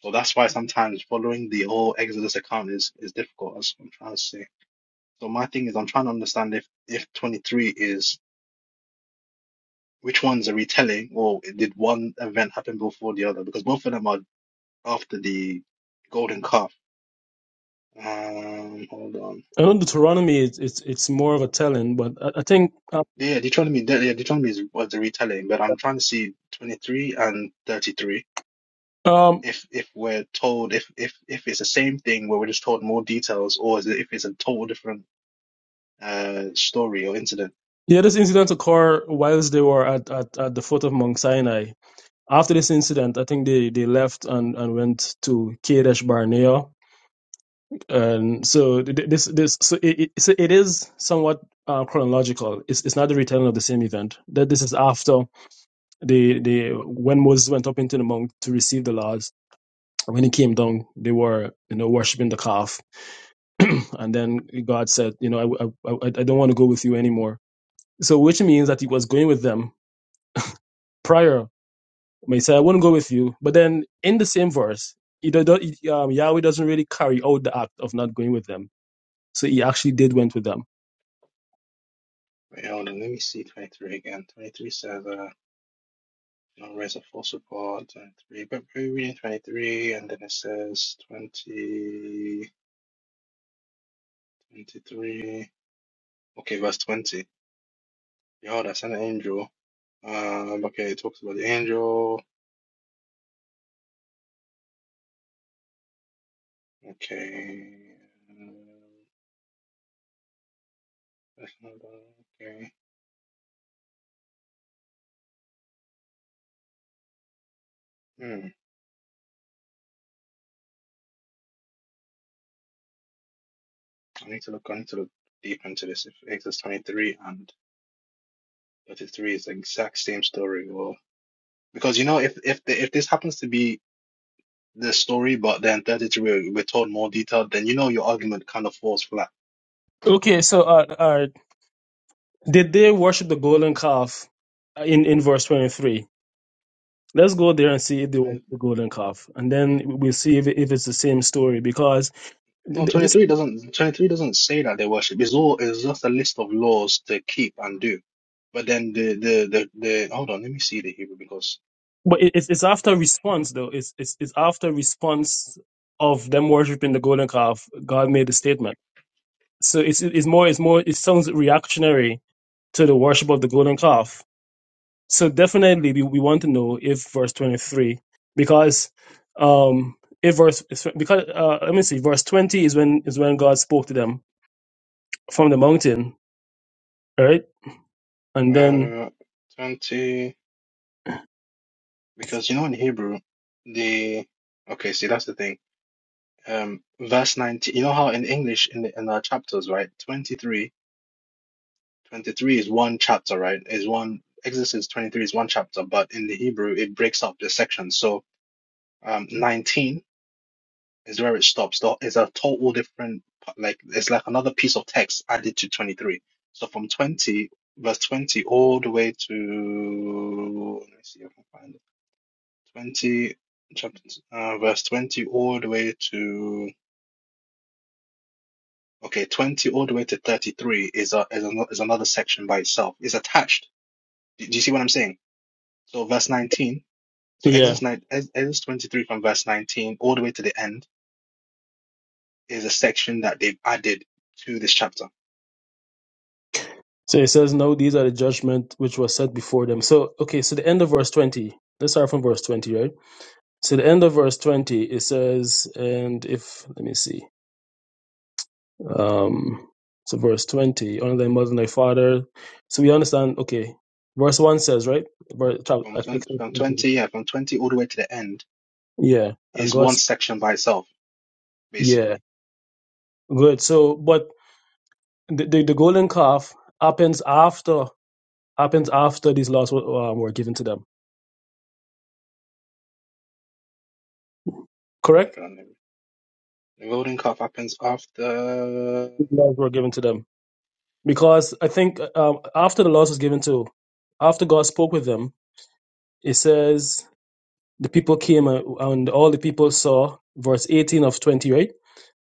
[SPEAKER 5] So that's why sometimes following the whole Exodus account is is difficult. That's what I'm trying to say. So my thing is, I'm trying to understand if if 23 is Which one's a retelling, or did one event happen before the other? Because both of them are after the golden calf. Um, hold on.
[SPEAKER 2] I know Deuteronomy is it's it's more of a telling, but I, I think uh,
[SPEAKER 5] Yeah, Deuteronomy, de- yeah, Deuteronomy is, was the retelling, but I'm trying to see 23 and 33.
[SPEAKER 2] um
[SPEAKER 5] If if we're told if if if it's the same thing where we're just told more details, or is it, if it's a total different uh story or incident.
[SPEAKER 2] yeah, this incident occurred whilst they were at, at, at the foot of Mount Sinai. After this incident, I think they, they left and, and went to Kadesh Barnea, and so th- this this so it, it, so it is somewhat uh, chronological. It's it's not the retelling of the same event. That this is after. they they when Moses went up into the mount to receive the laws, when he came down, they were you know worshiping the calf, and then God said, you know, I I, I I don't want to go with you anymore. So which means that he was going with them prior. He said, I wouldn't go with you, but then in the same verse, he do, do- he, um, Yahweh doesn't really carry out the act of not going with them. So he actually did went with them.
[SPEAKER 5] Wait, hold on. Let me see 23 again. 23 says. Don't raise a full support 23, but we're reading 23, and then it says 20 23. Okay, verse 20. Behold, I sent an angel. Um, okay, it talks about the angel. Okay. um, that's not bad, Okay. Hmm. I need to look. I need to look deep into this. If Exodus 23 and 33 is the exact same story, or because you know, if if the, if this happens to be the story, but then 33 we're, we're told more detail, then you know your argument kind of falls flat
[SPEAKER 2] Okay, so uh, uh, did they worship the golden calf in in verse twenty three? Let's go there and see if they want
[SPEAKER 5] Uh,
[SPEAKER 2] the golden calf, and then we'll see if, if it's the same story. Because th-
[SPEAKER 5] No,
[SPEAKER 2] th- this,
[SPEAKER 5] 23 doesn't 23 doesn't say that they worship. It's all it's just a list of laws to keep and do. But then the the the, the hold on, let me see the Hebrew because
[SPEAKER 2] but it- it's, it's after response though. It's, it's it's after response of them worshiping the golden calf. God made the statement, so it's it's more it's more it sounds reactionary to the worship of the golden calf. So definitely we, we want to know if verse twenty three, because um if verse because uh, let me see verse twenty is when is when God spoke to them from the mountain, right? And then
[SPEAKER 5] uh 20 because you know in Hebrew the okay, see that's the thing. Um verse 19, you know how in English in the, in our chapters, right? 23 23 is one chapter, right? Is one Exodus 23 is one chapter, but in the Hebrew it breaks up the section. So um 19 is where it stops. Tho- It's a total different like it's like another piece of text added to 23. So from 20 verse 20 all the way to let me see if I can find it. 20 chapter uh, verse 20 all the way to okay 20 all the way to 33 is a is, a, is another section by itself. It's attached. Do do you see what I'm saying? So verse 19 So
[SPEAKER 2] Yeah.
[SPEAKER 5] Exodus, 9, Ex- Exodus 23 from verse 19 all the way to the end is a section that they've added to this chapter.
[SPEAKER 2] So it says, No, these are the judgment which was set before them. So, okay, so the end of verse 20. Let's start from verse 20, right? So the end of verse 20, it says, And if, let me see. Um, so verse 20, honor thy mother and thy father. So we understand, okay. Verse 1 says, right? Verse, chapter,
[SPEAKER 5] From 20,
[SPEAKER 2] Exodus
[SPEAKER 5] from
[SPEAKER 2] 20.
[SPEAKER 5] 20, yeah, from 20 all the way to the end
[SPEAKER 2] Yeah. And
[SPEAKER 5] is one
[SPEAKER 2] God's,
[SPEAKER 5] section by itself,
[SPEAKER 2] yeah.
[SPEAKER 5] basically.
[SPEAKER 2] Good. So, but the, the, the golden calf happens after, happens after these laws were, um, were given to them.
[SPEAKER 5] Hold
[SPEAKER 2] Correct?
[SPEAKER 5] on, let me- The golden calf happens after.
[SPEAKER 2] These laws were given to them. because I think um, after the laws was given to, after God spoke with them, it says the people came uh, and all the people saw verse eighteen of twenty, right?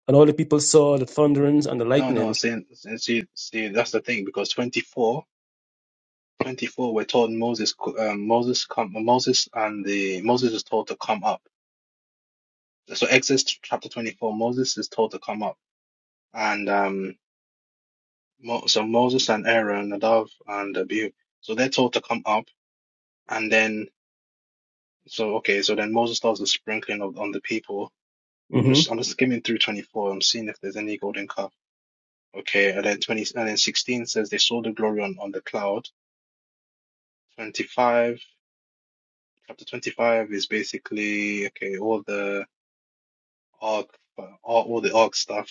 [SPEAKER 2] And all the people saw the thunderings and the
[SPEAKER 5] No, no,
[SPEAKER 2] lightnings.
[SPEAKER 5] see, see, see, that's the thing because twenty we're told Moses, co- um, Moses come, Moses and the, Moses is told to come up. So Exodus chapter 24, Moses is told to come up and, um. Mo so Moses and Aaron, Nadav and Abihu. So they're told to come up, and then so okay, so then Moses does the sprinkling of on the people. I'm
[SPEAKER 2] hmm
[SPEAKER 5] just I'm just skimming through 24. I'm seeing if there's any golden calf. Okay, and then 20 and then 16 says they saw the glory on on the cloud. 25 chapter 25 is basically okay all the ark all, all the ark stuff.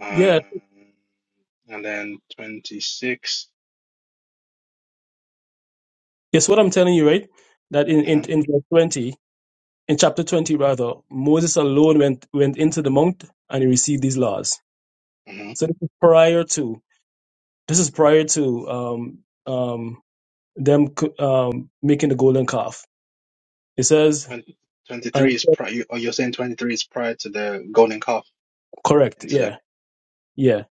[SPEAKER 5] Um,
[SPEAKER 2] Yeah,
[SPEAKER 5] and then 26.
[SPEAKER 2] it's what I'm telling you, right? That in, in
[SPEAKER 5] mm-hmm,
[SPEAKER 2] in verse twenty, in chapter twenty rather, Moses alone went went into the mount and he received these laws.
[SPEAKER 5] mm-hmm.
[SPEAKER 2] So this is prior to this is prior to um um them c- um making the golden calf. It says
[SPEAKER 5] 20 23
[SPEAKER 2] and
[SPEAKER 5] is prior. You, or you're saying 23 is prior to the golden calf
[SPEAKER 2] Correct.
[SPEAKER 5] incident.
[SPEAKER 2] Yeah. Yeah.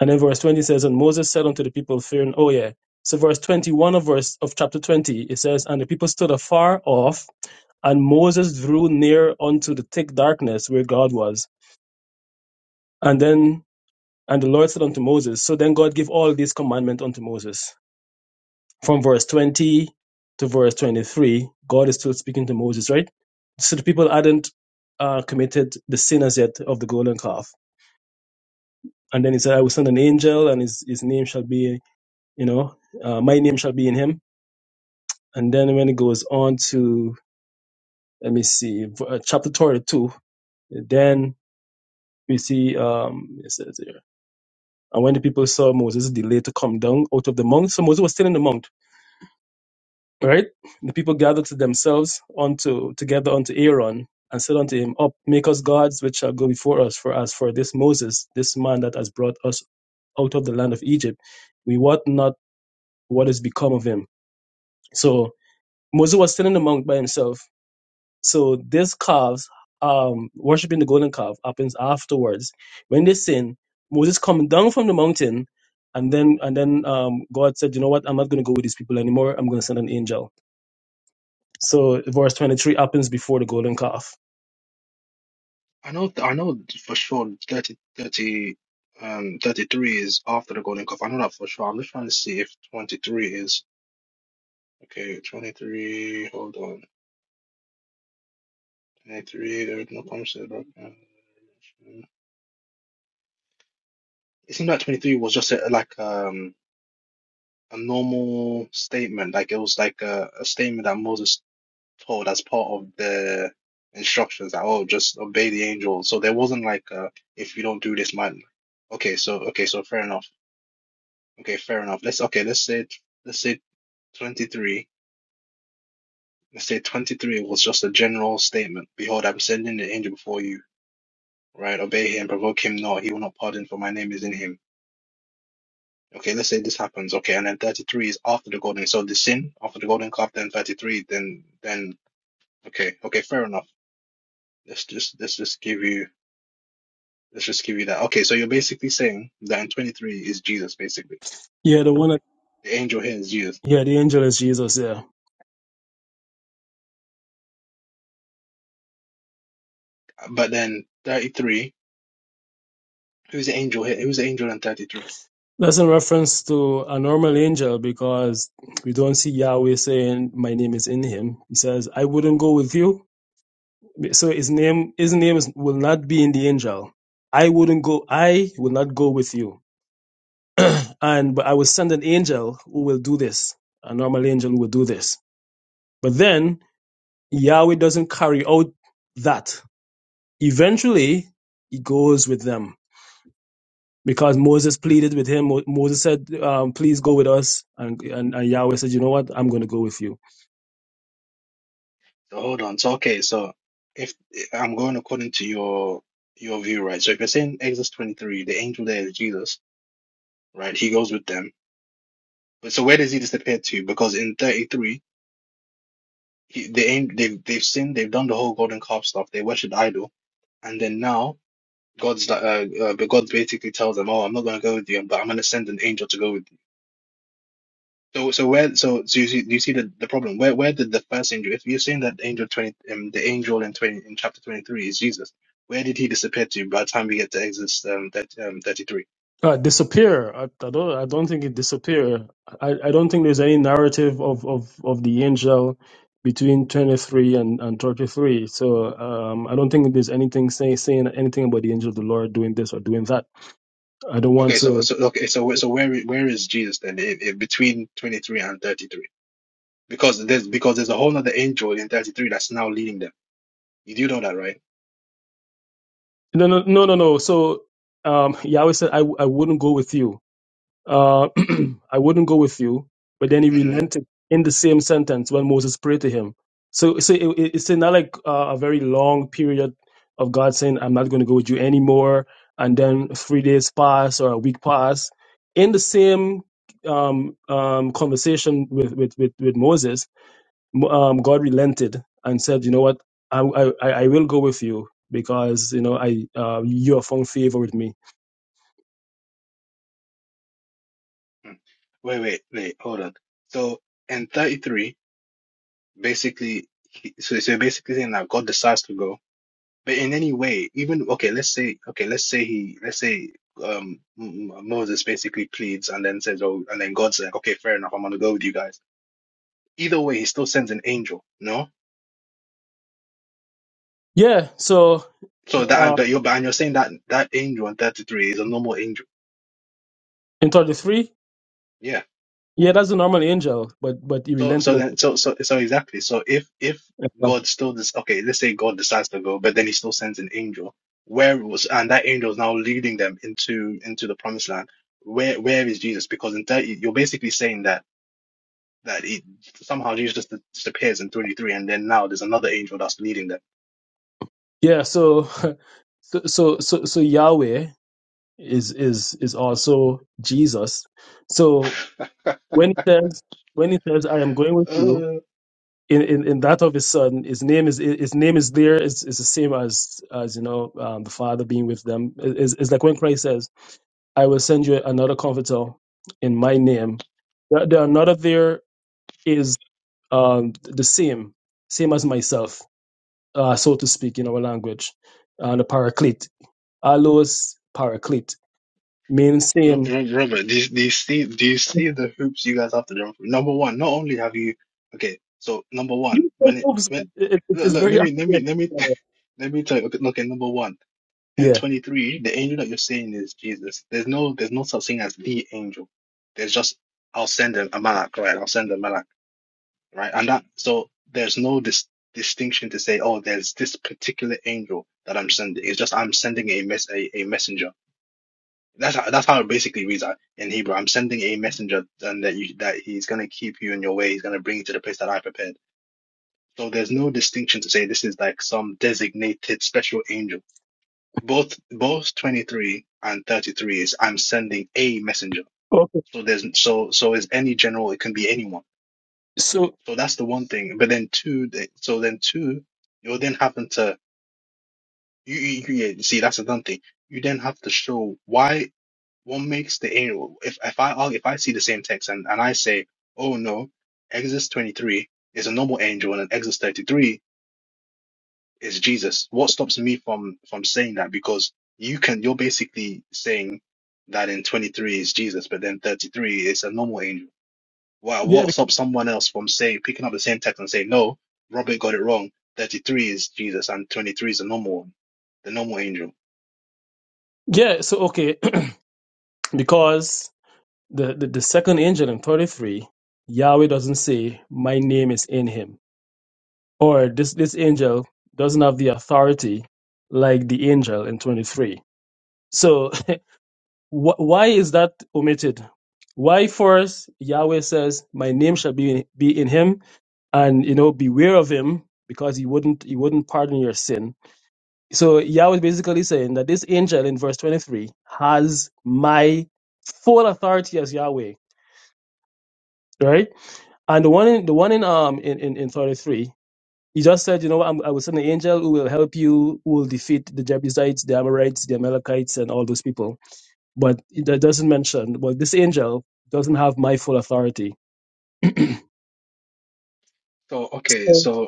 [SPEAKER 2] And then verse 20 says, And Moses said unto the people, fearing, oh, yeah. So verse 21 of verse of chapter 20, it says, And the people stood afar off, and Moses drew near unto the thick darkness where God was. And then, and the Lord said unto Moses, So then God gave all these commandments unto Moses. From verse 20 to verse 23, God is still speaking to Moses, right? So the people hadn't uh, committed the sin as yet of the golden calf. And then he said, I will send an angel, and his, his name shall be you know, uh, my name shall be in him. And then when it goes on to, let me see, v- uh, chapter 22, then we see, um, it says here, and when the people saw Moses delay to come down out of the mount, so Moses was still in the mount, right? The people gathered to themselves unto, together unto Aaron and said unto him, Up, make us gods which shall go before us, for as for this Moses, this man that has brought us out of the land of Egypt, we wot not what is become of him. So Moses was still in the mount by himself So this calves, um, worshiping the golden calf happens afterwards. When they sin, Moses coming down from the mountain, and then and then um, God said, you know what? I'm not going to go with these people anymore. I'm going to send an angel. So verse 23 happens before the golden calf.
[SPEAKER 5] I know. I know for sure. 30 30 um, 33 is after the golden calf. I know that for sure. I'm just trying to see if 23 is okay. 23. Hold on. 23. There is no promises about. cancellation. It seemed like 23 was just a, like um a normal statement. Like it was like a, a statement that Moses told as part of the instructions that oh just obey the angel so there wasn't like uh if you don't do this man okay so okay so fair enough okay fair enough let's okay let's say let's say 23 let's say 23 was just a general statement behold i'm sending the angel before you right obey him provoke him not he will not pardon for my name is in him okay let's say this happens okay and then 33 is after the golden so the sin after the golden calf then 33 then then okay okay fair enough let's just let's just give you Let's just give you that. Okay, so you're basically saying that in 23 is Jesus, basically.
[SPEAKER 2] Yeah, the one. That,
[SPEAKER 5] The angel here is Jesus.
[SPEAKER 2] yeah, the angel is Jesus. Yeah.
[SPEAKER 5] But then 33, who's the angel here? Who's the angel in 33?
[SPEAKER 2] That's in reference to a normal angel because we don't see Yahweh saying, My name is in him. He says, I wouldn't go with you So his name, his name is, will not be in the angel. I wouldn't go. I will not go with you. and but I will send an angel who will do this. A normal angel who will do this. But then Yahweh doesn't carry out that. Eventually, he goes with them because Moses pleaded with him. Mo- Moses said, um, "Please go with us," and, and and Yahweh said, "You know what? I'm going to go with you."
[SPEAKER 5] So hold on. So okay, so if I'm going according to your your view, right? So if you're saying Exodus 23, the angel there is Jesus, right? He goes with them. But so where does he disappear to? Because in 33, he, they they've, they've sinned, they've done the whole golden calf stuff, they worshiped idol, and then now God's like, uh, uh, but God basically tells them, "Oh, I'm not going to go with you, but I'm going to send an angel to go with you." So, so where, so, so you see, you see the, the problem. Where, where did the first angel? If you're saying that angel twenty, um, the angel in twenty in chapter twenty three is Jesus, where did he disappear to? By the time we get to Exodus um, that um, thirty three.
[SPEAKER 2] Uh, disappear. I, I don't. I don't think it disappear. I, I don't think there's any narrative of, of, of the angel between twenty three and, and thirty three. So um, I don't think there's anything say, saying anything about the angel of the Lord doing this or doing that. I don't want
[SPEAKER 5] Okay, so,
[SPEAKER 2] to.
[SPEAKER 5] so, okay, so, so where, where is Jesus then? In, in between twenty three and thirty three, because there's because there's a whole other angel in thirty three that's now leading them. You do know that, right?
[SPEAKER 2] No, no, no, no, no. So um, Yahweh said, I, I wouldn't go with you. Uh, I wouldn't go with you. But then he
[SPEAKER 5] hmm
[SPEAKER 2] relented in the same sentence when Moses prayed to him. So, so it, it- it's not like uh, a very long period of God saying, I'm not going to go with you anymore. And then three days pass or a week pass. In the same um, um, conversation with, with, with, with Moses, Mo- um, God relented and said, You know what? I, I, I I will go with you because you know I uh, you have found favor with me.
[SPEAKER 5] Mm. Wait, wait, wait, hold on. So in 33, basically, he, so so basically saying that God decides to go, but in any way, even okay, let's say, okay, let's say he, let's say, um, M- M- Moses basically pleads and then says, oh, and then God's like, okay, fair enough, I'm gonna go with you guys. Either way, he still sends an angel, no?
[SPEAKER 2] Yeah. So
[SPEAKER 5] So that,
[SPEAKER 2] uh,
[SPEAKER 5] but you're, but and you're saying that that angel in 33 is a normal angel.
[SPEAKER 2] in 33.
[SPEAKER 5] Yeah.
[SPEAKER 2] Yeah, that's a normal angel, but but he
[SPEAKER 5] So so
[SPEAKER 2] relented and
[SPEAKER 5] then so so so exactly. So if if God still this okay, let's say God decides to go, but then he still sends an angel. Where was and that angel is now leading them into into the promised land. Where where is Jesus? Because in 30 you're basically saying that that it somehow Jesus just disappears in 23 and then now there's another angel that's leading them.
[SPEAKER 2] yeah. So, so so so so Yahweh is is is also Jesus. So when he says when he says I am going with you
[SPEAKER 5] Uh
[SPEAKER 2] in in, in that of his son, his name is his name is there is is the same as as you know um, the Father being with them. It- It's, it's like when Christ says, I will send you another Comforter in my name. The, the another there is um, the same same as myself uh, so to speak, in our language. And the paraclete, allos paraclete, means
[SPEAKER 5] Ro-
[SPEAKER 2] same.
[SPEAKER 5] Ro- Robert, do you, do you see do you see the hoops you guys have to jump through? Number one, not only have you okay, so number one,
[SPEAKER 2] You say
[SPEAKER 5] when it
[SPEAKER 2] move,
[SPEAKER 5] when
[SPEAKER 2] it, it-
[SPEAKER 5] look,
[SPEAKER 2] it's
[SPEAKER 5] look,
[SPEAKER 2] very
[SPEAKER 5] let me let me
[SPEAKER 2] accurate.
[SPEAKER 5] let me Let me tell you. Okay, okay, number one, in
[SPEAKER 2] Yeah.
[SPEAKER 5] 23, the angel that you're saying is Jesus. There's no, there's no such thing as the angel. There's just, I'll send a, a malak, right? I'll send a malak, right? And that, so there's no dis distinction to say, oh, there's this particular angel that I'm sending. It's just I'm sending a mess, a, a messenger. That's how, that's how it basically reads out in Hebrew. I'm sending a messenger, and that you, that he's gonna keep you in your way. He's gonna bring you to the place that I prepared. So there's no distinction to say this is like some designated special angel both both 23 and 33 is I'm sending a messenger.
[SPEAKER 2] Okay.
[SPEAKER 5] So there's so so is any general, it can be anyone.
[SPEAKER 2] So
[SPEAKER 5] So that's the one thing. But then two, they- so then two, you'll then happen to you, you, you yeah, see that's another thing. You then have to show why what makes the arrow. If if I argue- if I see the same text and and I say, oh no, Exodus 23 is a normal angel and an Exodus 33 is Jesus. What stops me from from saying that? Because you can, you're basically saying that in 23 is Jesus, but then 33 is a normal angel. Wow,
[SPEAKER 2] yeah,
[SPEAKER 5] what
[SPEAKER 2] be-
[SPEAKER 5] stops someone else from saying, picking up the same text and saying, no, Robert got it wrong. 33 is Jesus and 23 is the normal one, the normal angel.
[SPEAKER 2] yeah. So okay, because the, the the second angel in thirty three, Yahweh doesn't say, "My name is in him," or this this angel doesn't have the authority like the angel in twenty three. So Wh- why is that omitted? Why first Yahweh says, "My name shall be in, be in him," and you know, beware of him because he wouldn't he wouldn't pardon your sin. So Yahweh is basically saying that this angel in verse 23 has my full authority as Yahweh, right? And the one in the one in um in in, in 33. He just said, you know, I'm, I will send an angel who will help you, who will defeat the Jebusites, the Amorites, the Amalekites, and all those people but it doesn't mention well this angel doesn't have my full authority
[SPEAKER 5] So, okay,
[SPEAKER 2] Oh.
[SPEAKER 5] so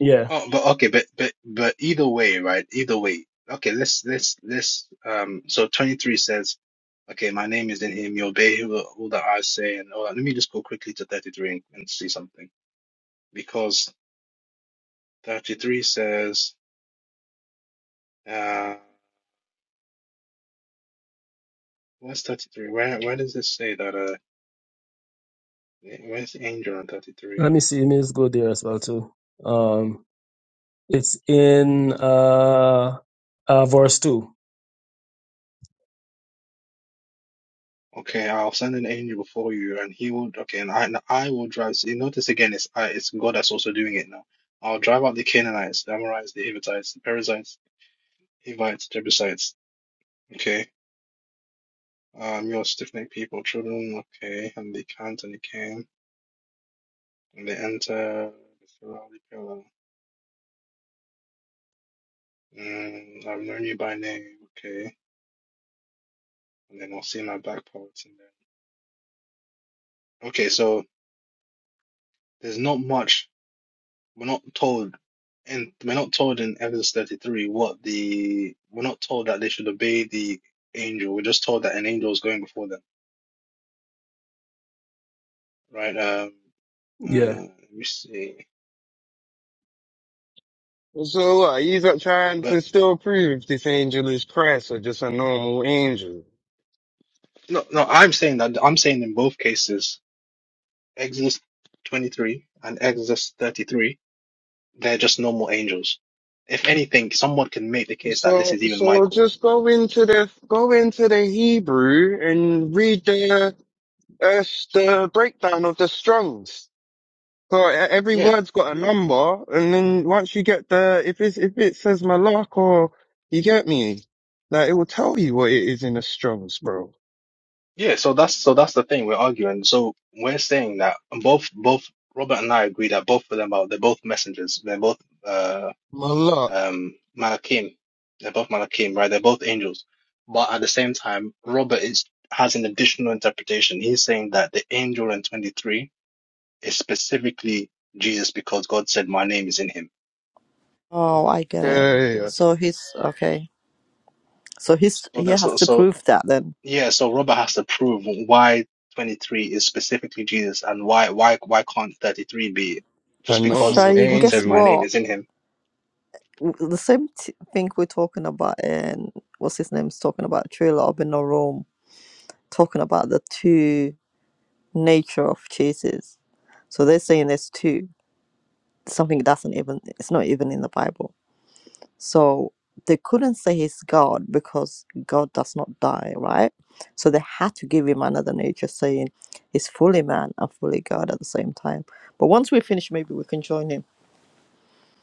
[SPEAKER 2] yeah
[SPEAKER 5] Oh, but okay, but but but either way, right? Either way. Okay, let's let's let's um so 23 says, okay, my name is in him, you obey who- all that I say and all that. Let me just go quickly to 33 and, and see something. Because 33 says uh where's 33? Where where does it say that uh where's the angel on 33?
[SPEAKER 2] let me see let me just go there as well too um it's in uh, uh verse 2
[SPEAKER 5] Okay, I'll send an angel before you, and he will. Okay, and I and I will drive. See, notice again, it's I, it's God that's also doing it now. I'll drive out the Canaanites, the Amorites, the Hittites, the Perizzites, Hivites, Jebusites. Okay, um, your stiff-necked people, children. Okay, and they can't, and they came and they enter the Pharaoh. Mm, I've known you by name. Okay, and then I'll see my back parts. And then okay, so there's not much. We're not told, and we're not told in Exodus 33 what the, we're not told that they should obey the angel. We're just told that an angel is going before them, right? Um, uh,
[SPEAKER 2] yeah
[SPEAKER 5] let me see.
[SPEAKER 6] So uh, he's uh, trying
[SPEAKER 5] But
[SPEAKER 6] to still prove if this angel is Christ or just a normal angel.
[SPEAKER 5] no, no, I'm saying that, I'm saying in both cases, Exodus 23 and Exodus 33, they're just normal angels. If anything, someone can make the case that this
[SPEAKER 6] So,
[SPEAKER 5] is even
[SPEAKER 6] so
[SPEAKER 5] Michael.
[SPEAKER 6] just go into the go into the Hebrew and read the uh, the breakdown of the Strong's. So e- every word's got a number, and then once you get the if it's if it says Malak or you get me, like it will tell you what it is in the Strong's, bro.
[SPEAKER 5] Yeah, so that's so that's the thing we're arguing. So we're saying that both both Robert and I agree that both of them are they're both messengers. They're both uh
[SPEAKER 6] Malak,
[SPEAKER 5] um Malachim. They're both Malachim, right? They're both angels. But at the same time, Robert is has an additional interpretation. He's saying that the angel in 23 is specifically Jesus because God said, "My name is in him."
[SPEAKER 1] Oh, I get it.
[SPEAKER 6] yeah, yeah, yeah.
[SPEAKER 1] So he's okay. So he's
[SPEAKER 5] So
[SPEAKER 1] he
[SPEAKER 5] that's
[SPEAKER 1] has to
[SPEAKER 5] so.
[SPEAKER 1] prove that then.
[SPEAKER 5] Yeah, so Robert has to prove why 23 is specifically Jesus and why why why can't 33 be
[SPEAKER 6] a
[SPEAKER 5] just because
[SPEAKER 6] normal
[SPEAKER 1] Shane,
[SPEAKER 5] God
[SPEAKER 1] guess
[SPEAKER 5] says
[SPEAKER 6] angel
[SPEAKER 5] my name
[SPEAKER 1] what?
[SPEAKER 5] is in him.
[SPEAKER 1] W- The same t- thing we're talking about in what's his name's talking about trailer up in the room, talking about the two nature of Jesus. So they're saying there's two something doesn't even it's not even in the Bible So they couldn't say he's God because God does not die, right? So they had to give him another nature, saying he's fully man and fully God at the same time. But once we finish, maybe we can join him.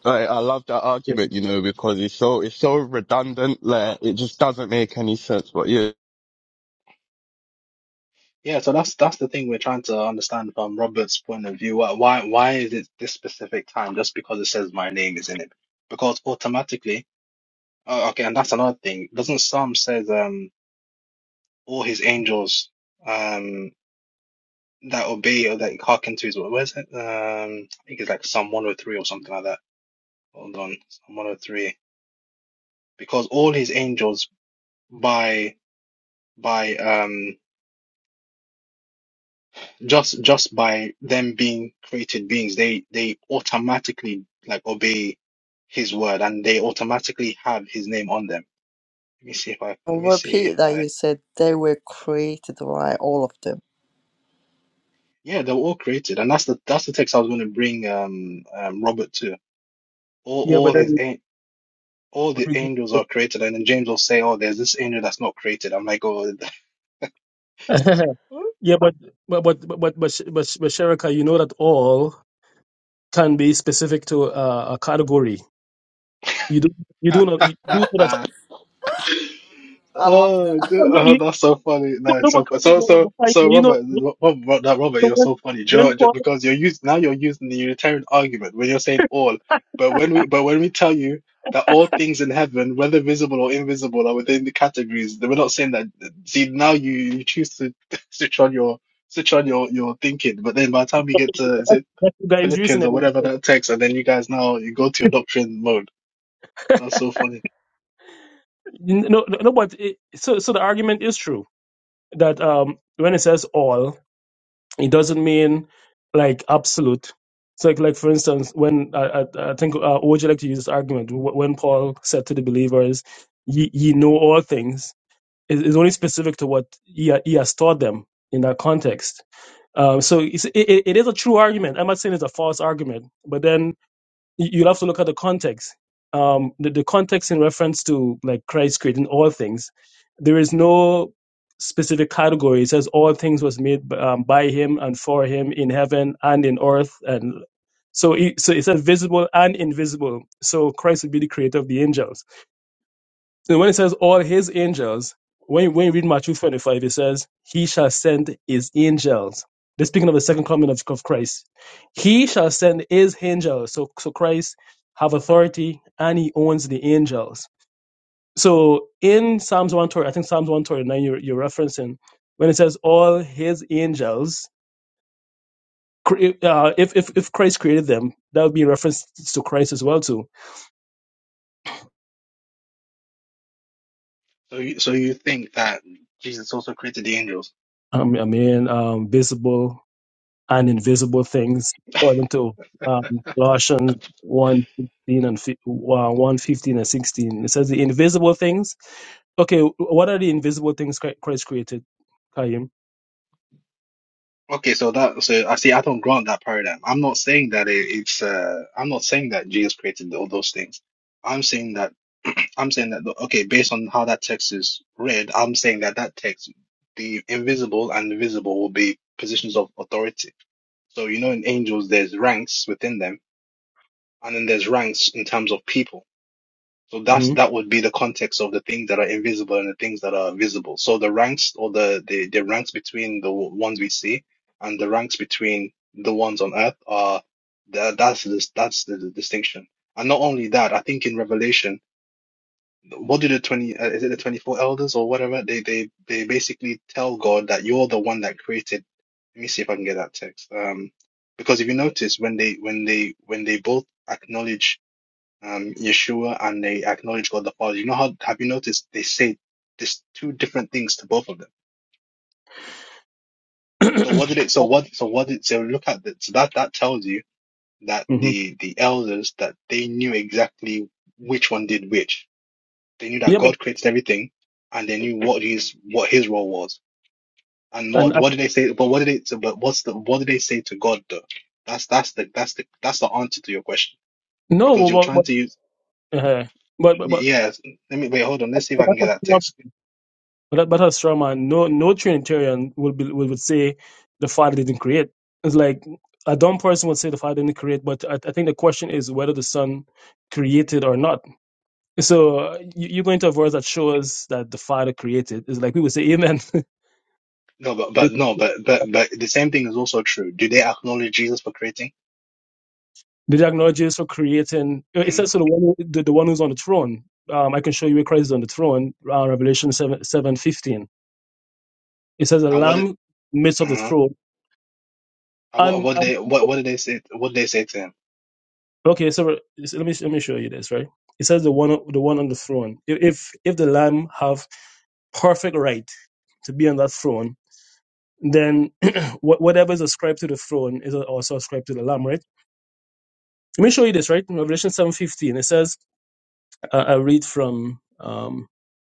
[SPEAKER 6] I, I love that
[SPEAKER 2] yeah,
[SPEAKER 6] argument, you know, because it's so it's so redundant. Like it just doesn't make any sense. But yeah.
[SPEAKER 5] Yeah, so that's that's the thing we're trying to understand from Robert's point of view. Why why why is it this specific time just because it says my name is in it? Because automatically, oh, okay, and that's another thing. Doesn't Psalm says um all his angels um that obey or that hearken to his word? where's it? Um I think it's like Psalm 103 or something like that. Hold on, Psalm 103. because all his angels by by um just just by them being created beings they they automatically like obey his word and they automatically have his name on them let me see if i let
[SPEAKER 1] I'll
[SPEAKER 5] me see if
[SPEAKER 1] repeat that
[SPEAKER 5] i
[SPEAKER 1] you said they were created right, all of them.
[SPEAKER 5] yeah they were all created and that's the that's the text i was going to bring um, um robert to all
[SPEAKER 2] yeah but
[SPEAKER 5] all his
[SPEAKER 2] then
[SPEAKER 5] an- all the angels are created and then james will say oh there's this angel that's not created i'm like oh
[SPEAKER 2] yeah but but but but but but, Sh- but, Sh- but Sherika, you know that all can be specific to uh, a category you do you do not you do know that
[SPEAKER 1] I love
[SPEAKER 5] Oh,
[SPEAKER 1] that.
[SPEAKER 2] oh,
[SPEAKER 5] dude,
[SPEAKER 2] no,
[SPEAKER 5] oh,
[SPEAKER 2] you,
[SPEAKER 5] that's so funny.
[SPEAKER 2] no,
[SPEAKER 5] No,
[SPEAKER 2] no,
[SPEAKER 5] it's
[SPEAKER 2] but-
[SPEAKER 5] so fu- so
[SPEAKER 2] but- but- but-
[SPEAKER 5] so
[SPEAKER 2] but-
[SPEAKER 5] so
[SPEAKER 2] you know
[SPEAKER 5] Robert, Ro- Rob, Rob, no, Robert,
[SPEAKER 2] so
[SPEAKER 5] you're
[SPEAKER 2] when,
[SPEAKER 5] so funny. Do you know
[SPEAKER 2] when
[SPEAKER 5] what? Ju-
[SPEAKER 2] Paul
[SPEAKER 5] because you're using now you're using the Unitarian argument when you're saying all, but when we but when we tell you that all things in heaven, whether visible or invisible, are within the categories, then we're not saying that. See, now you you choose to switch on your switch on your your thinking, but then by the time we get to is
[SPEAKER 2] That,
[SPEAKER 5] it
[SPEAKER 2] that you guys using
[SPEAKER 5] Philippians
[SPEAKER 2] it.
[SPEAKER 5] or whatever that text, and then you guys now you go to your doctrine mode. That's so funny.
[SPEAKER 2] No, no, no, but it, so so the argument is true that um when it says all, it doesn't mean like absolute. So like, like for instance, when I, I, I think uh, would you like to use this argument wh- when Paul said to the believers, "Ye, ye know all things," is is only specific to what he, ha- he has taught them in that context. Um, so it's, it, it it is a true argument. I'm not saying it's a false argument, but then you- you'll have to look at the context. Um, the, the context in reference to like Christ creating all things, there is no specific category. It says all things was made b- um, by him and for him in heaven and in earth, and so it, so it says visible and invisible. So Christ would be the creator of the angels so when it says all his angels, when you, when you read Matthew 25, it says, He shall send his angels. They're speaking of the second coming of, of Christ. He shall send his angels. So, so Christ have authority and he owns the angels. So in Psalms 139, I think Psalms 139 you're, you're referencing, when it says all his angels, cre- uh, if, if, if Christ created them, that would be a reference to Christ as well too.
[SPEAKER 5] So you, so you think that Jesus also created the angels?
[SPEAKER 2] I mean, I mean um, visible and invisible things, according to um, Colossians one fifteen and fif- uh, 1 fifteen and 16. It says the invisible things. Okay, what are the invisible things Chri- Christ created, Kaim,
[SPEAKER 5] Okay, so that so I see. I don't grant that paradigm. I'm not saying that it, it's. Uh, I'm not saying that Jesus created all those things. I'm saying that. I'm saying that. Okay, based on how that text is read, I'm saying that that text, the invisible and the visible, will be positions of authority. So you know, in angels, there's ranks within them, and then there's ranks in terms of people. So that's
[SPEAKER 2] hmm
[SPEAKER 5] that would be the context of the things that are invisible and the things that are visible. So the ranks or the the, the ranks between the ones we see and the ranks between the ones on earth are that that's the that's the, the distinction. And not only that, I think in Revelation, what do the twenty uh, is it the twenty four elders or whatever? They they they basically tell God that you're the one that created. Let me see if I can get that text. Um, because if you notice when they when they when they both acknowledge um, Yeshua and they acknowledge God the Father. You know how have you noticed they say there's two different things to both of them. So what did it? So what? So what did? So look at that. So that that tells you that
[SPEAKER 2] hmm
[SPEAKER 5] the the elders that they knew exactly which one did which. They knew that
[SPEAKER 2] Yeah, but
[SPEAKER 5] God created everything, and they knew what his what his role was. And
[SPEAKER 2] and
[SPEAKER 5] what
[SPEAKER 2] uh,
[SPEAKER 5] what did they say? But what did they? So, but what's the what did they say to God though? That's that's the that's the that's the answer to your question
[SPEAKER 2] no,
[SPEAKER 5] because you're
[SPEAKER 2] but
[SPEAKER 5] trying
[SPEAKER 2] but
[SPEAKER 5] to use.
[SPEAKER 2] but, uh, but, but, but
[SPEAKER 5] Yes, let me wait. Hold on. Let's see if
[SPEAKER 2] but
[SPEAKER 5] I can
[SPEAKER 2] that's
[SPEAKER 5] get
[SPEAKER 2] a
[SPEAKER 5] that
[SPEAKER 2] straw,
[SPEAKER 5] text.
[SPEAKER 2] but, but that's a straw man. No, no Trinitarian will be will would say the Father didn't create. It's like a dumb person would say the Father didn't create, but I, I think the question is whether the Son created or not So uh, you, are going to a verse that shows that the Father created. It's like we would say, Amen.
[SPEAKER 5] No, but but
[SPEAKER 2] It-
[SPEAKER 5] no, but but but the same thing is also true. Do they acknowledge Jesus for creating?
[SPEAKER 2] Did you for creating? It
[SPEAKER 5] hmm
[SPEAKER 2] says to the one, who- the, the one who's on the throne. Um, I can show you where Christ is on the throne. Uh, Revelation seven seven fifteen. It says a
[SPEAKER 5] And what?
[SPEAKER 2] lamb midst of the
[SPEAKER 5] uh
[SPEAKER 2] throne.
[SPEAKER 5] And what?
[SPEAKER 2] And
[SPEAKER 5] What
[SPEAKER 2] and
[SPEAKER 5] they? What? What did they say? What did they say to him?
[SPEAKER 2] okay, so re- so let me let me show you this right. It says the one the one on the throne. If if if the lamb have perfect right to be on that throne, then wha- whatever is ascribed to the throne is also ascribed to the lamb, right? Let me show you this, right? In Revelation 7.15, it says, I, I read from, um,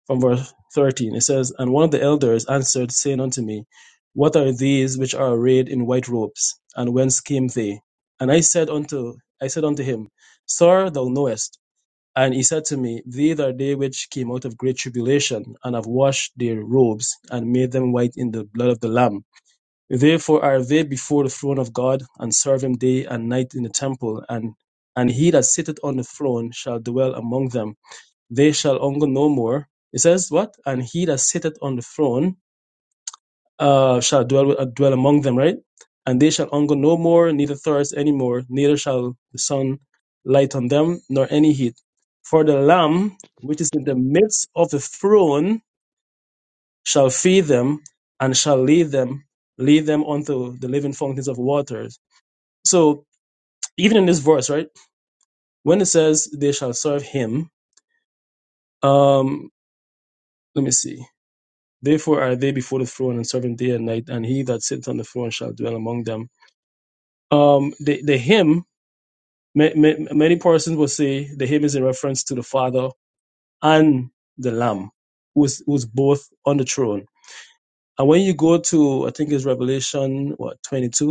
[SPEAKER 2] from verse 13. It says, And one of the elders answered, saying unto me, What are these which are arrayed in white robes? And whence came they? And I said unto, I said unto him, Sir, thou knowest. And he said to me, These are they which came out of great tribulation, and have washed their robes, and made them white in the blood of the Lamb. Therefore are they before the throne of God, and serve him day and night in the temple, and and he that sitteth on the throne shall dwell among them. They shall hunger no more. It says what? And he that sitteth on the throne uh, shall dwell with- uh, dwell among them, right? And they shall hunger no more, neither thirst any more, neither shall the sun light on them, nor any heat. For the Lamb which is in the midst of the throne shall feed them and shall lead them, lead them unto the living fountains of waters. So even in this verse, right, when it says they shall serve him, um, let me see. Therefore are they before the throne and serving day and night, and he that sits on the throne shall dwell among them. Um, the, the hymn, ma- ma- many persons will say the hymn is in reference to the Father and the Lamb, who's, who's both on the throne. And when you go to, I think it's Revelation, what, 22,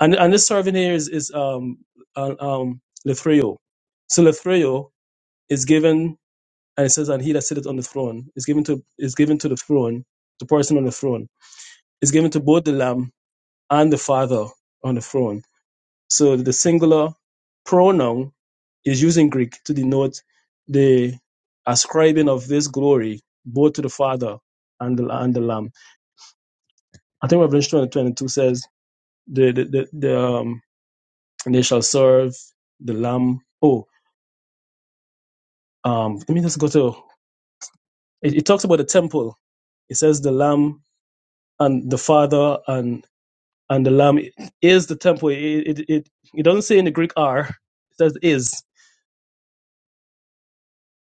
[SPEAKER 2] And and this servant here is is um uh, um Lithrio. So Lithrio is given and it says and he that sitteth on the throne is given to is given to the throne, the person on the throne, is given to both the Lamb and the Father on the throne. So the singular pronoun is used in Greek to denote the ascribing of this glory both to the Father and the and the Lamb. I think Revelation twenty twenty two says the the, the, the um, and they shall serve the Lamb. Oh, Um, let me just go to it, it talks about the temple. It says the Lamb and the Father and and the Lamb is the temple. It it it, it doesn't say in the Greek are. It says is,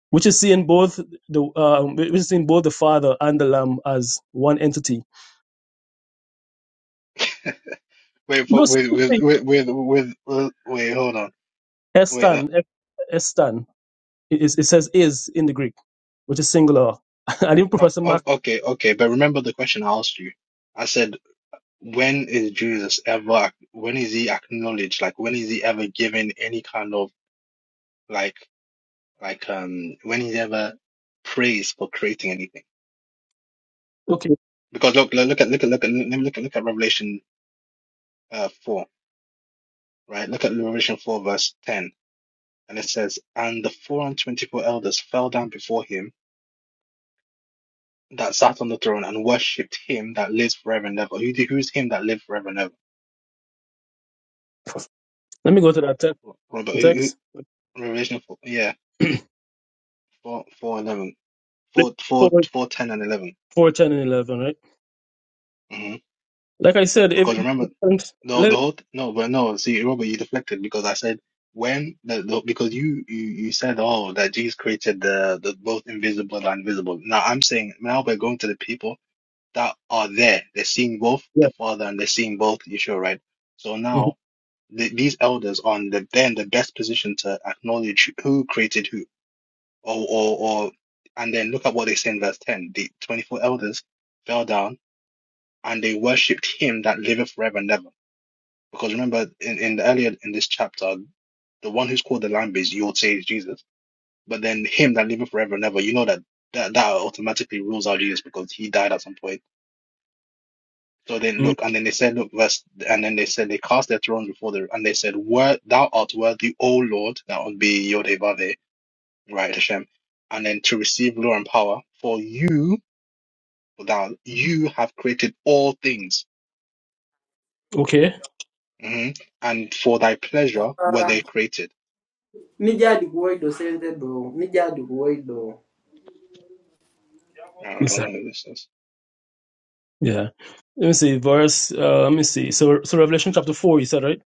[SPEAKER 2] which is seeing both the um, which is seeing both the Father and the Lamb as one entity.
[SPEAKER 5] Wait,
[SPEAKER 2] No,
[SPEAKER 5] for, wait, with
[SPEAKER 2] seriously,
[SPEAKER 5] with with with with wait, hold on, wait. No,
[SPEAKER 2] estan estan. It, it it says is in the Greek, which is singular. I didn't
[SPEAKER 5] o-
[SPEAKER 2] Professor
[SPEAKER 5] o-
[SPEAKER 2] Mark.
[SPEAKER 5] okay, okay, but remember the question I asked you. I said, when is Jesus ever? ac- When is he acknowledged? Like, when is he ever given any kind of like like um? When is he ever praised for creating anything?
[SPEAKER 2] Okay,
[SPEAKER 5] Because look, look at look at look at look at look at Revelation uh four. right? Look at Revelation 4, verse 10. And it says, And the four and twenty-four elders fell down before him that sat on the throne and worshipped him that lives forever and ever. Who, who's him that lives forever and ever?
[SPEAKER 2] let me go to that te-
[SPEAKER 5] Robert, who, who,
[SPEAKER 2] text.
[SPEAKER 5] Revelation 4, yeah, 4, four, eleven, four,
[SPEAKER 2] Four,
[SPEAKER 5] four, four, ten
[SPEAKER 2] four, ten, and eleven. Right.
[SPEAKER 5] and 11. hmm
[SPEAKER 2] Like I said, if
[SPEAKER 5] Because remember, no,
[SPEAKER 2] let,
[SPEAKER 5] the whole, no, but no, see, Robert, you deflected because I said, when the, the because you, you you said oh that Jesus created the the both invisible and visible. Now I'm saying now we're going to the people that are there. They're seeing both
[SPEAKER 2] yeah.
[SPEAKER 5] the Father and they're seeing both Yeshua, right? So
[SPEAKER 2] Mhm,
[SPEAKER 5] now the, these elders are in the, they're in the best position to acknowledge who created who, or, or, or, and then look at what they say in verse 10. The 24 elders fell down and they worshipped him that liveth forever and ever. Because remember, in, in the earlier in this chapter, the one who's called the Lamb is you would say is Jesus, but then him that liveth forever and ever, you know that that, that automatically rules out Jesus because he died at some point So they
[SPEAKER 2] mhm.
[SPEAKER 5] look, and then they said, look, verse, and then they said they cast their throne before the, and they said, "Word, thou art worthy, O Lord." That would be Yodevave, right, Hashem, and then to receive glory and power, for you, for thou, you have created all things,
[SPEAKER 2] Okay.
[SPEAKER 5] hmm and for thy pleasure were they created.
[SPEAKER 7] Mija di kuwai do sente do. Mija di kuwai do.
[SPEAKER 5] I
[SPEAKER 2] Who's
[SPEAKER 5] don't
[SPEAKER 2] that?
[SPEAKER 5] know who this is.
[SPEAKER 2] Yeah. Let me see. Verse uh, let me see. So so Revelation chapter four, you said, right?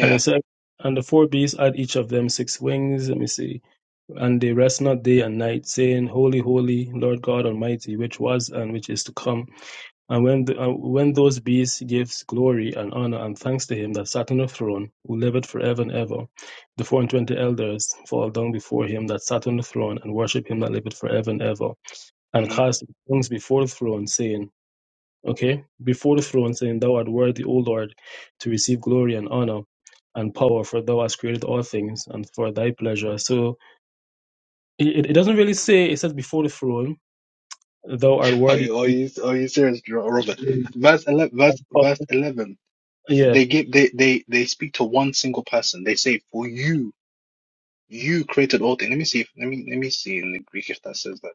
[SPEAKER 2] And it said and the four beasts had each of them six wings, let me see. And they rest not day and night, saying, Holy, holy, Lord God Almighty, which was and which is to come. And when, the, uh, when those beasts gives glory and honor and thanks to him that sat on the throne, who liveth forever and ever, the four and twenty elders fall down before him that sat on the throne and worship him that liveth forever and ever, and
[SPEAKER 5] hmm
[SPEAKER 2] cast their things before the throne, saying, Okay, before the throne, saying, Thou art worthy, O Lord, to receive glory and honor and power, for thou hast created all things, and for thy pleasure. So it, it doesn't really say, it says before the throne, thou art
[SPEAKER 5] Are
[SPEAKER 2] worthy.
[SPEAKER 5] you, are you, are you serious, Ro- Robert?
[SPEAKER 2] Yeah.
[SPEAKER 5] Verse eleven, verse, verse eleven. They give, they, they, they speak to one single person. They say, "For you." You created all things. Let me see. If, let me let me see in the Greek if that says that.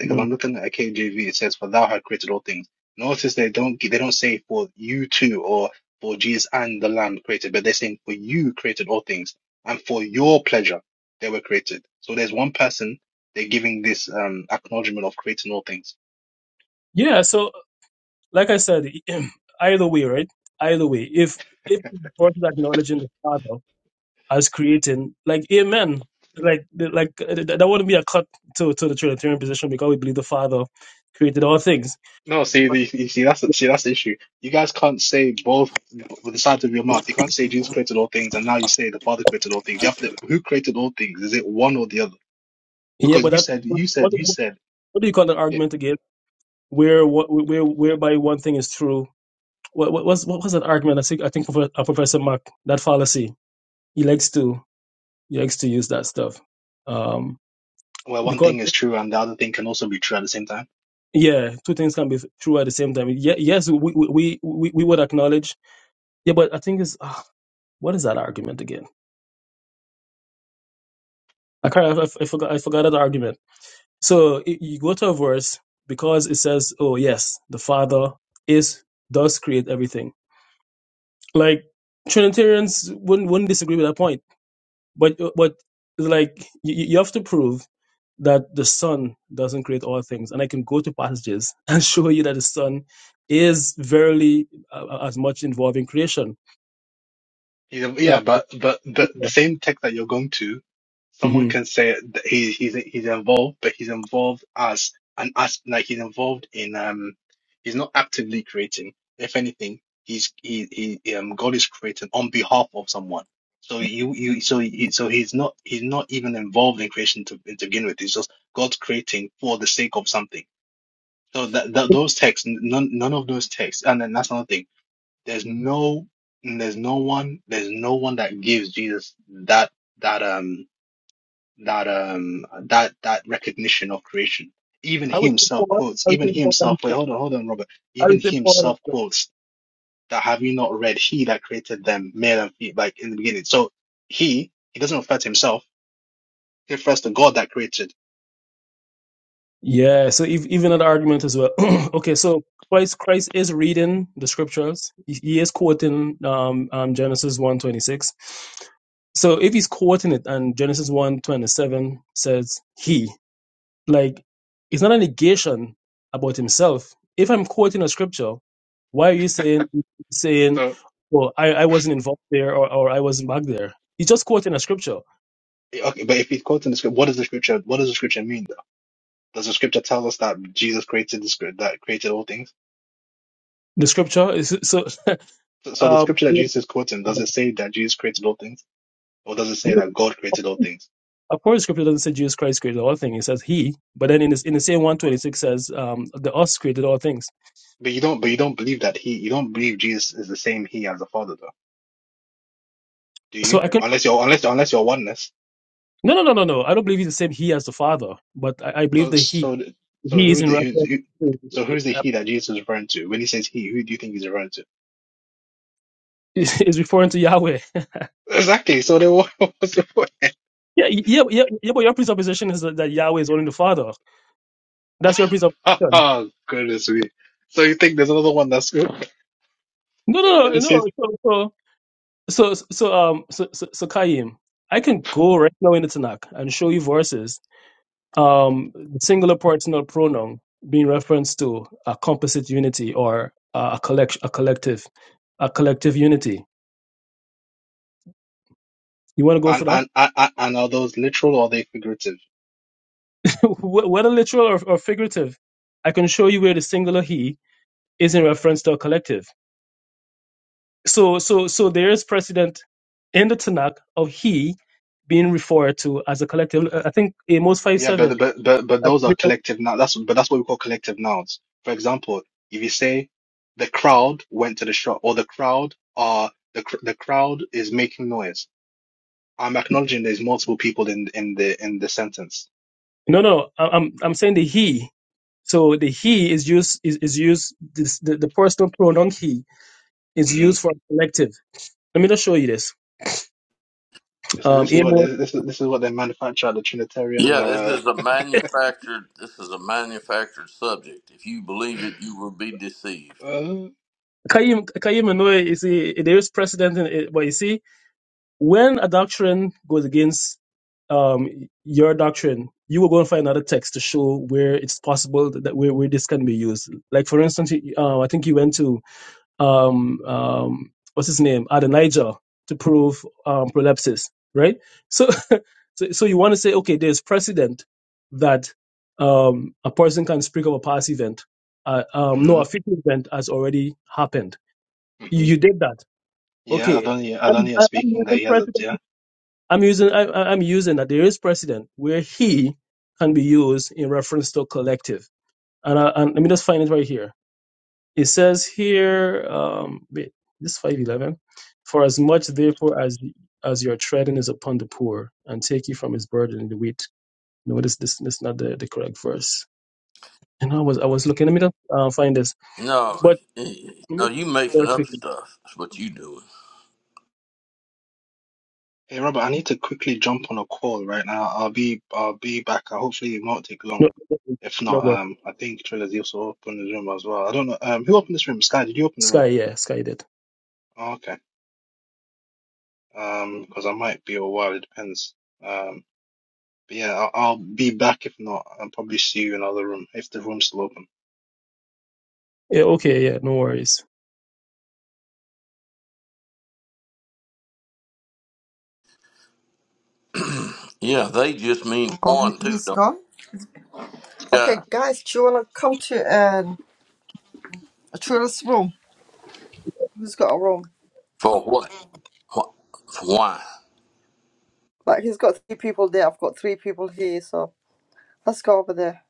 [SPEAKER 5] Because
[SPEAKER 2] Mm.
[SPEAKER 5] I'm looking at a KJV. It says, "For thou had created all things." Notice they don't they don't say for you too or for Jesus and the Lamb created, but they're saying for you created all things and for your pleasure they were created. So there's one person they're giving this um acknowledgement of creating all things.
[SPEAKER 2] Yeah, so like I said, either way, right? Either way, if if the person acknowledging the Father as creating, like Amen, like like uh, th- that wouldn't be a cut to to the Trinitarian position because we believe the Father created all things.
[SPEAKER 5] No, see,
[SPEAKER 2] But,
[SPEAKER 5] the, you see, that's the see, that's the issue. You guys can't say both b- with the sides of your mouth. You can't say Jesus created all things, and now you say the Father created all things. You have to, who created all things? Is it one or the other?
[SPEAKER 2] yeah,
[SPEAKER 5] Because
[SPEAKER 2] but
[SPEAKER 5] you
[SPEAKER 2] that
[SPEAKER 5] said,
[SPEAKER 2] what
[SPEAKER 5] you
[SPEAKER 2] what
[SPEAKER 5] said, you said,
[SPEAKER 2] what do you call that
[SPEAKER 5] yeah,
[SPEAKER 2] argument again? Where what where whereby one thing is true? What what was what was that argument? I think I think Prof- uh, Professor Mark that fallacy. He likes to he likes to use that stuff. Um,
[SPEAKER 5] well, one
[SPEAKER 2] because
[SPEAKER 5] thing is true, and the other thing can also be true at the same time.
[SPEAKER 2] yeah, two things can be true at the same time. Ye- yes, we we, we we we would acknowledge. Yeah, but I think it's ah, what is that argument again? I can't. I, I forgot. I forgot that argument. So i you go to a verse because it says, "Oh yes, the Father is does create everything." Like Trinitarians wouldn't wouldn't disagree with that point, but but like you, you have to prove that the Son doesn't create all things. And I can go to passages and show you that the Son is verily uh, as much involved in creation.
[SPEAKER 5] You know,
[SPEAKER 2] Uh,
[SPEAKER 5] yeah, but but the, the
[SPEAKER 2] yeah.
[SPEAKER 5] same text that you're going to, someone
[SPEAKER 2] Mhm.
[SPEAKER 5] can say that he, he's he's involved, but he's involved as an as like he's involved in um he's not actively creating. If anything, he's he, he um God is creating on behalf of someone. So you you so he, so he's not he's not even involved in creation to, to begin with. It's just God's creating for the sake of something. So that, that those texts, none none of those texts, and then that's another thing there's no there's no one there's no one that gives Jesus that that um that um that that recognition of creation. Even
[SPEAKER 2] I
[SPEAKER 5] he
[SPEAKER 2] would say
[SPEAKER 5] himself
[SPEAKER 2] Paul.
[SPEAKER 5] quotes,
[SPEAKER 2] I would
[SPEAKER 5] even
[SPEAKER 2] say
[SPEAKER 5] he
[SPEAKER 2] Paul.
[SPEAKER 5] himself, wait,
[SPEAKER 2] I
[SPEAKER 5] hold on, hold on, Robert. Even
[SPEAKER 2] would say
[SPEAKER 5] he
[SPEAKER 2] Paul.
[SPEAKER 5] himself quotes that have you not read he that created them, male and female, like in the beginning. So he he doesn't refer to himself, he refers to God that created.
[SPEAKER 2] Yeah. So ev- even that argument as well. okay. So Christ, Christ is reading the scriptures. He, he is quoting um, um, Genesis one twenty six. So if he's quoting it, and Genesis one twenty seven says, He. Like, it's not a negation about himself. If I'm quoting a scripture, why are you saying saying,
[SPEAKER 5] So
[SPEAKER 2] "Well, I, I wasn't involved there" or, "or I wasn't back there"? He's just quoting a scripture.
[SPEAKER 5] okay, but if he's quoting the scripture, what does the scripture what does the scripture mean though? Does the scripture tell us that Jesus created the script that created all things?
[SPEAKER 2] The scripture is so.
[SPEAKER 5] So the
[SPEAKER 2] Um,
[SPEAKER 5] scripture that Jesus is quoting, does it say that Jesus created all things, or does it say that God created all things?
[SPEAKER 2] of course, scripture doesn't say Jesus Christ created all things. It says He. But then in this, in the same one twenty six says um, the us created all things.
[SPEAKER 5] But you don't, but you don't believe that he, you don't believe Jesus is the same he as the Father, though, do
[SPEAKER 2] So
[SPEAKER 5] you?
[SPEAKER 2] I can
[SPEAKER 5] Unless you're, unless, unless you're oneness.
[SPEAKER 2] no no no no no. I don't believe he's the same He as the Father, but I, I believe
[SPEAKER 5] So,
[SPEAKER 2] the He
[SPEAKER 5] so, so
[SPEAKER 2] He is
[SPEAKER 5] who
[SPEAKER 2] in
[SPEAKER 5] the,
[SPEAKER 2] reference
[SPEAKER 5] who,
[SPEAKER 2] to
[SPEAKER 5] so who's the
[SPEAKER 2] the-
[SPEAKER 5] he that Jesus is referring to? When he says he, who do you think he's referring to?
[SPEAKER 2] is referring to Yahweh.
[SPEAKER 5] Exactly. So then, what, what's the point?
[SPEAKER 2] Yeah, yeah, yeah, yeah, but your presupposition is that, that Yahweh is only the Father. That's your presupposition.
[SPEAKER 5] Oh, goodness me. So you think there's another one that's good?
[SPEAKER 2] No,
[SPEAKER 5] So
[SPEAKER 2] no,
[SPEAKER 5] when
[SPEAKER 2] no,
[SPEAKER 5] it
[SPEAKER 2] no.
[SPEAKER 5] says,
[SPEAKER 2] no, So, so, so, so, um, so, so, so Kayim, I can go right now in the Tanakh and show you verses, um, the singular personal pronoun being referenced to a composite unity or uh, a collect, a collective, a collective unity. You want to go
[SPEAKER 5] and,
[SPEAKER 2] for that?
[SPEAKER 5] and, and, and are those literal or are they figurative?
[SPEAKER 2] Wh- Whether literal or, or figurative, I can show you where the singular he is in reference to a collective. So so so there is precedent in the Tanakh of he being referred to as a collective. I think Amos five
[SPEAKER 5] Yeah,
[SPEAKER 2] seven.
[SPEAKER 5] but but but but those are collective now. That's but that's what we call collective nouns. For example, if you say the crowd went to the shop, or the crowd are the cr- the crowd is making noise. I'm acknowledging there's multiple people in in the in the sentence.
[SPEAKER 2] No, no, I- I'm I'm saying the he. So the he is used is, is used this, the the personal pronoun he is
[SPEAKER 5] hmm
[SPEAKER 2] used for collective. Let me just show you this.
[SPEAKER 5] This is
[SPEAKER 2] Um,
[SPEAKER 5] this is what they,
[SPEAKER 2] Amos.
[SPEAKER 5] this is this is what they manufacture at the Trinitarian.
[SPEAKER 8] Yeah, this
[SPEAKER 5] Uh,
[SPEAKER 8] is a manufactured. This is a manufactured subject. If you believe it, you will be deceived.
[SPEAKER 5] uh,
[SPEAKER 2] Kayim, Kayim, I know you see, there is precedent in it, but you see, when a doctrine goes against um, your doctrine, you will go and find another text to show where it's possible that where, where this can be used. Like for instance, you- uh, I think you went to um, um, what's his name, Adonijah, to prove um, prolepsis, right? So, so, so you want to say, okay, there's precedent that um, a person can speak of a past event, uh, um, no,
[SPEAKER 5] hmm
[SPEAKER 2] a future event has already happened. You,
[SPEAKER 5] hmm
[SPEAKER 2] you did that,
[SPEAKER 5] Yeah,
[SPEAKER 2] okay?
[SPEAKER 5] Adonia
[SPEAKER 2] And,
[SPEAKER 5] Adonia is
[SPEAKER 2] and, and
[SPEAKER 5] speaking
[SPEAKER 2] there's
[SPEAKER 5] that
[SPEAKER 2] a
[SPEAKER 5] he has a
[SPEAKER 2] precedent
[SPEAKER 5] yeah.
[SPEAKER 2] I'm using I, I- I'm using that there is precedent where he can be used in reference to collective. And, I, and let me just find it right here. It says here, um, wait, this is five eleven, for as much therefore as as your treading is upon the poor, and take you from his burden in the wheat. No, this this this is not the, the correct verse. And I was I was looking. Let me just uh, find this.
[SPEAKER 8] No,
[SPEAKER 2] But
[SPEAKER 8] eh,
[SPEAKER 2] let me
[SPEAKER 8] no,
[SPEAKER 2] just
[SPEAKER 8] you making
[SPEAKER 2] very
[SPEAKER 8] up
[SPEAKER 2] quickly.
[SPEAKER 8] stuff. That's what you doing.
[SPEAKER 5] Hey Robert, I need to quickly jump on a call right now. I'll be I'll be back. Uh, Hopefully it won't take long.
[SPEAKER 2] No, no,
[SPEAKER 5] If
[SPEAKER 2] no,
[SPEAKER 5] not,
[SPEAKER 2] what?
[SPEAKER 5] um, I think Trilla's also opened the room as well. I don't know. Um, who opened this room? Sky, did you open the
[SPEAKER 2] Sky,
[SPEAKER 5] room?
[SPEAKER 2] yeah, Sky did.
[SPEAKER 5] Oh, okay. Um, because I might be a while. It depends. Um, but yeah, I'll, I'll be back. If not, I'll probably see you in another room if the room's still open.
[SPEAKER 2] Yeah, okay, yeah, no worries.
[SPEAKER 8] Yeah, they just mean
[SPEAKER 1] Oh, he-
[SPEAKER 8] one, two,
[SPEAKER 1] he's
[SPEAKER 8] don't
[SPEAKER 1] gone?
[SPEAKER 8] sky.
[SPEAKER 1] Okay, guys, do you want to come to um, Trula's room? Who's got a room?
[SPEAKER 8] For what? Wh- Why?
[SPEAKER 1] Like, he's got three people there. I've got three people here, so let's go over there.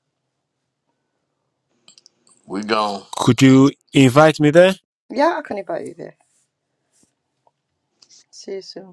[SPEAKER 8] We gone.
[SPEAKER 3] Could you invite me there?
[SPEAKER 1] Yeah, I can invite you there. See you soon.